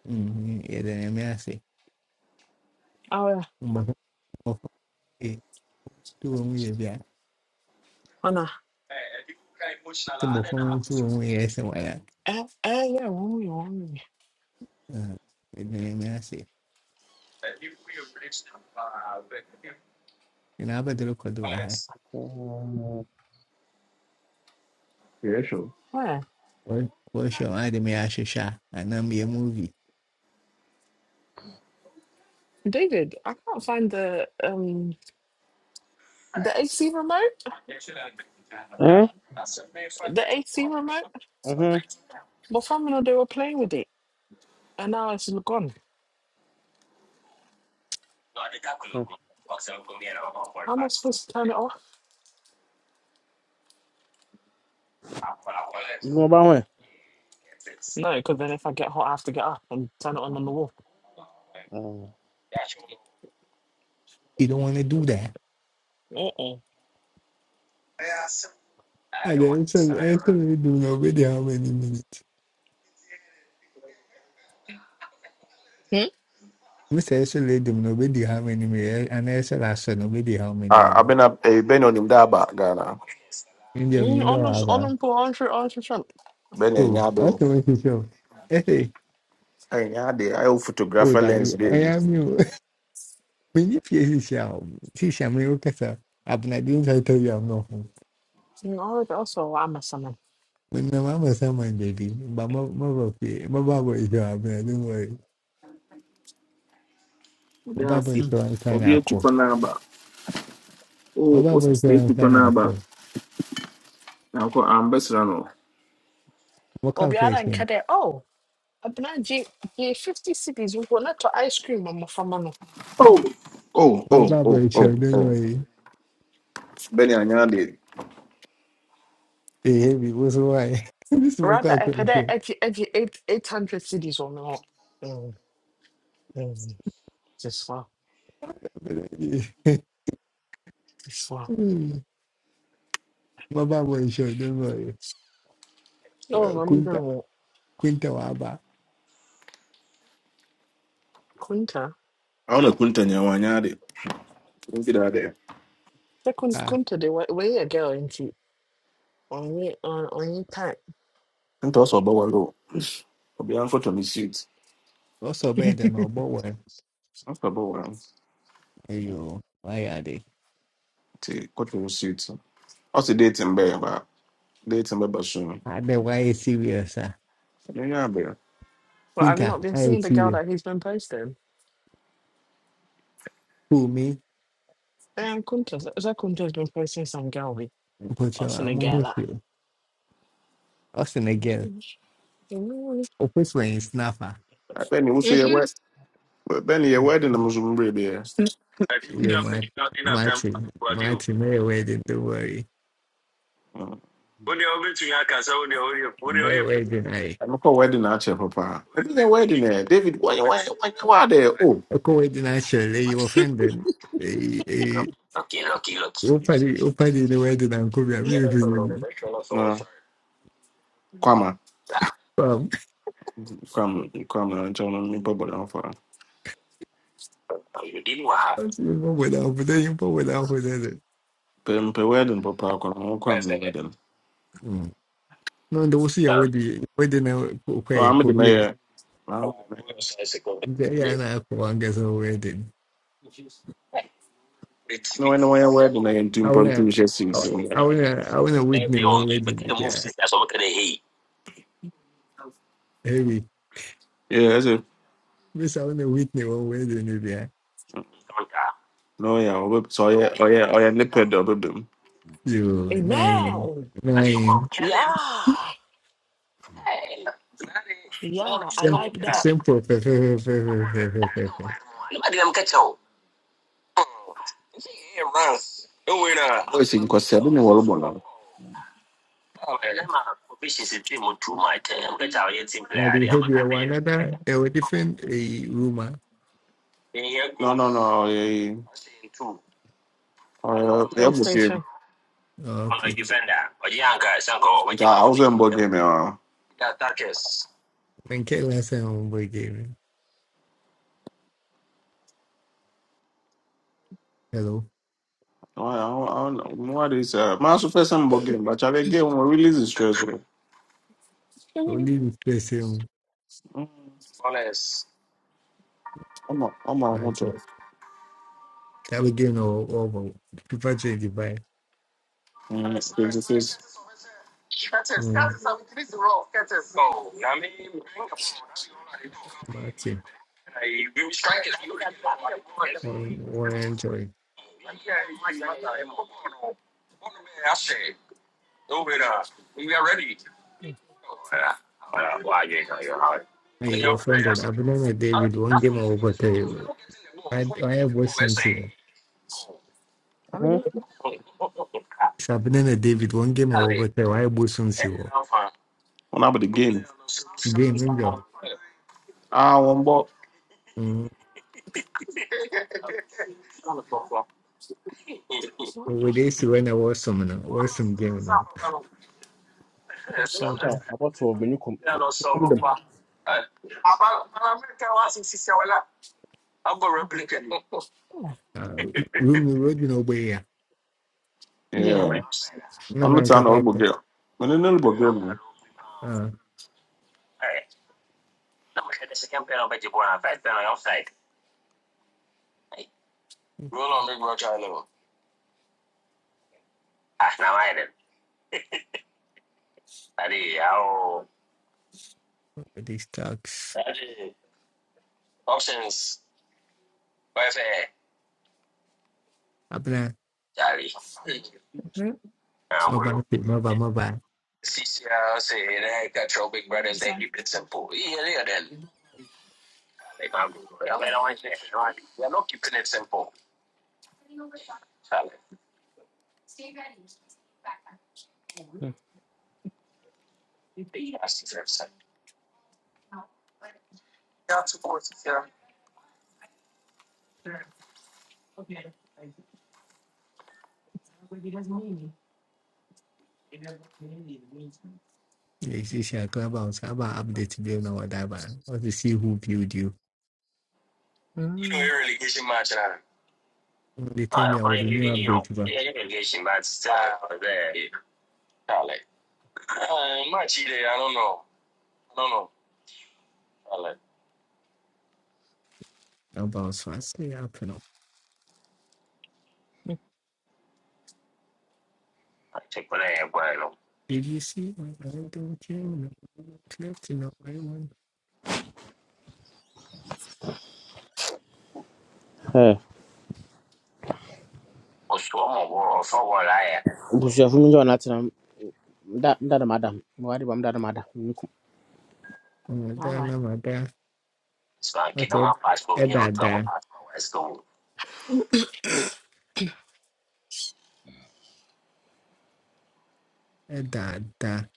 [SPEAKER 9] hmm Yeah, then I'm here, I say.
[SPEAKER 6] oh, yeah.
[SPEAKER 9] Mm-hmm.
[SPEAKER 6] Anna.
[SPEAKER 9] Tumbo kumi mtu mwe yese wala.
[SPEAKER 6] Eh, eh, yeah, wrong, wrong.
[SPEAKER 9] Medine me ase. Ina kwa do ahai.
[SPEAKER 7] Eh?
[SPEAKER 5] yeah, sure.
[SPEAKER 6] Where?
[SPEAKER 9] Wash your eye, me ashesha. Ana me a movie.
[SPEAKER 6] David, I can't find the um the AC remote.
[SPEAKER 7] Mhm.
[SPEAKER 6] The AC remote.
[SPEAKER 7] Mm
[SPEAKER 6] My family they were playing with it and now it's gone.
[SPEAKER 7] hmm.
[SPEAKER 6] How am I supposed to turn it off?
[SPEAKER 7] You know about where?
[SPEAKER 6] No, because then if I get hot I have to get up and turn it on on the wall.
[SPEAKER 7] Mhm.
[SPEAKER 9] You don't want to do that.
[SPEAKER 6] Uh-uh.
[SPEAKER 9] And then so actually do nobody how many minutes.
[SPEAKER 6] Hmm?
[SPEAKER 9] Mr. Actually do nobody how many minutes. And actually I said nobody how many
[SPEAKER 5] Ah,
[SPEAKER 9] minutes.
[SPEAKER 5] abena ebeni onimda aba Ghana.
[SPEAKER 9] India
[SPEAKER 6] Mm,
[SPEAKER 9] you know
[SPEAKER 6] Ono, ono
[SPEAKER 9] aba.
[SPEAKER 6] mpo, onhwe, onhwe hwɛ me.
[SPEAKER 5] Beni
[SPEAKER 9] Oh, that's
[SPEAKER 5] enyado.
[SPEAKER 9] the way to show. Hey,
[SPEAKER 5] Enyade ayo
[SPEAKER 9] oh
[SPEAKER 5] photographer lens
[SPEAKER 9] Davi, I
[SPEAKER 5] dey.
[SPEAKER 9] am you. Many places here. See, I'm okay, sir. Abnadi, I tell you, I'm not.
[SPEAKER 6] Mm, ɔre- ɔsɛ ɔwɔ ama sama.
[SPEAKER 9] No, I'm a someone, baby. But my my my Bible is your man. Don't worry.
[SPEAKER 5] Ode
[SPEAKER 9] My Bible
[SPEAKER 5] afi.
[SPEAKER 9] is your sign
[SPEAKER 5] Obi
[SPEAKER 9] alcohol.
[SPEAKER 5] etupo n'aba.
[SPEAKER 9] My
[SPEAKER 5] O o
[SPEAKER 9] Bible is
[SPEAKER 5] sisi
[SPEAKER 9] your
[SPEAKER 5] etupo
[SPEAKER 9] sign
[SPEAKER 5] n'aba.
[SPEAKER 9] alcohol.
[SPEAKER 5] Na nko ambassador no.
[SPEAKER 9] What
[SPEAKER 6] Obiara nka
[SPEAKER 9] calculation?
[SPEAKER 6] dɛ, oh, abenagye, gye 50 cities mpo na to ice cream ma mmɔframma no.
[SPEAKER 5] Oh, oh,
[SPEAKER 9] My
[SPEAKER 5] oh,
[SPEAKER 9] Bible
[SPEAKER 5] oh,
[SPEAKER 9] is
[SPEAKER 5] oh,
[SPEAKER 9] your. Don't
[SPEAKER 5] oh.
[SPEAKER 9] worry.
[SPEAKER 5] Been Beni yado.
[SPEAKER 9] Hey, heavy. What's why? This is my
[SPEAKER 6] Rather, ɛpɛ dɛ
[SPEAKER 9] calculation.
[SPEAKER 6] ɛgye, ɛgye 8 800 cities wɔ me hɔ. Mm, This one. This one.
[SPEAKER 9] My Bible is your. Don't worry. Eh,
[SPEAKER 6] Oh, I'm
[SPEAKER 9] Quinta
[SPEAKER 6] wɔ
[SPEAKER 9] Quinta Waba.
[SPEAKER 6] Kunta.
[SPEAKER 5] I want to kunta nyawa yado. Nti da de.
[SPEAKER 6] Sɛ Kun-
[SPEAKER 9] Ah,
[SPEAKER 6] Kunta de, wɔ- wɔyɛ a girl nti, ɔnye, ɔn- ɔnye time.
[SPEAKER 5] Nti also obo walo. Obi an photo ni suit.
[SPEAKER 9] also better than Obo one.
[SPEAKER 5] After obo walo.
[SPEAKER 9] You. Why are they?
[SPEAKER 5] Ti koto ni suit. Also dating be ba. Dating be ba
[SPEAKER 9] Ah, they why serious? Ah,
[SPEAKER 5] Yeah, ɛnyɛ abea
[SPEAKER 6] Well, have you
[SPEAKER 9] Quinta.
[SPEAKER 6] not been
[SPEAKER 9] I
[SPEAKER 6] seeing the girl
[SPEAKER 9] serious.
[SPEAKER 6] that he's been posting?
[SPEAKER 9] Who me?
[SPEAKER 6] Um, Kunta, Sɛ Kunta's been posting some girl bi.
[SPEAKER 9] But you,
[SPEAKER 6] Ɔse ne
[SPEAKER 9] I'm
[SPEAKER 6] girl
[SPEAKER 9] with you. Austin again.
[SPEAKER 6] Mm-hmm.
[SPEAKER 9] Opposing snapper.
[SPEAKER 5] bɛne wo so yɛ wed bɛne yɛ wedding no so mmerɛ biɛ
[SPEAKER 9] You might Marty Marty Merriwedding, don't worry. Merriwedding I
[SPEAKER 5] ɛmekɔ wedding akyɛ papa ɛbi ne wedding ɛ david wade o
[SPEAKER 9] Oko wedding actually you offended. Opadi Opadi the wedding and come here. a really
[SPEAKER 5] kwama
[SPEAKER 9] um
[SPEAKER 5] kwam kwama nkyɛ no mepɛ bɔdamfa
[SPEAKER 9] without but then you put without with it.
[SPEAKER 5] pɛ mpɛ wedding papa kɔnɔ wokɔ den
[SPEAKER 9] No, the was your wedding wedding uh, okay
[SPEAKER 5] amede
[SPEAKER 9] could be
[SPEAKER 5] mɛyɛ
[SPEAKER 9] yeah and I could guess a wedding.
[SPEAKER 5] wɛne wɔyɛ wedding na yɛntu
[SPEAKER 9] I wanna
[SPEAKER 5] mpɔ
[SPEAKER 9] I wanna I wanna witness one wedding yeah.
[SPEAKER 5] Yeah, hyɛ sim
[SPEAKER 9] Missalina Whitney one way the Nubia.
[SPEAKER 5] No na ɔyɛ a, ɔbɛ- sɛ ɔyɛ ɔyɛ ɔyɛ ne pɛ dɛ ɔbɛbɛm
[SPEAKER 9] You nine
[SPEAKER 6] Amen.
[SPEAKER 9] nine.
[SPEAKER 6] Yeah. Yeah. I
[SPEAKER 9] Same
[SPEAKER 6] like that.
[SPEAKER 9] simple fe- fe- fe- fe- fe- fe- fe- fe-
[SPEAKER 5] ɔyɛ sɛ nkɔsɛ bi ne wɔrebɔ
[SPEAKER 9] Now the heavy one another a different a rumor.
[SPEAKER 5] no no ɔyɛ yi ɔyɛ
[SPEAKER 6] PlayStation.
[SPEAKER 5] ɔyɛ
[SPEAKER 9] Oh, okay.
[SPEAKER 5] me
[SPEAKER 9] When can last time on boy game? Hello.
[SPEAKER 5] Why, why, why this? Uh, my first time about game, but I get one release is stressful.
[SPEAKER 6] Mhm.
[SPEAKER 9] Only with person
[SPEAKER 5] Mm, I'm a, I'm a
[SPEAKER 9] Martin.
[SPEAKER 5] hunter.
[SPEAKER 9] That we game or over. People change the vibe.
[SPEAKER 5] Mm, this is
[SPEAKER 9] Mm, Martin. One one enjoy. I offended. I've been on a day with one game over. three. I I have Western Civil.
[SPEAKER 6] I
[SPEAKER 7] Eh?
[SPEAKER 6] mean,
[SPEAKER 9] Sabine na David one game a wɔbɛtɛ wayɛ bosom si hɔ
[SPEAKER 5] one about the game.
[SPEAKER 9] game no
[SPEAKER 5] Ah, one ball.
[SPEAKER 6] what
[SPEAKER 9] deɛ
[SPEAKER 6] the
[SPEAKER 9] wɔde si
[SPEAKER 6] fuck?
[SPEAKER 9] hɔ na wɔsom no wɔsom game no
[SPEAKER 6] I'm so
[SPEAKER 7] Yeah,
[SPEAKER 6] dumb.
[SPEAKER 7] about to when you come. come them.
[SPEAKER 6] Oh,
[SPEAKER 9] Ah, room no road na wɔbɛyɛ a
[SPEAKER 5] Yeah,
[SPEAKER 6] Yeah.
[SPEAKER 9] na
[SPEAKER 5] I'm
[SPEAKER 9] na
[SPEAKER 5] not an
[SPEAKER 9] nkasa
[SPEAKER 5] horrible
[SPEAKER 9] kɔ
[SPEAKER 5] game, I'm not an
[SPEAKER 9] Ah, wɔde stocks abena
[SPEAKER 6] Mhm.
[SPEAKER 9] maba afei maba maba
[SPEAKER 6] That's fine.
[SPEAKER 9] yɛsiesie a clubhouse aba update bio na wɔde aba want to see who build you
[SPEAKER 6] Mm.
[SPEAKER 9] They tell me I was the time bi a wɔde new update ba clubhouse so asɛ yɛ apɛ no did you see my I don't care no left no I want
[SPEAKER 7] Eh, Bushia from John Latin, that madam. Why did I'm that madam?
[SPEAKER 6] Bye bye.
[SPEAKER 9] Madonna, Madonna. Okay. Edada. Edada.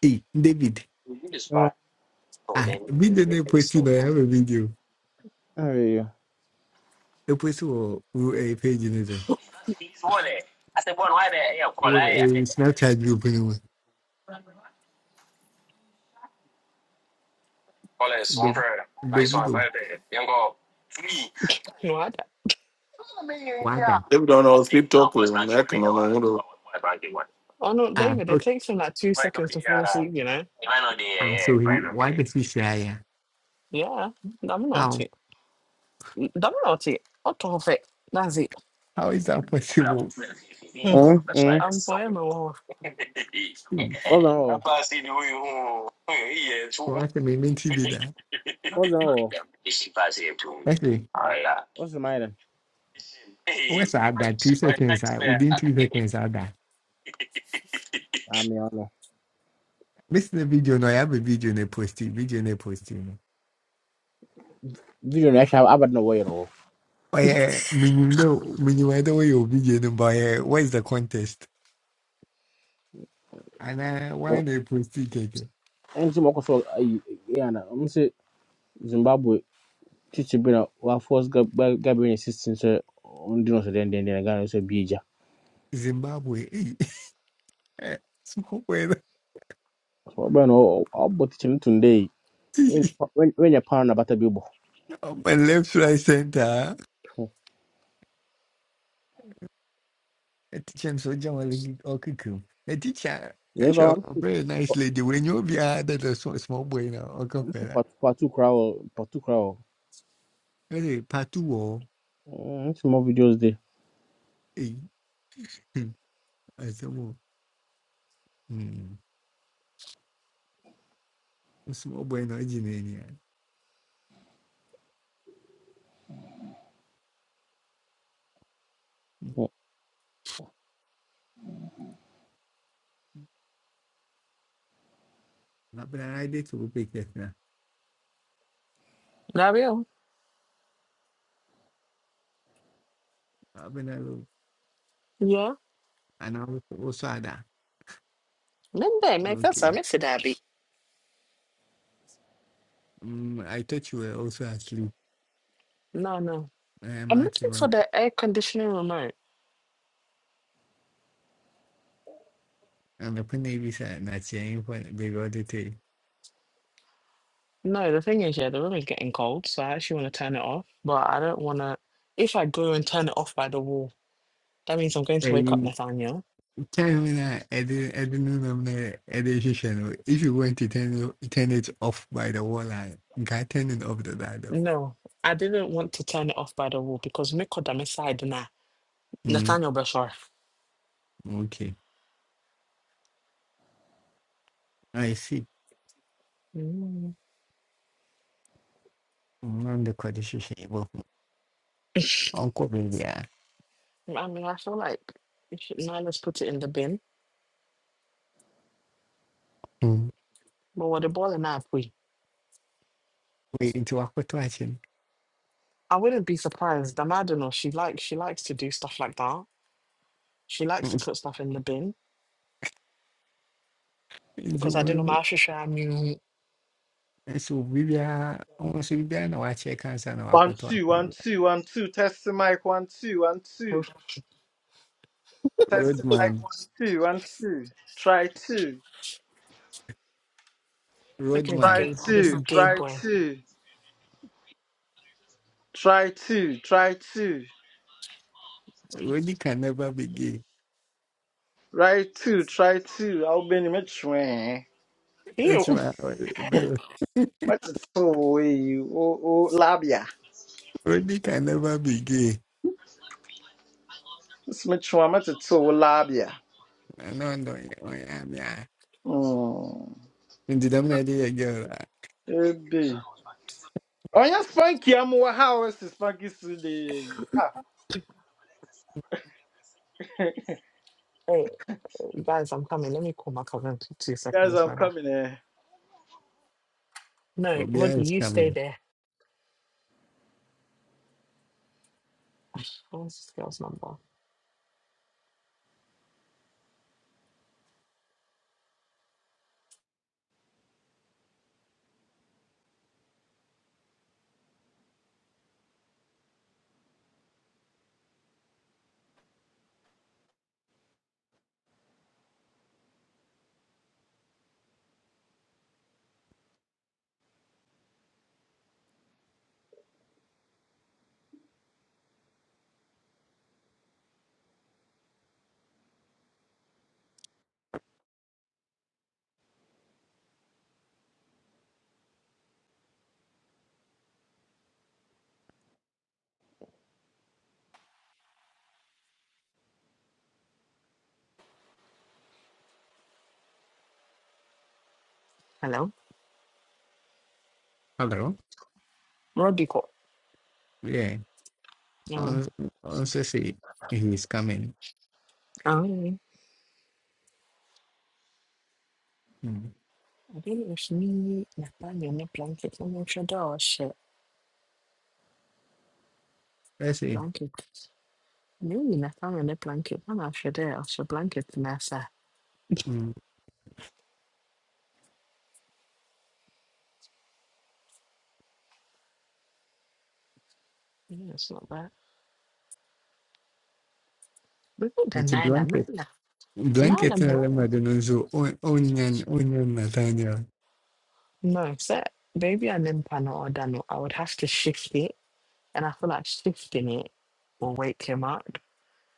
[SPEAKER 9] Hey, David. Ah, video na eposi I have a video.
[SPEAKER 7] Eh,
[SPEAKER 9] Eposi wɔ wo eh, page ne it? Wo eh, Snapchat group ne mu. Do- Davido.
[SPEAKER 6] No, I d-
[SPEAKER 9] Wada.
[SPEAKER 5] horrible girl.
[SPEAKER 6] oh no,
[SPEAKER 9] Ah,
[SPEAKER 6] David, it
[SPEAKER 9] okay.
[SPEAKER 6] takes him like two seconds to fall asleep, you know?
[SPEAKER 9] Ah, so he wada si share ya.
[SPEAKER 6] Yeah. I'm not
[SPEAKER 9] How?
[SPEAKER 6] it. I'm not it. Out of it. That's it.
[SPEAKER 9] How is that possible?
[SPEAKER 6] Hmm.
[SPEAKER 7] eh. Eh,
[SPEAKER 6] I'm for him a while.
[SPEAKER 9] Hmm.
[SPEAKER 7] What's wrong?
[SPEAKER 9] Wọ́n sọ mi ní TV that?
[SPEAKER 7] What's wrong?
[SPEAKER 9] Actually,
[SPEAKER 7] What's the matter?
[SPEAKER 9] what's sọ ada two seconds ah within two seconds ada.
[SPEAKER 7] I mean, I don't know.
[SPEAKER 9] the Video No, I have a video na posti. Video na posti.
[SPEAKER 7] Video reaction, I, I don't know where it all.
[SPEAKER 9] Oh yeah, minimum, minimum. I don't want your video number. Yeah, what is the contest? And uh, why they proceed? Keke?
[SPEAKER 7] And some of us, yeah, I'm say Zimbabwe teacher been a while force Gabriel assistance on the nose then then then again also bija.
[SPEAKER 9] Zimbabwe. eh, Zimbabwe.
[SPEAKER 7] So but no, I'll be teaching today. When when when you're pound about a bible.
[SPEAKER 9] On my left, right, center. A teacher and soldier will kick him. A teacher, I
[SPEAKER 7] You
[SPEAKER 9] show
[SPEAKER 7] go.
[SPEAKER 9] a very nice lady. When you be a that a small, small boy now, or
[SPEAKER 7] I'm say
[SPEAKER 9] compare.
[SPEAKER 7] part part two crowd part two crowd.
[SPEAKER 9] Really, part two or
[SPEAKER 7] Some more videos there.
[SPEAKER 9] eh? I said, well, hmm, small boy now, engineer. yeah." Hmm. I've been a idea to pick it
[SPEAKER 6] Dario?
[SPEAKER 9] now.
[SPEAKER 6] Yeah.
[SPEAKER 9] And I was also ada
[SPEAKER 6] Then they make us a
[SPEAKER 9] Okay.
[SPEAKER 6] mess, Daddy.
[SPEAKER 9] Mm, I thought you were also asleep.
[SPEAKER 6] No, no.
[SPEAKER 9] Uh,
[SPEAKER 6] I'm
[SPEAKER 9] Marty,
[SPEAKER 6] looking for
[SPEAKER 9] Marty.
[SPEAKER 6] the air conditioning remote.
[SPEAKER 9] And the point is that that's your info, baby, all the day.
[SPEAKER 6] No, the thing is, yeah, the room is getting cold, so I actually want to turn it off. But I don't want to. If I go and turn it off by the wall, that means I'm going to
[SPEAKER 9] Hey,
[SPEAKER 6] wake up Nathaniel.
[SPEAKER 9] tell me that I didn't, I didn't know that I did If you want to turn it, turn it off by the wall, I can turn it off the dial.
[SPEAKER 6] No, I didn't want to turn it off by the wall because Miko side na
[SPEAKER 9] Mm,
[SPEAKER 6] Nathaniel Bashar.
[SPEAKER 9] okay. I see.
[SPEAKER 6] Mm.
[SPEAKER 9] On the condition. Uncle baby. ah.
[SPEAKER 6] I mean, I feel like you should now let's put it in the bin.
[SPEAKER 9] Mm.
[SPEAKER 6] But what the ball and I we.
[SPEAKER 9] Wait, into what question?
[SPEAKER 6] I wouldn't be surprised. The Madonna, she likes she likes to do stuff like that. She likes to put stuff in the bin
[SPEAKER 9] Into
[SPEAKER 6] because I didn't
[SPEAKER 9] one.
[SPEAKER 6] know
[SPEAKER 9] nso biribiara ɔno nso biribiara na wakyerɛ kansa na
[SPEAKER 1] One
[SPEAKER 9] wakɔtɔ
[SPEAKER 1] two,
[SPEAKER 9] atwɛn
[SPEAKER 1] one
[SPEAKER 9] bi
[SPEAKER 1] two, one two. Test the mic. One two, one
[SPEAKER 6] my
[SPEAKER 1] two. Test the mic.
[SPEAKER 9] roadman
[SPEAKER 1] One two, one two. Try two,
[SPEAKER 6] Look at this
[SPEAKER 9] roadman
[SPEAKER 1] try
[SPEAKER 6] gay, this
[SPEAKER 1] two,
[SPEAKER 6] gay
[SPEAKER 1] try
[SPEAKER 6] boy.
[SPEAKER 1] two, try two, try two,
[SPEAKER 9] rodi can never be gay
[SPEAKER 1] right two, try two. I'll be in the match, man.
[SPEAKER 6] Ew.
[SPEAKER 9] ɛkyima bɛlɛ
[SPEAKER 1] Match is so way you. Oh, oh, labia.
[SPEAKER 9] rodi can never be gay
[SPEAKER 1] Smithwa metete wo labia.
[SPEAKER 9] ɛna ɔndɔ ɔyɛ yeah, yeah.
[SPEAKER 1] Mm.
[SPEAKER 9] nti dɛm na ɛde yɛ girl a
[SPEAKER 1] Ebe. Oh yeah, Spanky, I'm how is Spanky today? Ah,
[SPEAKER 6] Oh, guys, I'm coming. Let me call my cousin for two
[SPEAKER 1] guys,
[SPEAKER 6] seconds.
[SPEAKER 1] I'm
[SPEAKER 6] My bad.
[SPEAKER 1] coming. here.
[SPEAKER 6] No, Roddy,
[SPEAKER 9] is
[SPEAKER 6] you stay
[SPEAKER 9] coming
[SPEAKER 6] there. Ah, What's this girl's number? Hello?
[SPEAKER 9] hello
[SPEAKER 6] Roddy call.
[SPEAKER 9] yeah
[SPEAKER 6] No.
[SPEAKER 9] ɔno ɔno nso se he is coming
[SPEAKER 6] Oh, I
[SPEAKER 9] mm.
[SPEAKER 6] think it was me. Nathaniel on the blanket. I'm not sure that shit.
[SPEAKER 9] ɛsɛ
[SPEAKER 6] Blanket. Maybe Nathaniel on the blanket. I'm not sure that was your blanket, Nasa.
[SPEAKER 9] mm.
[SPEAKER 6] Yeah, it's not bad. We got the
[SPEAKER 9] nti
[SPEAKER 6] Nala,
[SPEAKER 9] blanket
[SPEAKER 6] Nala. Nala,
[SPEAKER 9] blanket na
[SPEAKER 6] no.
[SPEAKER 9] ɛlɛ ma de So nso Onion. ɔnnya n- ɔnnya n Nathaniel
[SPEAKER 6] No, sir. Baby, I'm in panel or Dano. I would have to shift it And I feel like shifting it will wake him up.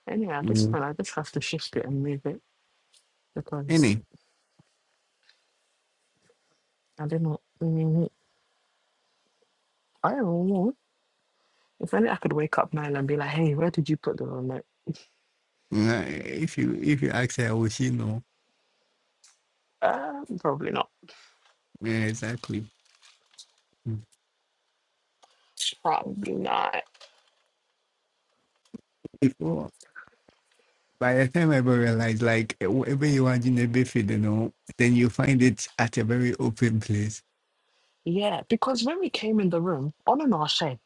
[SPEAKER 6] And yeah, at this point,
[SPEAKER 9] mm.
[SPEAKER 6] I just have to shift it and move it because I don't know. mm, I don't know. If only I could wake up Niall and be like, hey, where did you put the remote?
[SPEAKER 9] Uh, if you if you ask her, will she know?
[SPEAKER 6] Uh, probably not.
[SPEAKER 9] Yeah, exactly. Mm.
[SPEAKER 6] Probably not.
[SPEAKER 9] Before by the time I ever realized, like eh, whatever you want in a buffet, you know, then you find it at a very open place.
[SPEAKER 6] Yeah, because when we came in the room, on and off, she,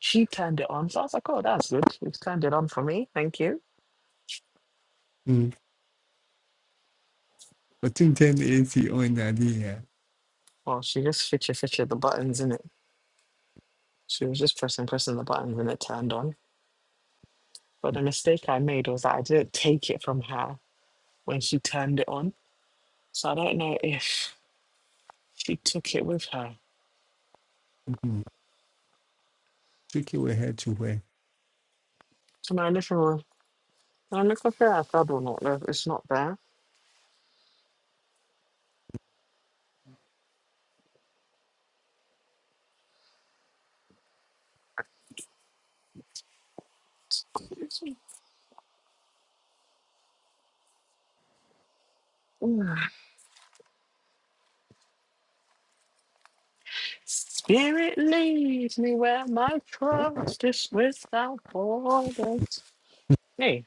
[SPEAKER 6] she turned it on. So I was like, oh, that's good. You've turned it on for me. Thank you.
[SPEAKER 9] Mm. But in ten AC on that yeah.
[SPEAKER 6] Well, she just fidget fidget the buttons in it. She was just pressing, pressing the buttons and it turned on. But the mistake I made was that I didn't take it from her. when she turned it on. So I don't know if she took it with her
[SPEAKER 9] Mm. Tricky with head to where.
[SPEAKER 6] to my living room. I look up here, I thought, or not, though, it's not there. Spirit leads me where my trust is without borders. Hey,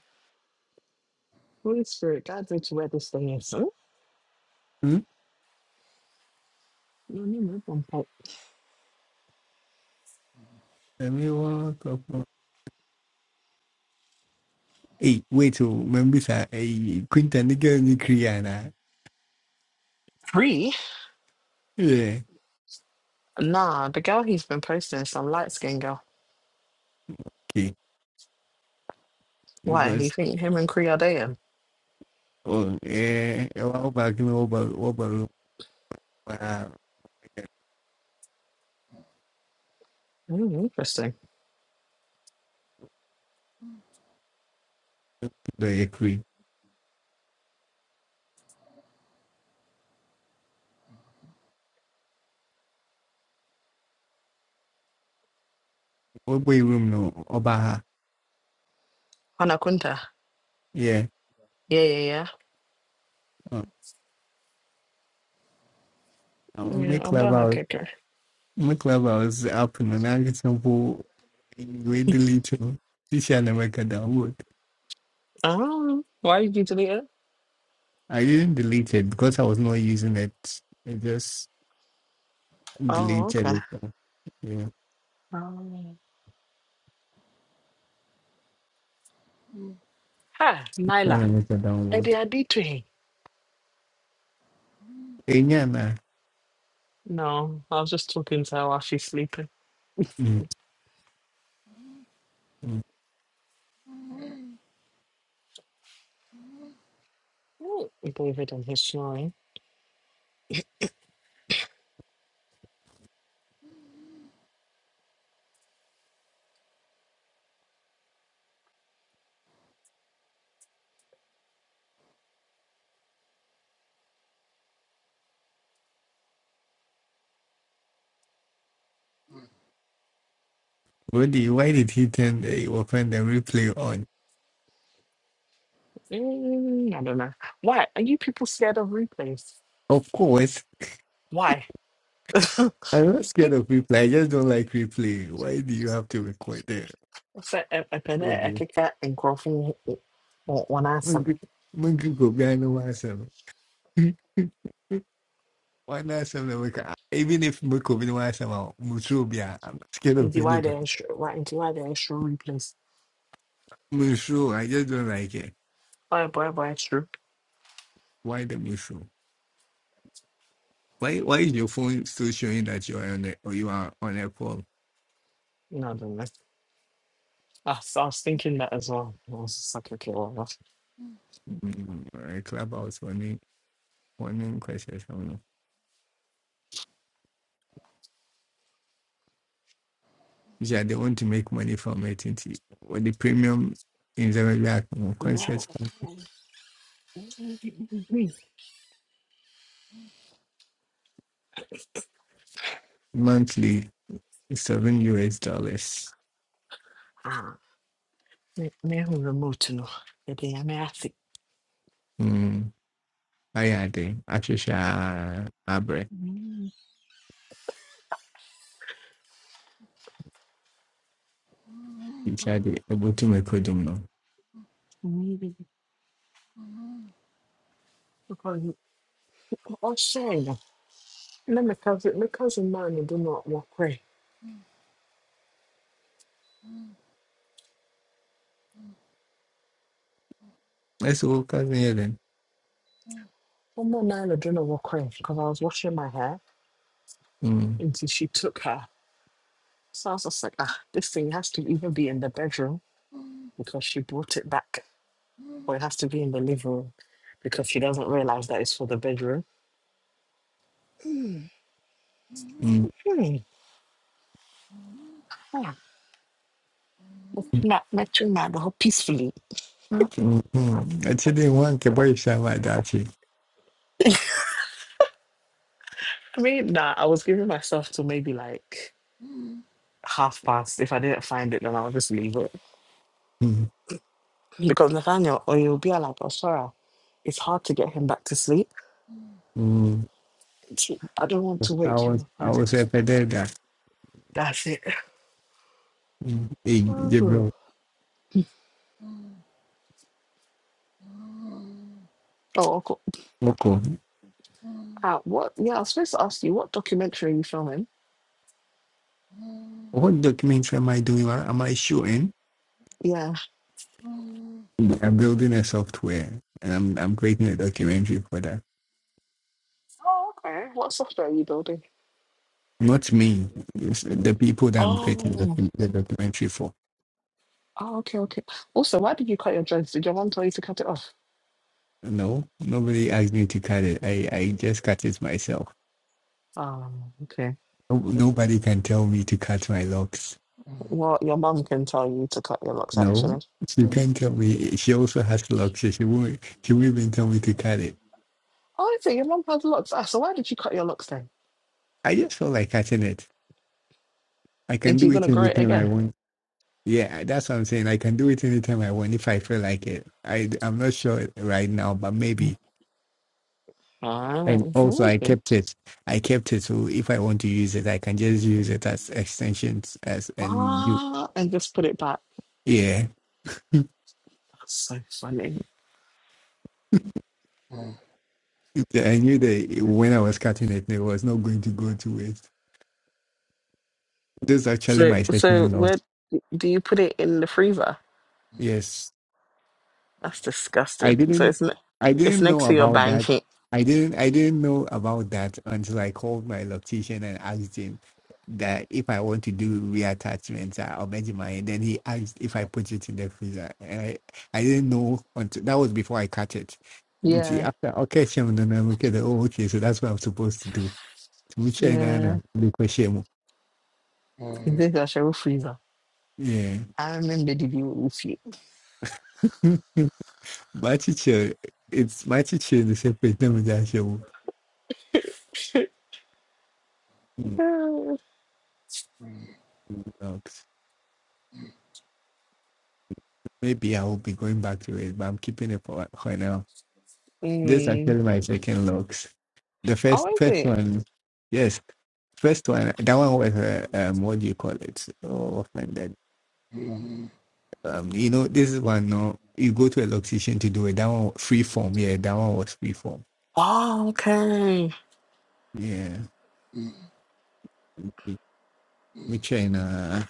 [SPEAKER 6] Holy Spirit, guide me to where this thing is. Oh,
[SPEAKER 9] Mm?
[SPEAKER 6] no, no, no, one point.
[SPEAKER 9] Let me walk up. on- Hey, wait, oh, remember that? Hey, Quinta, nigga, ni Kriana.
[SPEAKER 6] Cree?
[SPEAKER 9] Yeah,
[SPEAKER 6] Nah, the girl he's been posting is some light skinned girl.
[SPEAKER 9] okay.
[SPEAKER 6] Why? You
[SPEAKER 9] Because,
[SPEAKER 6] think him and Cree are dating?
[SPEAKER 9] oh, eh, eh, what about, what about, what about,
[SPEAKER 6] Mm, interesting.
[SPEAKER 9] what about, Way room no Obaha.
[SPEAKER 6] Hannah Quinta.
[SPEAKER 9] Yeah.
[SPEAKER 6] Yeah, yeah, yeah.
[SPEAKER 9] Uh, uh,
[SPEAKER 6] Yeah,
[SPEAKER 9] make
[SPEAKER 6] I'll buy her
[SPEAKER 9] clubhouse.
[SPEAKER 6] cake.
[SPEAKER 9] Make clubhouse up and I get simple we delete you. This year I never got download.
[SPEAKER 6] Oh, why did you delete it?
[SPEAKER 9] I didn't delete it because I was not using it. I just
[SPEAKER 6] Oh,
[SPEAKER 9] deleted
[SPEAKER 6] okay.
[SPEAKER 9] it. uh, Yeah.
[SPEAKER 6] Oh. Hi, Nyla.
[SPEAKER 9] Then I make a download.
[SPEAKER 6] Eddie, I did to him.
[SPEAKER 9] Enya na.
[SPEAKER 6] No, I was just talking to her while she's sleeping.
[SPEAKER 9] Mm. Mm.
[SPEAKER 6] Oh, David and his snoring.
[SPEAKER 9] why did he turn the open the replay on?
[SPEAKER 6] Mm, I don't know. Why? Are you people scared of replays?
[SPEAKER 9] Of course.
[SPEAKER 6] Why? What's
[SPEAKER 9] I'm not scared of replay. I just don't like replay. Why do you have to record there?
[SPEAKER 6] that? A, a penny, a kick out, and crossing one answer.
[SPEAKER 9] Mungu Mungu gobiano wasema. Wana sema we can even if we could be wasema mushu bia. I'm not scared of
[SPEAKER 6] Into why they're
[SPEAKER 9] anybody.
[SPEAKER 6] extra, why, into why they're extra replays.
[SPEAKER 9] Mushu, I just don't like it.
[SPEAKER 6] Why, why, why extra?
[SPEAKER 9] Why the mushu? Why why is your phone still showing that you are on a or you are on a call?
[SPEAKER 6] No, I don't know. I, was- I was thinking that as well. I was just like, okay, well, that's-
[SPEAKER 9] Mm, a clubhouse warning warning questions. I don't know. Yeah, they want to make money from it. ain't it? With the premium in the react
[SPEAKER 6] yeah.
[SPEAKER 9] concert monthly seven US dollars.
[SPEAKER 6] Ah, me, me, no, yɛde mutino? ase.
[SPEAKER 9] Ayade, Ashusha Abre,
[SPEAKER 6] Mm,
[SPEAKER 9] Ishadi, Obutume Kodumno.
[SPEAKER 6] mm. Ɔkɔ- Ɔhyɛe no, na cousin, my cousin maa no do na wɔkɔe.
[SPEAKER 9] Let's walk out here then.
[SPEAKER 6] Ɔmaa naa no do na wɔkɔe because I was washing my hair
[SPEAKER 9] Mm,
[SPEAKER 6] until she took her. So I was just like, ah, this thing has to either be in the bedroom because she brought it back or it has to be in the living room because she doesn't realize that it's for the bedroom.
[SPEAKER 9] mm,
[SPEAKER 6] Hmm. Ah, but
[SPEAKER 9] mm,
[SPEAKER 6] not, not too mad, but peacefully.
[SPEAKER 9] mm. Actually, one Keboy Shama Dachi.
[SPEAKER 6] I mean, nah, I was giving myself to maybe like half past. If I didn't find it, then I'll just leave it.
[SPEAKER 9] Mm,
[SPEAKER 6] Because Nathaniel, or you'll be like, oh, sorry, it's hard to get him back to sleep.
[SPEAKER 9] mm.
[SPEAKER 6] T- I don't want to
[SPEAKER 9] I
[SPEAKER 6] wake him
[SPEAKER 9] was,
[SPEAKER 6] up.
[SPEAKER 9] I
[SPEAKER 6] and
[SPEAKER 9] was a pededa.
[SPEAKER 6] That's it.
[SPEAKER 9] Mm. Hey,
[SPEAKER 6] Oh,
[SPEAKER 9] Gabriel,
[SPEAKER 6] oh, co-
[SPEAKER 9] Oko,
[SPEAKER 6] ah, what? Yeah, I was supposed to ask you, what documentary are you filming?
[SPEAKER 9] what documents am I doing? What Am I shooting?
[SPEAKER 6] Yeah.
[SPEAKER 9] I'm building a software and I'm, I'm creating a documentary for that.
[SPEAKER 6] Oh, okay. What software are you building?
[SPEAKER 9] Not me, it's the people that I'm creating the,
[SPEAKER 6] Oh,
[SPEAKER 9] docu- the documentary for.
[SPEAKER 6] oh okay, okay. Also, why did you cut your dreads? Did your mom tell you to cut it off?
[SPEAKER 9] No, nobody asked me to cut it. I, I just cut it myself.
[SPEAKER 6] Oh, okay.
[SPEAKER 9] No- Nobody can tell me to cut my locks.
[SPEAKER 6] Well, your mum can tell you to cut your locks,
[SPEAKER 9] No,
[SPEAKER 6] actually.
[SPEAKER 9] she can't tell me. She also has locks. so She won't, she won't even tell me to cut it.
[SPEAKER 6] Oh, so your mum has locks. Ah, so why did you cut your locks then?
[SPEAKER 9] I just feel like cutting it. I can
[SPEAKER 6] Think you're
[SPEAKER 9] do it
[SPEAKER 6] gonna grow it
[SPEAKER 9] anytime I
[SPEAKER 6] again?
[SPEAKER 9] want. Yeah, that's what I'm saying. I can do it anytime I want if I feel like it. I, I'm not sure right now, but maybe.
[SPEAKER 6] Ah,
[SPEAKER 9] And also, I
[SPEAKER 6] okay.
[SPEAKER 9] kept it. I kept it. So if I want to use it, I can just use it as extensions as and you.
[SPEAKER 6] Ah, and just put it back.
[SPEAKER 9] Yeah.
[SPEAKER 6] That's so funny.
[SPEAKER 9] Yeah, I knew that when I was cutting it, it was not going to go to waste. This is actually
[SPEAKER 6] So,
[SPEAKER 9] my
[SPEAKER 6] so
[SPEAKER 9] second
[SPEAKER 6] where
[SPEAKER 9] loss.
[SPEAKER 6] do you put it in the freezer?
[SPEAKER 9] Yes,
[SPEAKER 6] That's
[SPEAKER 9] I
[SPEAKER 6] disgusting. So
[SPEAKER 9] didn't,
[SPEAKER 6] it's ne-
[SPEAKER 9] I
[SPEAKER 6] it's
[SPEAKER 9] didn't know
[SPEAKER 6] next to your
[SPEAKER 9] about that.
[SPEAKER 6] banshee.
[SPEAKER 9] I didn't, I didn't know about that until I called my loctician and asked him that if I want to do reattachments uh, or Benjamin, and then he asked if I put it in the freezer, and I, I didn't know until that was before I cut it. Nti
[SPEAKER 6] Yeah,
[SPEAKER 9] After okay, Shem, then I look at it, oh, okay, so that's what I'm supposed to do. To me, China, na, na,
[SPEAKER 6] yeah.
[SPEAKER 9] me kwa Shem.
[SPEAKER 6] This is a show freezer.
[SPEAKER 9] Yeah.
[SPEAKER 6] I remember the view with you.
[SPEAKER 9] My teacher, it's my teacher in the same place. Let me just show you. know, Maybe I will be going back to it, but I'm keeping it for for now. This is
[SPEAKER 6] mm.
[SPEAKER 9] actually my second locks. The first
[SPEAKER 6] Oh,
[SPEAKER 9] first
[SPEAKER 6] is it?
[SPEAKER 9] one, yes, first one. That one was uh, um, what do you call it? Oh, man, that um, you know, this is one. No, you go to a location to do it. That one free form. Yeah, that one was free form.
[SPEAKER 6] Oh, okay.
[SPEAKER 9] Yeah, me me train. Uh,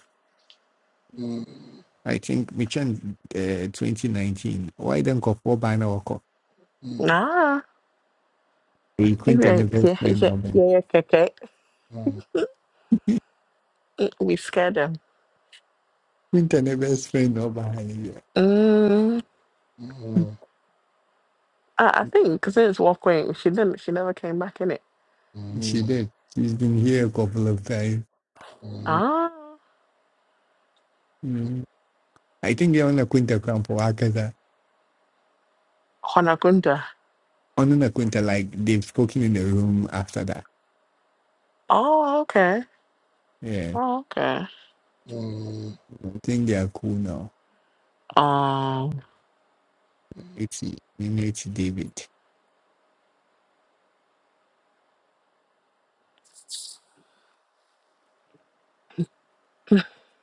[SPEAKER 9] I think me train. Uh, 2019. Why then go for banner or
[SPEAKER 6] Nah.
[SPEAKER 9] Hey,
[SPEAKER 6] Yeah, yeah,
[SPEAKER 9] Quintana best
[SPEAKER 6] yeah,
[SPEAKER 9] friend
[SPEAKER 6] yeah,
[SPEAKER 9] Robin.
[SPEAKER 6] yeah, okay. okay. We scared them.
[SPEAKER 9] Quintana best friend Robin.
[SPEAKER 6] Mm, I, I think since walking, she didn't. She never came back in it.
[SPEAKER 9] She did. She's been here a couple of times.
[SPEAKER 6] Ah,
[SPEAKER 9] Mm. I think they're on a Quinta camp for Akaza.
[SPEAKER 6] Honagunda.
[SPEAKER 9] On a Quinta, like they've spoken in the room after that.
[SPEAKER 6] Oh, okay.
[SPEAKER 9] Yeah.
[SPEAKER 6] Oh, okay.
[SPEAKER 7] Hmm.
[SPEAKER 9] I think they are cool now.
[SPEAKER 6] Um,
[SPEAKER 9] It's it's David.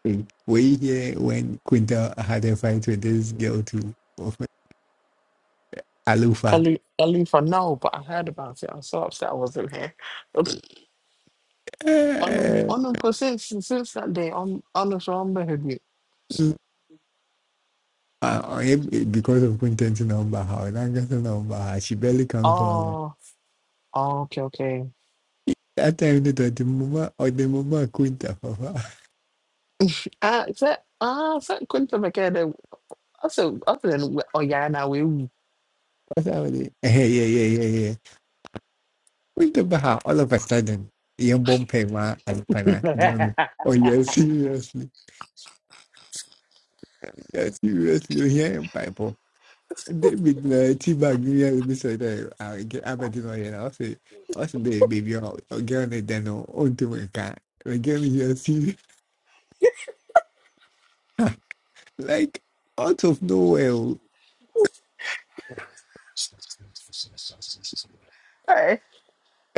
[SPEAKER 9] Hey, Were you here when Quinta had a fight with this girl too? Of Alufa.
[SPEAKER 6] Ali Ali for now, but I heard about it. I'm so upset I wasn't here. Oops. On
[SPEAKER 9] Eh.
[SPEAKER 6] on because since since that day, on on the Shamba had you.
[SPEAKER 9] Uh, uh, eh, because of Quinta's number, how Naga's number, she barely comes on.
[SPEAKER 6] Oh, oh, okay, okay.
[SPEAKER 9] At the end of the mama or the mama Kunta, Papa.
[SPEAKER 6] Ah, is that ah, is that Quinta McKenna? Also, other than oh yeah, now we.
[SPEAKER 9] What's happening? Hey, yeah, yeah, yeah, yeah. Kunta Baha, all of a sudden, yung bompe ma alpana, gano. Oh, yeah, seriously. Yeah, seriously. Yeah, yung Bible. David na tibag niya yung bisa na abadi mo yan. Kasi, kasi na baby yung gano na dano, unti mo ka. Gano niya, serious. Like, out of nowhere.
[SPEAKER 6] Hey,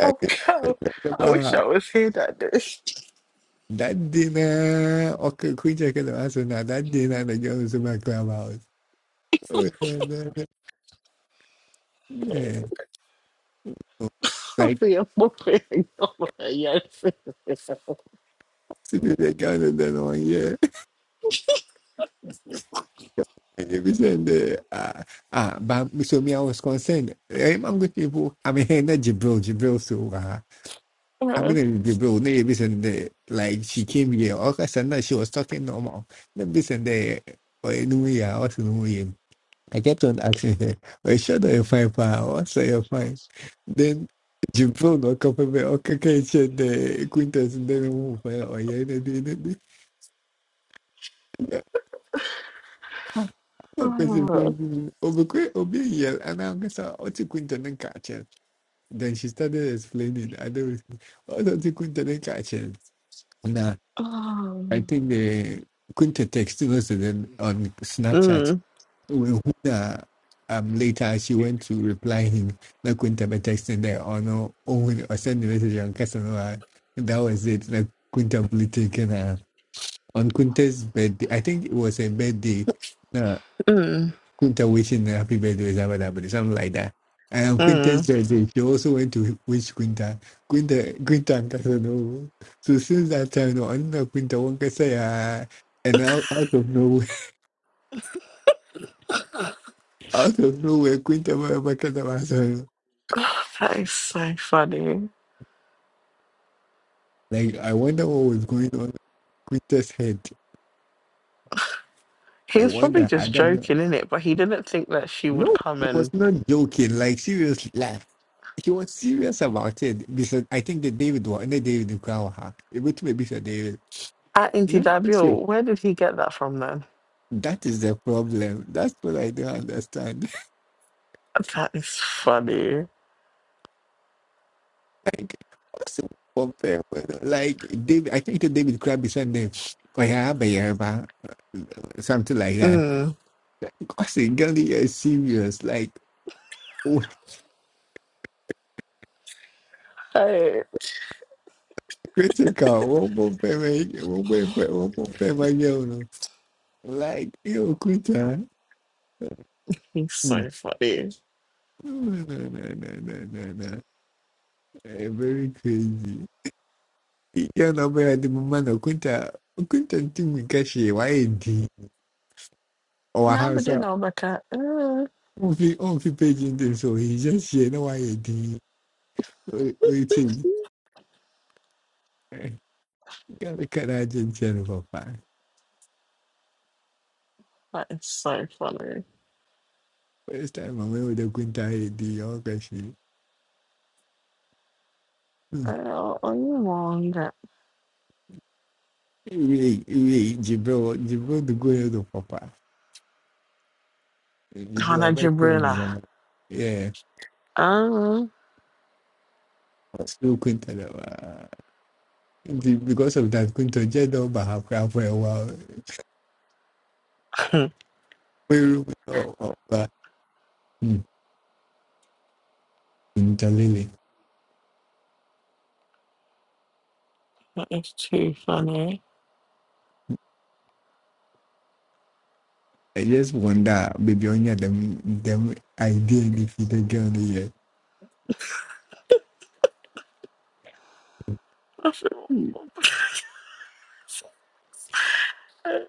[SPEAKER 6] oh, I wish I was here that day.
[SPEAKER 9] Dadina. Okay, quit checking the answer now. Dadina, the girls in clubhouse. Oh, man. Like,
[SPEAKER 6] Hopefully, I'm not feeling right. Yes.
[SPEAKER 9] see the girl in the one, yeah. And you be saying the, ah, ah, but so me, I was concerned. I'm good people. I mean, hey, not Jibril, Jibril, so, ah, I
[SPEAKER 6] Mm,
[SPEAKER 9] mean, Jibril, no, you be saying the, like, she came here. Okay, so now she was talking normal. No, be saying the, or anyway, I was in the way. I kept on asking her, Are you sure that you're fine, pa? What's that you're fine? Then Jibril not confirm me, okay, can check the acquaintance and then move fine or yeah, anything, anything. Ah, no question,
[SPEAKER 6] mm,
[SPEAKER 9] question. Obi kwe- Obi yell, and I'm gonna say, "Oti Quinton and catch him." Then she started explaining. I don't know what Oti Quinton and catch him. Now, I think the Quinton texted us and then on Snapchat when Huna um later she went to reply him like Quinta by texting there or no or or send the message on Casanova. That was it. Like Quinta blew taken her on Quinta's birthday. I think it was a birthday. Uh,
[SPEAKER 6] mm.
[SPEAKER 9] Quinta wishing her happy birthday or something like that. Something like that. And on Quinta's
[SPEAKER 6] Oh,
[SPEAKER 9] birthday, she also went to wish Quinta. Quinta Quinta and Casanova. So since that time no, I know Quinta won't say uh, and out, out of nowhere out of nowhere Quinta Casanova.
[SPEAKER 6] That is so funny.
[SPEAKER 9] Like, I wonder what was going on in Quintet's head.
[SPEAKER 6] He
[SPEAKER 9] I
[SPEAKER 6] was probably
[SPEAKER 9] wonder. I
[SPEAKER 6] just
[SPEAKER 9] don't know.
[SPEAKER 6] joking, in it, but he didn't think that she would
[SPEAKER 9] No,
[SPEAKER 6] come
[SPEAKER 9] he was
[SPEAKER 6] and
[SPEAKER 9] not joking. Like, seriously, laugh. he was serious about it. Because I think that David was, and David Nkwaha, It to maybe say David.
[SPEAKER 6] at
[SPEAKER 9] No, it's true.
[SPEAKER 6] Intidabio. Where did he get that from then?
[SPEAKER 9] That is the problem. That's what I don't understand.
[SPEAKER 6] That is funny.
[SPEAKER 9] like, what's the problem? Like, David, I think that David Crabbe is saying that, "Oh, yeah, but yeah, but," uh, something like that.
[SPEAKER 6] Mm.
[SPEAKER 9] Because Gandhi is serious. Like,
[SPEAKER 6] Hey,
[SPEAKER 9] critical, robo peme, robo pe- robo peme yono. Like yo, Kuta.
[SPEAKER 6] he's
[SPEAKER 9] Hmm.
[SPEAKER 6] so funny.
[SPEAKER 9] No, no, no, no, no, no, no. Eh, very crazy. You know, but the moment of Kunta, Kunta thing we catch here, why a D or a
[SPEAKER 6] Nah,
[SPEAKER 9] house
[SPEAKER 6] but you
[SPEAKER 9] up.
[SPEAKER 6] know, like, uh,
[SPEAKER 9] On fi on fi page in this, so he just here no why a D. What you think? Gotta cut out Jennifer.
[SPEAKER 6] that is so funny.
[SPEAKER 9] First time I went with the Kunta AD, all catch
[SPEAKER 6] Uh, oh, are you wrong.
[SPEAKER 9] Hey, hey, Jibril, Jibril, the good head of Papa. Jibril, I
[SPEAKER 6] Hana
[SPEAKER 9] bet you
[SPEAKER 6] Jibrila.
[SPEAKER 9] remember. Yeah,
[SPEAKER 6] Oh,
[SPEAKER 9] still Quinta. uh, the- Because of that, Quinta Jed over her crap for a while. We were all over Quinta Lily.
[SPEAKER 6] it's too funny.
[SPEAKER 9] I just wonder, baby, on your them, them idea and defeated girl here.
[SPEAKER 6] I feel bad.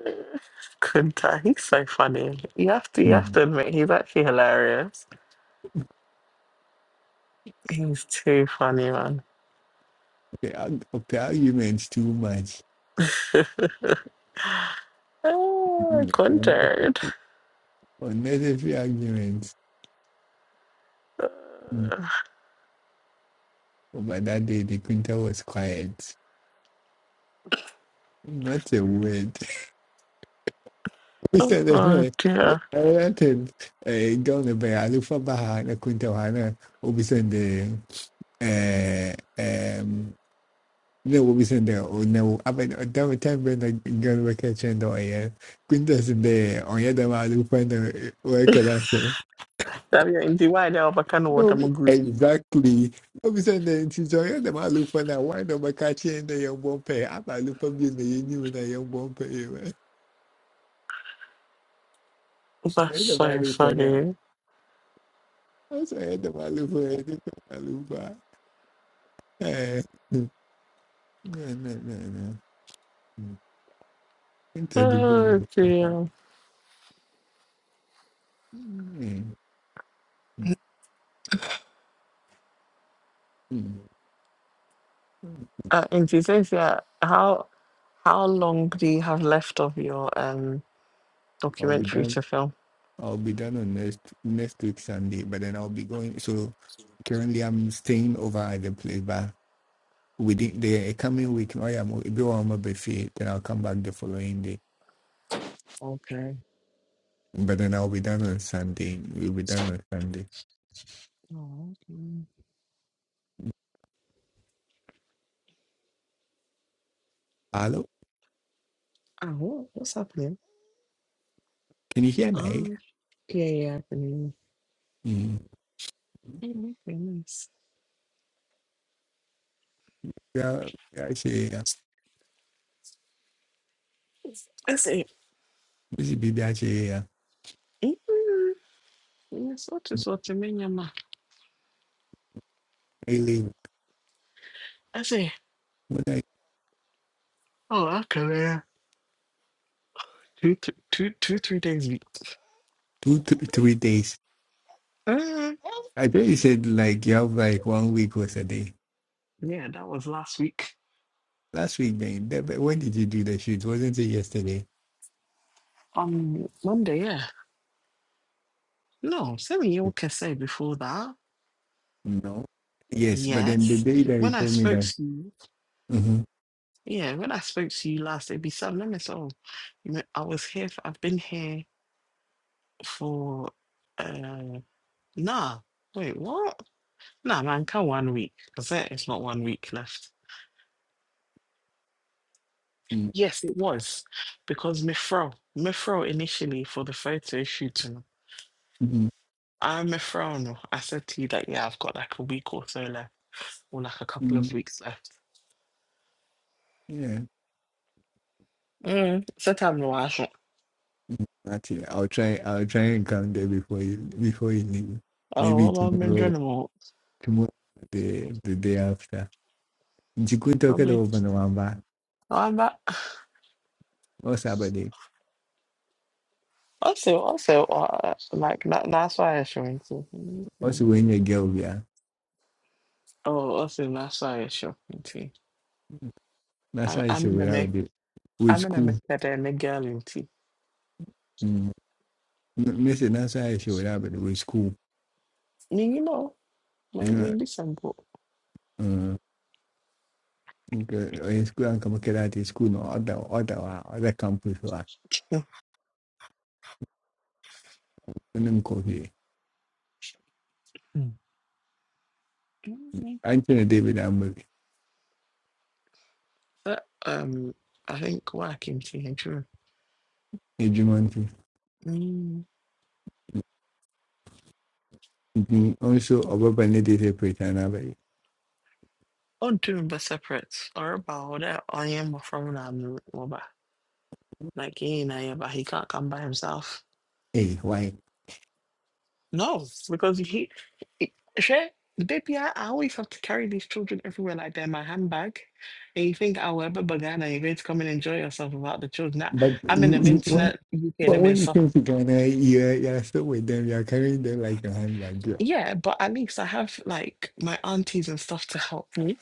[SPEAKER 6] Kunta, he's so funny. You have to, you have
[SPEAKER 9] Hmm.
[SPEAKER 6] to admit, he's actually hilarious. He's too funny, man.
[SPEAKER 9] The arg- of the arguments too much.
[SPEAKER 6] oh,
[SPEAKER 9] Mm. Un-
[SPEAKER 6] Kunta.
[SPEAKER 9] Unnecessary arguments.
[SPEAKER 6] Uh,
[SPEAKER 9] Hmm. But that day, the Quinta was quiet. Not a word. Mr.
[SPEAKER 6] Oh
[SPEAKER 9] Dehe,
[SPEAKER 6] dear.
[SPEAKER 9] United eh, gone by Alufa Baha na Quintawana will be sending eh, um, no, will be sending or no, I mean, at that time when I got a kitchen door, yeah, Quintas in there, or yeah, the Alufa and the uh, worker after.
[SPEAKER 6] Damn, in the wild, I can what
[SPEAKER 9] No,
[SPEAKER 6] I'm a kind
[SPEAKER 9] be-
[SPEAKER 6] of water groupie.
[SPEAKER 9] exactly. No, we send the engineer, the Malufa, now why not my catching the young bumpy? I'm Alufa being the union, the young bumpy.
[SPEAKER 6] That's so funny.
[SPEAKER 9] Essa é da maluco, é do maluco. É. Não, não, não, não. Entendo quando
[SPEAKER 6] Oh
[SPEAKER 9] eu falar.
[SPEAKER 6] dear. Uh, and she says, yeah, how how long do you have left of your um
[SPEAKER 9] I'll be
[SPEAKER 6] documentary
[SPEAKER 9] done.
[SPEAKER 6] to film?
[SPEAKER 9] I'll be done on next next week Sunday, but then I'll be going. So currently I'm staying over at the place, but within the coming week, I am everyone will be free. Then I'll come back the following day,
[SPEAKER 6] Okay.
[SPEAKER 9] but then I'll be done on Sunday. We'll be done on Sunday.
[SPEAKER 6] Oh, okay.
[SPEAKER 9] Hello,
[SPEAKER 6] Oh, what's happening?
[SPEAKER 9] can you hear me?
[SPEAKER 6] Oh, yeah, yeah, happening.
[SPEAKER 9] Mm.
[SPEAKER 6] Oh, my goodness.
[SPEAKER 9] Yeah, yeah, I see.
[SPEAKER 6] I say,
[SPEAKER 9] We should be back here
[SPEAKER 6] mm, yes, what is what you mean, Yama?
[SPEAKER 9] daily,
[SPEAKER 6] I say,
[SPEAKER 9] what like
[SPEAKER 6] oh, okay, two, th- two, two, three days week.
[SPEAKER 9] two, th- three days.
[SPEAKER 6] Uh,
[SPEAKER 9] I thought you said like you have like one week was a day.
[SPEAKER 6] yeah, that was last week.
[SPEAKER 9] Last week, man. That, but when did you do the shoot? Wasn't it yesterday?
[SPEAKER 6] On Monday, yeah. No, seven year can say before that.
[SPEAKER 9] No. Yes, but then the
[SPEAKER 6] Yes.
[SPEAKER 9] day that you
[SPEAKER 6] When I
[SPEAKER 9] told me
[SPEAKER 6] spoke
[SPEAKER 9] that.
[SPEAKER 6] to you,
[SPEAKER 9] Mm-hmm.
[SPEAKER 6] yeah, when I spoke to you last, it'd be seven. Let me say, oh, you know, I was here, for, I've been here for uh nah wait what nah man can one week because there is not one week left yes it was because mifro mifro initially for the photo shooting
[SPEAKER 9] Mm-hmm.
[SPEAKER 6] i'm mifro no. i said to you that yeah i've got like a week or so left or like a couple
[SPEAKER 9] mm
[SPEAKER 6] of weeks left
[SPEAKER 9] Yeah.
[SPEAKER 6] mm so time no I thought,
[SPEAKER 9] Actually, I'll try. I'll try and come there before you. Before you leave, maybe
[SPEAKER 6] oh well i'm
[SPEAKER 9] tomorrow.
[SPEAKER 6] enjoying more
[SPEAKER 9] Tomorrow, the the day after. You could talk it
[SPEAKER 6] probably
[SPEAKER 9] over and one back.
[SPEAKER 6] oh, i'm back
[SPEAKER 9] What's happening?
[SPEAKER 6] also also uh, like that, that's why i'm showing too Mm-hmm.
[SPEAKER 9] Also, when you girl, yeah.
[SPEAKER 6] oh also that's why i'm showing too. I,
[SPEAKER 9] Nasa yi
[SPEAKER 6] I'm in a
[SPEAKER 9] shawara with
[SPEAKER 6] America.
[SPEAKER 9] the with
[SPEAKER 6] I'm in
[SPEAKER 9] school.
[SPEAKER 6] America. They're in girl in tea.
[SPEAKER 9] Mm. Mese nasa yi shawara with with school.
[SPEAKER 6] Me, you know, my my
[SPEAKER 9] Yeah.
[SPEAKER 6] listen, but
[SPEAKER 9] Mm. Okay. In school an kama kira ti school no other other wa other campus wa. Nim ko he. Anthony David Amber.
[SPEAKER 6] but um, I think working tea and true.
[SPEAKER 9] Ejumanti.
[SPEAKER 6] Mm.
[SPEAKER 9] Also Obaba ne dey separate and abay.
[SPEAKER 6] On two but separate or about that. I am from Namruba. Like he and I, but he can't come by himself.
[SPEAKER 9] Hey, why?
[SPEAKER 6] No, because he, he share, baby, I, I always have to carry these children everywhere like they're my handbag. And you think, I'll ever wherever and you're going to come and enjoy yourself without the children. I,
[SPEAKER 9] But
[SPEAKER 6] I'm in the
[SPEAKER 9] you, you, when,
[SPEAKER 6] internet UK
[SPEAKER 9] but
[SPEAKER 6] and I'm in
[SPEAKER 9] when you
[SPEAKER 6] South.
[SPEAKER 9] came to Ghana, you're, you're still with them. You're carrying them like a handbag. Yeah.
[SPEAKER 6] Yeah, but at least I have like my aunties and stuff to help me.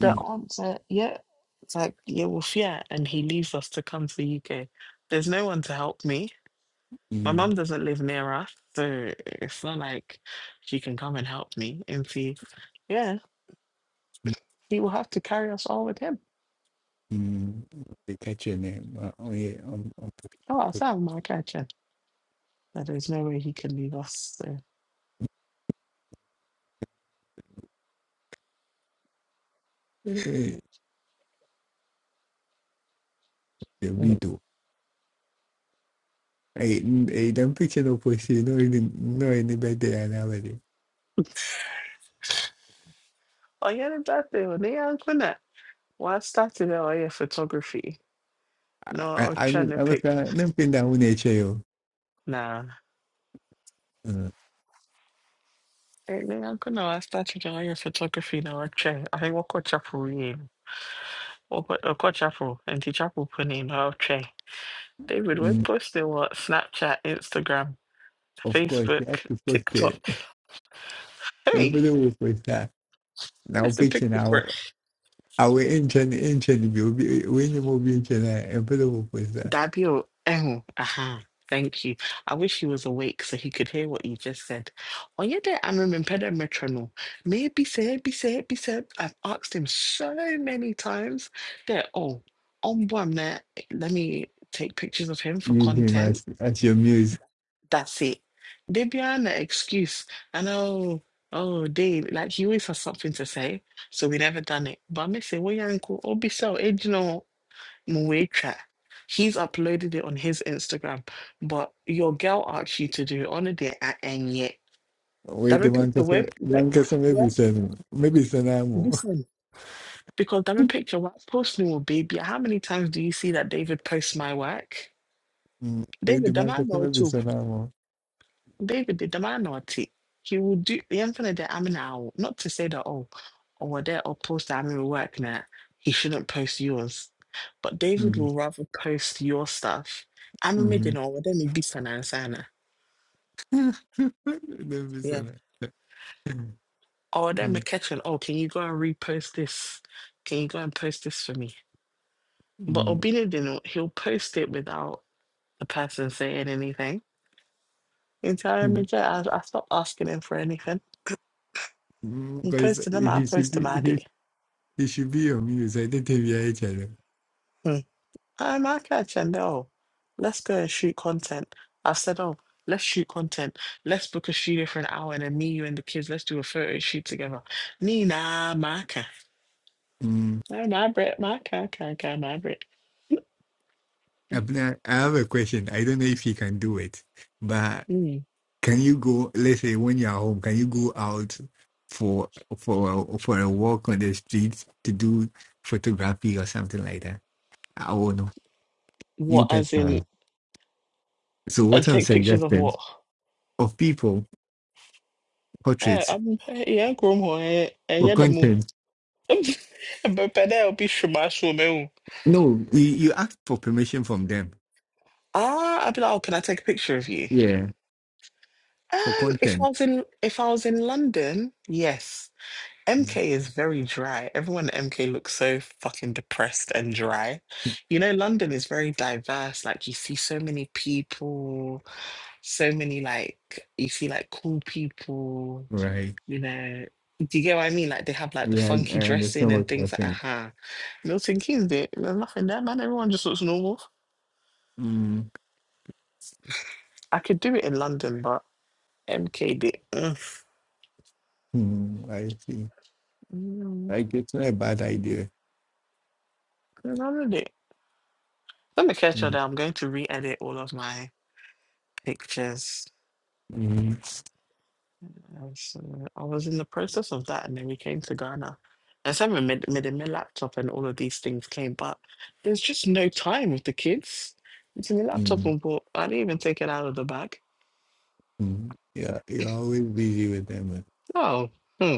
[SPEAKER 6] The
[SPEAKER 9] Mm,
[SPEAKER 6] aunts are, yeah, it's like, yeah, well, yeah, and he leaves us to come to the UK. There's no one to help me. My
[SPEAKER 9] mm,
[SPEAKER 6] mum doesn't live near us, so it's not like she can come and help me. And see, Yeah.
[SPEAKER 9] mm.
[SPEAKER 6] He will have to carry us all with him.
[SPEAKER 9] mm. They catch your name. Uh, oh yeah. um,
[SPEAKER 6] Oh, I'll have my catcher. That there's no way he can leave us. So.
[SPEAKER 9] Eh, the
[SPEAKER 6] Mm.
[SPEAKER 9] video. Hey, hey, them picture no push you know any no any better and already.
[SPEAKER 6] Ọ̀yẹ́rì dàbí oníyà nkúnà wàá start the ọ̀yẹ́ photography No,
[SPEAKER 9] I
[SPEAKER 6] i
[SPEAKER 9] I
[SPEAKER 6] na
[SPEAKER 9] I
[SPEAKER 6] ọ̀chẹ́
[SPEAKER 9] mean,
[SPEAKER 6] ní
[SPEAKER 9] I was uh
[SPEAKER 6] pictures.
[SPEAKER 9] nothing down nature yo.
[SPEAKER 6] Nah.
[SPEAKER 9] Uh,
[SPEAKER 6] Oníyà nkúnà wàá start the ọ̀yẹ́ photography No, I'll I think we'll àhẹ́wọ́kọ̀ chapel in. We'll go We'll ọ̀kọ̀ chapel And the chapel put pẹ̀lú ní ọ̀chẹ́. David wẹ́
[SPEAKER 9] mm,
[SPEAKER 6] post it wọ Snapchat, Instagram,
[SPEAKER 9] of course you have
[SPEAKER 6] Facebook,
[SPEAKER 9] to post
[SPEAKER 6] TikTok.
[SPEAKER 9] it.
[SPEAKER 6] Hey,
[SPEAKER 9] Everybody will post that. Now
[SPEAKER 6] where's the
[SPEAKER 9] picture
[SPEAKER 6] picture? for it.
[SPEAKER 9] now I will engine engine will be when you move engine everybody will post that.
[SPEAKER 6] Dabio, oh, aha, thank you. I wish he was awake so he could hear what you just said. On your day, I'm remembered metronome. Maybe said, be said, be said. I've asked him so many times that, oh, on one minute, let me take pictures of him for
[SPEAKER 9] Use him
[SPEAKER 6] content.
[SPEAKER 9] as as your muse.
[SPEAKER 6] That's it. They be an excuse. And oh, oh, they, like he always has something to say. So we never done it. But I may say, well, your uncle, oh, be so, eh, you know. Muwecha. He's uploaded it on his Instagram, but your girl asked you to do it on a day at and yet.
[SPEAKER 9] Wait
[SPEAKER 6] Dame
[SPEAKER 9] the man
[SPEAKER 6] picture
[SPEAKER 9] person
[SPEAKER 6] where where
[SPEAKER 9] man person
[SPEAKER 6] where
[SPEAKER 9] maybe son maybe son amo.
[SPEAKER 6] listen. Because dame picture what post me will baby. How many times do you see that David posts my work?
[SPEAKER 9] Wait the
[SPEAKER 6] David, am
[SPEAKER 9] man
[SPEAKER 6] I
[SPEAKER 9] person
[SPEAKER 6] know
[SPEAKER 9] maybe
[SPEAKER 6] too?
[SPEAKER 9] son amo.
[SPEAKER 6] David did the man naughty. He will do the infinite that I'm now. Not to say that oh over there or post that I'm in work now. He shouldn't post yours. But David will rather post your stuff. I'm a midden or then he beats an answer.
[SPEAKER 9] Nefis
[SPEAKER 6] Yeah.
[SPEAKER 9] ana.
[SPEAKER 6] Or then me catching, oh, can you go and repost this? Can you go and post this for me? But Obinadino, he'll post it without the person saying anything. Entire time, I, I stopped asking him for anything. He
[SPEAKER 9] Because
[SPEAKER 6] posted them, I
[SPEAKER 9] he should
[SPEAKER 6] posted my
[SPEAKER 9] be he,
[SPEAKER 6] day.
[SPEAKER 9] he should be on mute. So I don't think we are each other.
[SPEAKER 6] I'm not catching though. Let's go and shoot content. I've said, oh, let's shoot content. Let's book a studio for an hour and then me, you, and the kids, let's do a photo shoot together. Nina, Maka.
[SPEAKER 9] Mm.
[SPEAKER 6] No, my Brit, Maka, Kaka, my Brit.
[SPEAKER 9] Abner, I have a question. I don't know if he can do it, but
[SPEAKER 6] Mm.
[SPEAKER 9] can you go? Let's say when you're home, can you go out for for a, for a walk on the streets to do photography or something like that? I don't know. You
[SPEAKER 6] What, as in,
[SPEAKER 9] personally. So what
[SPEAKER 6] and
[SPEAKER 9] I'm
[SPEAKER 6] take pictures of
[SPEAKER 9] suggesting
[SPEAKER 6] what?
[SPEAKER 9] of people
[SPEAKER 6] Eh,
[SPEAKER 9] portraits
[SPEAKER 6] I'm, eh, yeah, Grumho, eh, eh,
[SPEAKER 9] for
[SPEAKER 6] yeah, the moo.
[SPEAKER 9] content
[SPEAKER 6] But but there'll be shuma me.
[SPEAKER 9] No, you, you asked for permission from them.
[SPEAKER 6] Ah, I'd be like, oh, can I take a picture of you?
[SPEAKER 9] Yeah, for
[SPEAKER 6] Um, if
[SPEAKER 9] content.
[SPEAKER 6] I was in, if I was in London, yes. MK
[SPEAKER 9] Mm-hmm.
[SPEAKER 6] is very dry. Everyone at MK looks so fucking depressed and dry. You know, London is very diverse. Like, you see so many people, so many, like, you see, like, cool people,
[SPEAKER 9] Right.
[SPEAKER 6] you know. Do you get what I mean? Like, they have, like, the
[SPEAKER 9] Yeah, I,
[SPEAKER 6] funky
[SPEAKER 9] I
[SPEAKER 6] dressing
[SPEAKER 9] understand what
[SPEAKER 6] and
[SPEAKER 9] you're
[SPEAKER 6] things like,
[SPEAKER 9] saying.
[SPEAKER 6] aha. Milton Keynes did. There's nothing there, man. Everyone just looks normal.
[SPEAKER 9] Mm.
[SPEAKER 6] I could do it in London, but MK did. Ugh.
[SPEAKER 9] Mm, I see.
[SPEAKER 6] Mm,
[SPEAKER 9] Like it's not a bad idea.
[SPEAKER 6] I did it. Let me catch you
[SPEAKER 9] Mm.
[SPEAKER 6] there. I'm going to re edit all of my pictures.
[SPEAKER 9] Mm.
[SPEAKER 6] Yes, uh, I was in the process of that, and then we came to Ghana. And so I made, made my laptop, and all of these things came, but there's just no time with the kids. It's in the laptop
[SPEAKER 9] Mm.
[SPEAKER 6] on board. I didn't even take it out of the bag.
[SPEAKER 9] Mm. Yeah, you're always busy with them. eh.
[SPEAKER 6] No, hmm.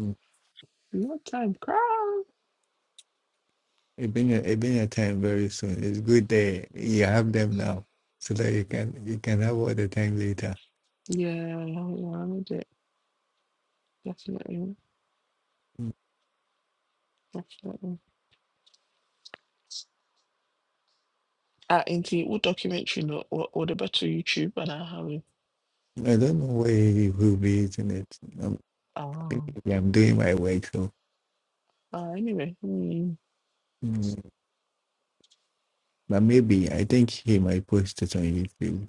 [SPEAKER 9] Mm.
[SPEAKER 6] no time. girl.
[SPEAKER 9] It been a, it been a time very soon. It's good that you have them now, so that you can you can have all the time later.
[SPEAKER 6] Yeah, yeah, yeah, I need it. Definitely,
[SPEAKER 9] Mm.
[SPEAKER 6] definitely. Uh, into all documentary, no, or, or the better YouTube, and I have it.
[SPEAKER 9] I don't know where he will be using it. I'm,
[SPEAKER 6] Oh,
[SPEAKER 9] I'm doing my work, so.
[SPEAKER 6] uh, anyway. Hmm.
[SPEAKER 9] mm-hmm. But maybe I think he might post it on YouTube.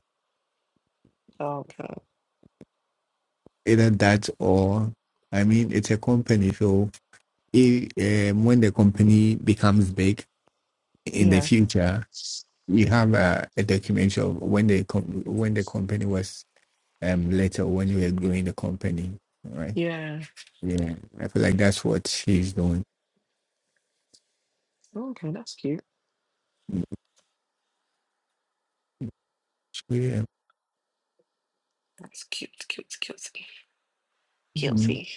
[SPEAKER 6] Okay.
[SPEAKER 9] Either that or I mean it's a company, so if, um, when the company becomes big in the
[SPEAKER 6] Yeah.
[SPEAKER 9] future, you have a, a documentary of when the com- when the company was um later when you were growing the company, right?
[SPEAKER 6] Yeah.
[SPEAKER 9] Yeah, I feel like that's what she's doing.
[SPEAKER 6] Okay, that's cute.
[SPEAKER 9] So, yeah,
[SPEAKER 6] That's cute, cute, cute.
[SPEAKER 9] mm,
[SPEAKER 6] Guilty.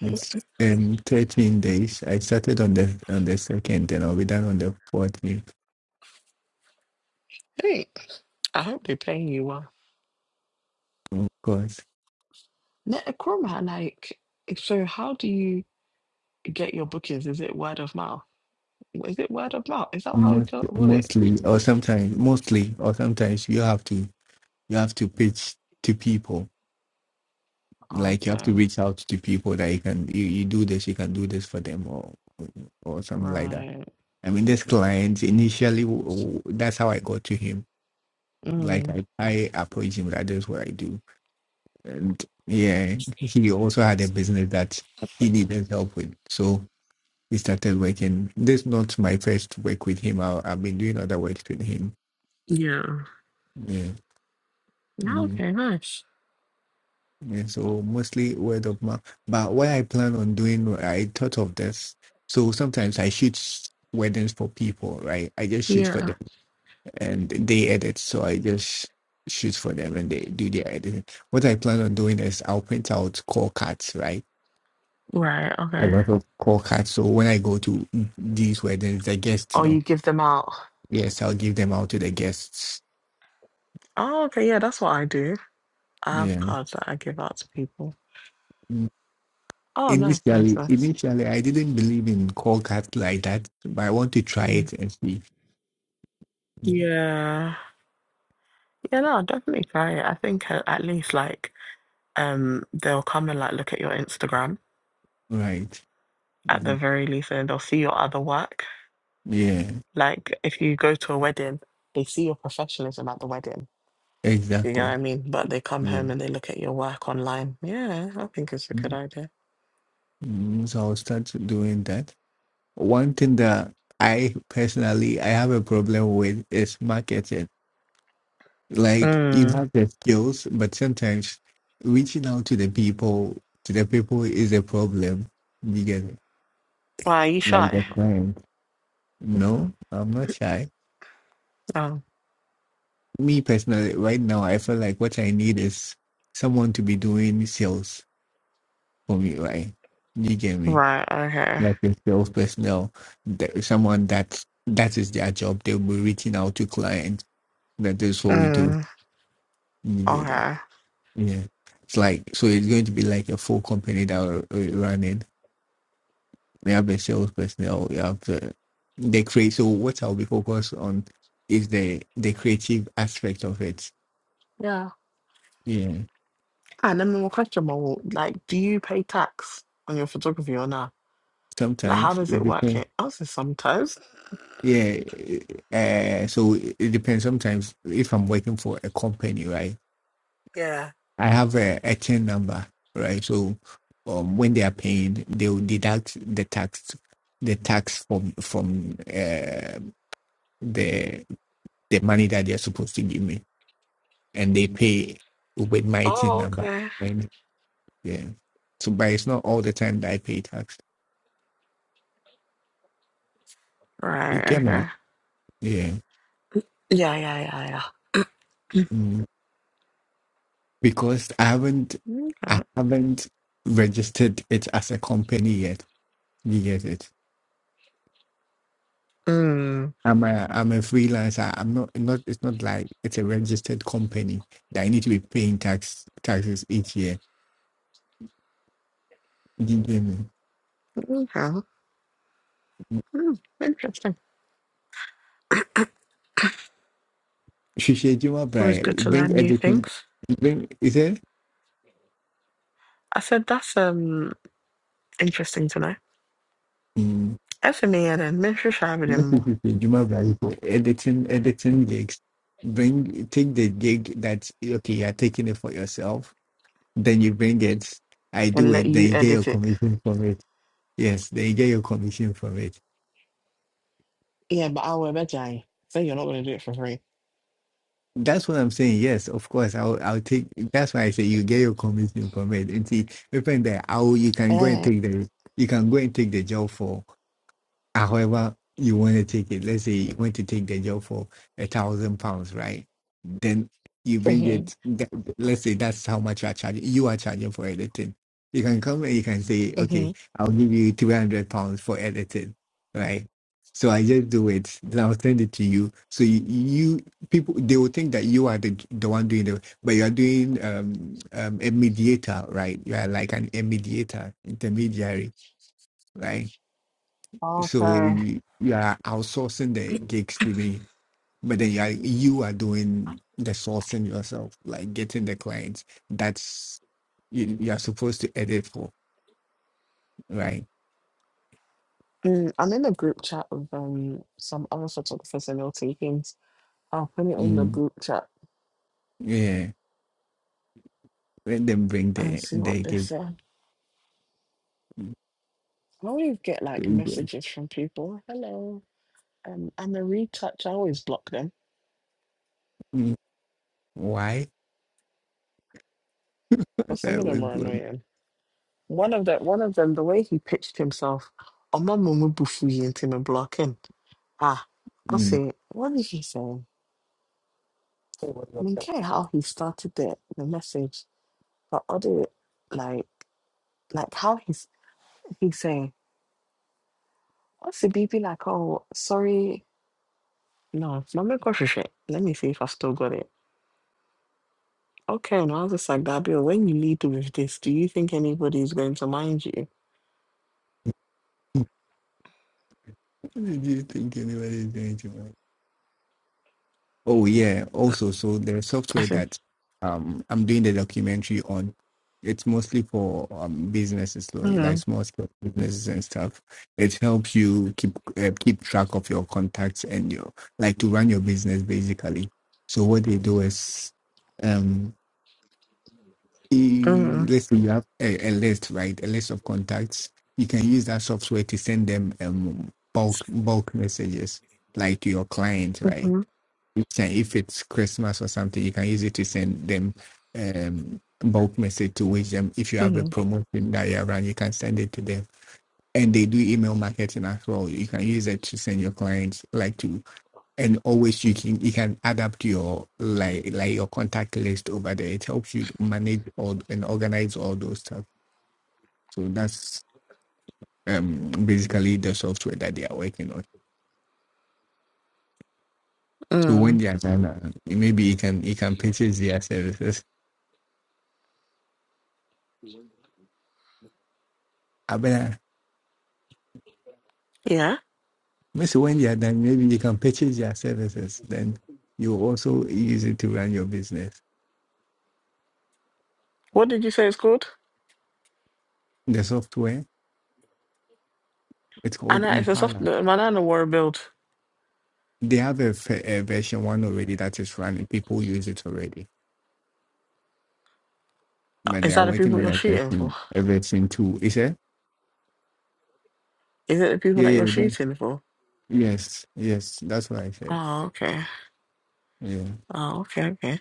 [SPEAKER 9] it's um thirteen days. I started on the on the second, and I'll be done on the fourteenth,
[SPEAKER 6] Hey, I hope they are paying you well.
[SPEAKER 9] of course.
[SPEAKER 6] Now, Nkrumah, like, so how do you get your bookings? Is it word of mouth? Is it word of mouth? Is that how you
[SPEAKER 9] most,
[SPEAKER 6] got won it?
[SPEAKER 9] mostly or sometimes mostly or sometimes you have to you have to pitch to people
[SPEAKER 6] Oh,
[SPEAKER 9] like you have to
[SPEAKER 6] no.
[SPEAKER 9] reach out to people that you can you, you do this you can do this for them or or something like that
[SPEAKER 6] right.
[SPEAKER 9] i mean this client initially w- w- that's how i got to him like
[SPEAKER 6] Mm.
[SPEAKER 9] i i approached him that that is what i do and yeah he also had a business that he needed help with so we started working this is not my first work with him I, i've been doing other works with him
[SPEAKER 6] Yeah.
[SPEAKER 9] yeah
[SPEAKER 6] Oh,
[SPEAKER 9] Mm.
[SPEAKER 6] Okay, nice.
[SPEAKER 9] Yeah, so mostly word of mouth. But what I plan on doing, I thought of this. So sometimes I shoot weddings for people, right? I just shoot for
[SPEAKER 6] Yeah.
[SPEAKER 9] them and they edit. So I just shoot for them and they do their editing. What I plan on doing is I'll print out call cards, right?
[SPEAKER 6] Right,
[SPEAKER 9] A
[SPEAKER 6] okay.
[SPEAKER 9] lot of call cards. So when I go to these weddings, the guests
[SPEAKER 6] Or
[SPEAKER 9] know.
[SPEAKER 6] you give them out.
[SPEAKER 9] Yes, I'll give them out to the guests.
[SPEAKER 6] Oh, okay, yeah, that's what I do. I have
[SPEAKER 9] Yeah.
[SPEAKER 6] cards that I give out to people.
[SPEAKER 9] Mm.
[SPEAKER 6] Oh, nice, nice,
[SPEAKER 9] Initially,
[SPEAKER 6] nice.
[SPEAKER 9] initially, I didn't believe in call cards like that, but I want to try
[SPEAKER 6] Mm.
[SPEAKER 9] it and see. Mhm.
[SPEAKER 6] Yeah. Yeah, no, I'll definitely try it. I think uh, at least like um they'll come and like look at your Instagram
[SPEAKER 9] Right.
[SPEAKER 6] at the
[SPEAKER 9] Mhm.
[SPEAKER 6] very least, and they'll see your other work.
[SPEAKER 9] Yeah,
[SPEAKER 6] Like if you go to a wedding, they see your professionalism at the wedding. You know what I
[SPEAKER 9] exactly.
[SPEAKER 6] mean? But they come
[SPEAKER 9] Yeah.
[SPEAKER 6] home and they look at your work online. Yeah, I think it's a good
[SPEAKER 9] Mhm.
[SPEAKER 6] idea.
[SPEAKER 9] Mhm. So I'll start doing that. One thing that I personally I have a problem with is marketing. Like you
[SPEAKER 6] Mm.
[SPEAKER 9] have the skills, but sometimes reaching out to the people to the people is a problem. You get it?
[SPEAKER 6] Why are you
[SPEAKER 9] Like
[SPEAKER 6] shy?
[SPEAKER 9] the client. No, I'm not shy.
[SPEAKER 6] Oh,
[SPEAKER 9] Me personally, right now, I feel like what I need is someone to be doing sales for me, right? You get me?
[SPEAKER 6] right. Okay.
[SPEAKER 9] like a sales personnel, the- someone that that is their job. They'll be reaching out to clients. That is what we do
[SPEAKER 6] Mm.
[SPEAKER 9] immediately.
[SPEAKER 6] Okay.
[SPEAKER 9] Yeah, it's like so. It's going to be like a full company that we're we're running. We have a sales personnel. We have the the create. So what I'll be focused on is the the creative aspect of it.
[SPEAKER 6] Yeah.
[SPEAKER 9] Yeah,
[SPEAKER 6] And then more question, more like, do you pay tax on your photography or not? Like, how
[SPEAKER 9] sometimes
[SPEAKER 6] does
[SPEAKER 9] it
[SPEAKER 6] it work here?
[SPEAKER 9] depends.
[SPEAKER 6] I say sometimes.
[SPEAKER 9] Yeah, uh, so it depends. Sometimes if I'm working for a company, right?
[SPEAKER 6] Yeah.
[SPEAKER 9] I have a, a tin number, right? So um, when they are paying, they will deduct the tax, the tax from from uh, the the money that they are supposed to give me, and they pay with my tin
[SPEAKER 6] Oh,
[SPEAKER 9] number.
[SPEAKER 6] okay.
[SPEAKER 9] Right? Yeah. So, but it's not all the time that I pay tax. You
[SPEAKER 6] Right.
[SPEAKER 9] get me?
[SPEAKER 6] Okay.
[SPEAKER 9] Yeah.
[SPEAKER 6] Yeah, yeah, yeah,
[SPEAKER 9] Mm. Because I haven't,
[SPEAKER 6] yeah.
[SPEAKER 9] I
[SPEAKER 6] Okay.
[SPEAKER 9] haven't registered it as a company yet. You get it?
[SPEAKER 6] Mm.
[SPEAKER 9] I'm a I'm a freelancer. I'm not not it's not like it's a registered company that I need to be paying tax taxes each year. Do you get me?
[SPEAKER 6] Okay. Mm. Interesting. It's
[SPEAKER 9] Shisha Juma
[SPEAKER 6] always good
[SPEAKER 9] Brai
[SPEAKER 6] to
[SPEAKER 9] bring
[SPEAKER 6] learn new
[SPEAKER 9] editing
[SPEAKER 6] things.
[SPEAKER 9] bring is it?
[SPEAKER 6] I said that's um interesting to know.
[SPEAKER 9] Mm.
[SPEAKER 6] Effing yeah then make sure you have it
[SPEAKER 9] Not
[SPEAKER 6] in more
[SPEAKER 9] Shisha Juma Brai for editing editing gigs. Bring take the gig that's okay, you're taking it for yourself. Then you bring it, I do
[SPEAKER 6] and let
[SPEAKER 9] it, then
[SPEAKER 6] you
[SPEAKER 9] you get your
[SPEAKER 6] edit it.
[SPEAKER 9] commission from it. Yes, then you get your commission from it.
[SPEAKER 6] Yeah, but I will bet you. So you're not gonna do it for free.
[SPEAKER 9] That's what I'm saying. Yes, of course. I'll I'll take. That's why I say you get your commission, commit, and see. Depend that how you can go and
[SPEAKER 6] Uh,
[SPEAKER 9] take the you can go and take the job for. However, you want to take it, let's say you want to take the job for a thousand pounds, right? Then you bring
[SPEAKER 6] mm-hmm,
[SPEAKER 9] it, that, let's say that's how much you are charging. You are charging for editing. You can come and you can say, okay,
[SPEAKER 6] mm-hmm.
[SPEAKER 9] I'll give you 300 pounds for editing, right? So I just do it, then I'll send it to you. So you, you people, they will think that you are the the one doing the, but you are doing um, um, a mediator, right? You are like an a mediator, intermediary, right? So
[SPEAKER 6] Okay.
[SPEAKER 9] you, you are outsourcing the gigs to me, but then you are, you are doing the sourcing yourself, like getting the clients. That's you, you are supposed to edit for, right?
[SPEAKER 6] Mm, I'm in a group chat with um some other photographers and they'll take things. I'll put it in the
[SPEAKER 9] Mm,
[SPEAKER 6] group chat
[SPEAKER 9] yeah, let them bring
[SPEAKER 6] and
[SPEAKER 9] the
[SPEAKER 6] see what
[SPEAKER 9] the
[SPEAKER 6] they
[SPEAKER 9] gig.
[SPEAKER 6] say. I always get like messages from people. Hello, um, I'm a retouch. I always block them
[SPEAKER 9] Mm, why?
[SPEAKER 6] because some
[SPEAKER 9] that
[SPEAKER 6] of
[SPEAKER 9] was
[SPEAKER 6] them are
[SPEAKER 9] good.
[SPEAKER 6] annoying. One of the one of them, the way he pitched himself, "Oh, my mum will into me blocking." Ah, I
[SPEAKER 9] Mm.
[SPEAKER 6] say, what did he say? I mean, care how he started the the message, but other like like how he's he saying, "What's the B B like?" Oh, sorry, no, no, me go shit. Let me see if I still got it. Okay, and I was just like, Dabio, when you lead with this, do you think anybody is going to mind you?
[SPEAKER 9] Do you think anybody is going to mind? Oh yeah. Also, so there's
[SPEAKER 6] I
[SPEAKER 9] software
[SPEAKER 6] said,
[SPEAKER 9] that um I'm doing the documentary on. It's mostly for um businesses, like like
[SPEAKER 6] mm,
[SPEAKER 9] small scale businesses and stuff. It helps you keep uh, keep track of your contacts and your like to run your business basically. So what they do is um Eh,
[SPEAKER 6] mm,
[SPEAKER 9] let's say you have a, a list, right? A list of contacts. You can use that software to send them um, bulk bulk messages, like to your client, right?
[SPEAKER 6] mm,
[SPEAKER 9] You can, if it's Christmas or something, you can use it to send them um, bulk message to wish them. If you have a
[SPEAKER 6] mm,
[SPEAKER 9] promotion that you run, you can send it to them. And they do email marketing as well. You can use it to send your clients, like to and always you can you can add up to your like like your contact list over there. It helps you manage all and organize all those stuff. So that's um basically the software that they are working on. So when
[SPEAKER 6] mm.
[SPEAKER 9] they are done, uh, maybe you can you can purchase their services. I mean,
[SPEAKER 6] Yeah.
[SPEAKER 9] maybe when they are done, maybe you can purchase their services. Then you also use it to run your business.
[SPEAKER 6] What did you say it's called?
[SPEAKER 9] The software it's called
[SPEAKER 6] Anna, it's a soft,
[SPEAKER 9] Impala.
[SPEAKER 6] the banana war build.
[SPEAKER 9] They have a, f- a version one already that is running. People use it already but they
[SPEAKER 6] Is
[SPEAKER 9] are
[SPEAKER 6] that the
[SPEAKER 9] working
[SPEAKER 6] people
[SPEAKER 9] on
[SPEAKER 6] you're shooting for?
[SPEAKER 9] everything, everything too. Is it?
[SPEAKER 6] Is it the people
[SPEAKER 9] Yeah,
[SPEAKER 6] that you're
[SPEAKER 9] yeah, that,
[SPEAKER 6] shooting for?
[SPEAKER 9] yes, yes, that's what I said.
[SPEAKER 6] Oh, okay.
[SPEAKER 9] Yeah.
[SPEAKER 6] Oh, okay, okay.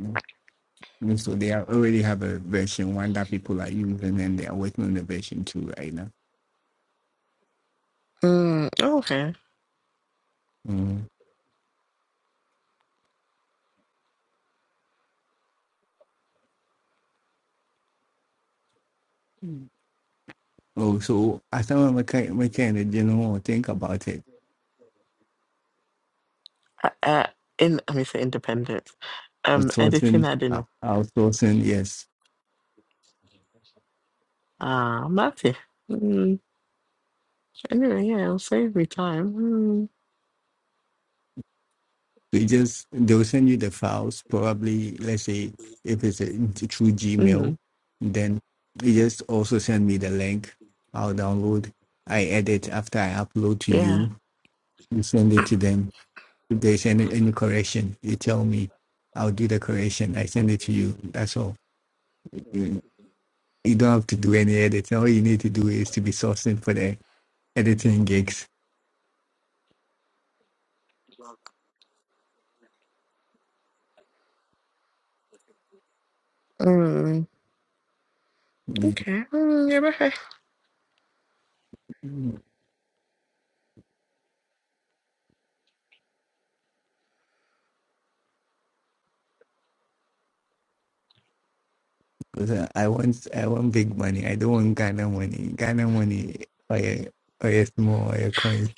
[SPEAKER 9] mm. And So they are- already have a version one that people are using, and they are working on the version two right now.
[SPEAKER 6] Mm, oh, okay.
[SPEAKER 9] Mm. Mm. Oh, so as someone mechanic, mechanic, you know, think about it.
[SPEAKER 6] Uh, uh, in, let me say independent. Um, editing,
[SPEAKER 9] Outsourcing,
[SPEAKER 6] I don't
[SPEAKER 9] uh,
[SPEAKER 6] know.
[SPEAKER 9] outsourcing, yes,
[SPEAKER 6] Ah, Matty. Mm, anyway, yeah, it'll save me time. Mm,
[SPEAKER 9] They just they'll send you the files. Probably, let's say if it's a, through Gmail,
[SPEAKER 6] mm,
[SPEAKER 9] then you just also send me the link. I'll download. I edit after I upload to
[SPEAKER 6] yeah.
[SPEAKER 9] you. You send it to them. If there's any any correction, you tell me. I'll do the correction. I send it to you. That's all. You you don't have to do any editing. All you need to do is to be sourcing for the editing gigs.
[SPEAKER 6] Mm, okay. Mm, yɛbɛhwɛ
[SPEAKER 9] Cause I, I want I want big money. I don't want Ghana money. Ghana money or a or a small or a coin.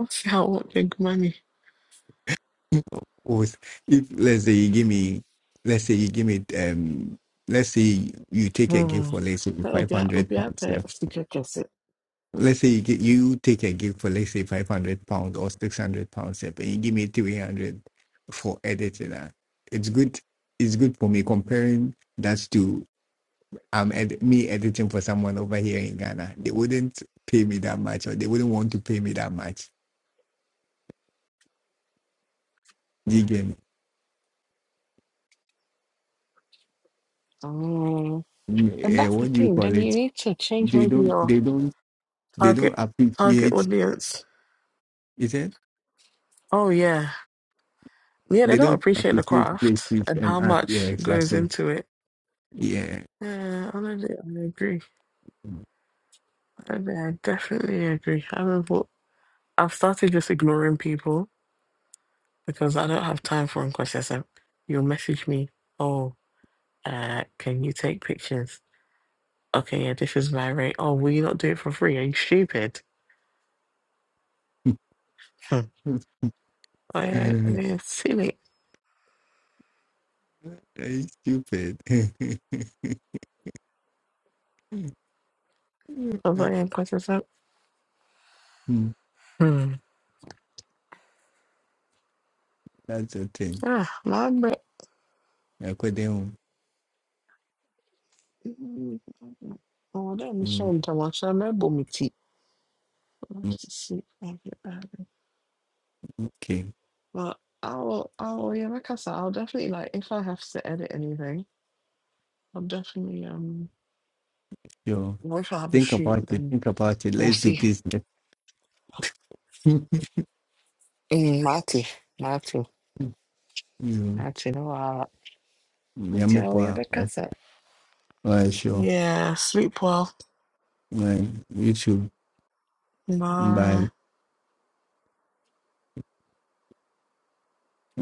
[SPEAKER 6] ɔse a ɔwɔ pɛnkuma ni
[SPEAKER 9] Was if let's say you give me let's say you give me um let's say you take a gift
[SPEAKER 6] Hmm.
[SPEAKER 9] for let's say
[SPEAKER 6] na
[SPEAKER 9] five
[SPEAKER 6] obia
[SPEAKER 9] hundred
[SPEAKER 6] obia
[SPEAKER 9] pounds.
[SPEAKER 6] pɛ
[SPEAKER 9] yeah.
[SPEAKER 6] sika kɛse
[SPEAKER 9] Let's say you, get, you take a gift for let's say five hundred pounds or six hundred pounds, yeah, and you give me three hundred for editing. ah. It's good. It's good for me comparing that to I'm ed- me editing for someone over here in Ghana. They wouldn't pay me that much, or they wouldn't want to pay me that much. You get me?
[SPEAKER 6] Mm,
[SPEAKER 9] Mm,
[SPEAKER 6] and
[SPEAKER 9] eh,
[SPEAKER 6] that's the
[SPEAKER 9] what do you
[SPEAKER 6] thing
[SPEAKER 9] call
[SPEAKER 6] then you
[SPEAKER 9] it?
[SPEAKER 6] need to change
[SPEAKER 9] They
[SPEAKER 6] maybe
[SPEAKER 9] don't.
[SPEAKER 6] your
[SPEAKER 9] They don't. They don't
[SPEAKER 6] target target
[SPEAKER 9] appreciate.
[SPEAKER 6] audience
[SPEAKER 9] Is it?
[SPEAKER 6] oh yeah yeah they
[SPEAKER 9] They
[SPEAKER 6] don't
[SPEAKER 9] don't
[SPEAKER 6] appreciate the
[SPEAKER 9] appreciate great
[SPEAKER 6] craft
[SPEAKER 9] speech
[SPEAKER 6] and
[SPEAKER 9] and
[SPEAKER 6] how
[SPEAKER 9] art. Yeah,
[SPEAKER 6] much goes
[SPEAKER 9] exactly.
[SPEAKER 6] into it
[SPEAKER 9] Yeah.
[SPEAKER 6] yeah honestly I agree I, think I definitely agree I mean, but I've started just ignoring people because I don't have time for them because they're so- you'll message me Oh, Uh, can you take pictures? Okay, yeah, this is my rate. Oh, will you not do it for free? Are you stupid? Hmm. Oh, yeah, oh, yeah, silly.
[SPEAKER 9] It's stupid.
[SPEAKER 6] Oh, but
[SPEAKER 9] Mm,
[SPEAKER 6] yeah, quite a lot. Hmm.
[SPEAKER 9] That's the thing.
[SPEAKER 6] Ah, my
[SPEAKER 9] I couldn't.
[SPEAKER 6] Mm, Oh, that
[SPEAKER 9] mm,
[SPEAKER 6] Michelle Thomas, I remember me tea.
[SPEAKER 9] mm,
[SPEAKER 6] Let's just see if I get that.
[SPEAKER 9] Okay.
[SPEAKER 6] But I'll, I'll, yeah, like I said, I'll definitely, like, if I have to edit anything, I'll definitely, um,
[SPEAKER 9] So
[SPEAKER 6] or if I have a
[SPEAKER 9] think
[SPEAKER 6] shoot,
[SPEAKER 9] about it.
[SPEAKER 6] then
[SPEAKER 9] Think about it.
[SPEAKER 6] we'll
[SPEAKER 9] Let's do
[SPEAKER 6] see.
[SPEAKER 9] business.
[SPEAKER 6] Mm, Marty, Marty,
[SPEAKER 9] You-
[SPEAKER 6] Marty, no,
[SPEAKER 9] Yummy pop.
[SPEAKER 6] uh,
[SPEAKER 9] Alright, sure.
[SPEAKER 6] Yeah, sleep well.
[SPEAKER 9] Like you two
[SPEAKER 6] Bye.
[SPEAKER 9] by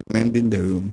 [SPEAKER 9] mending the room.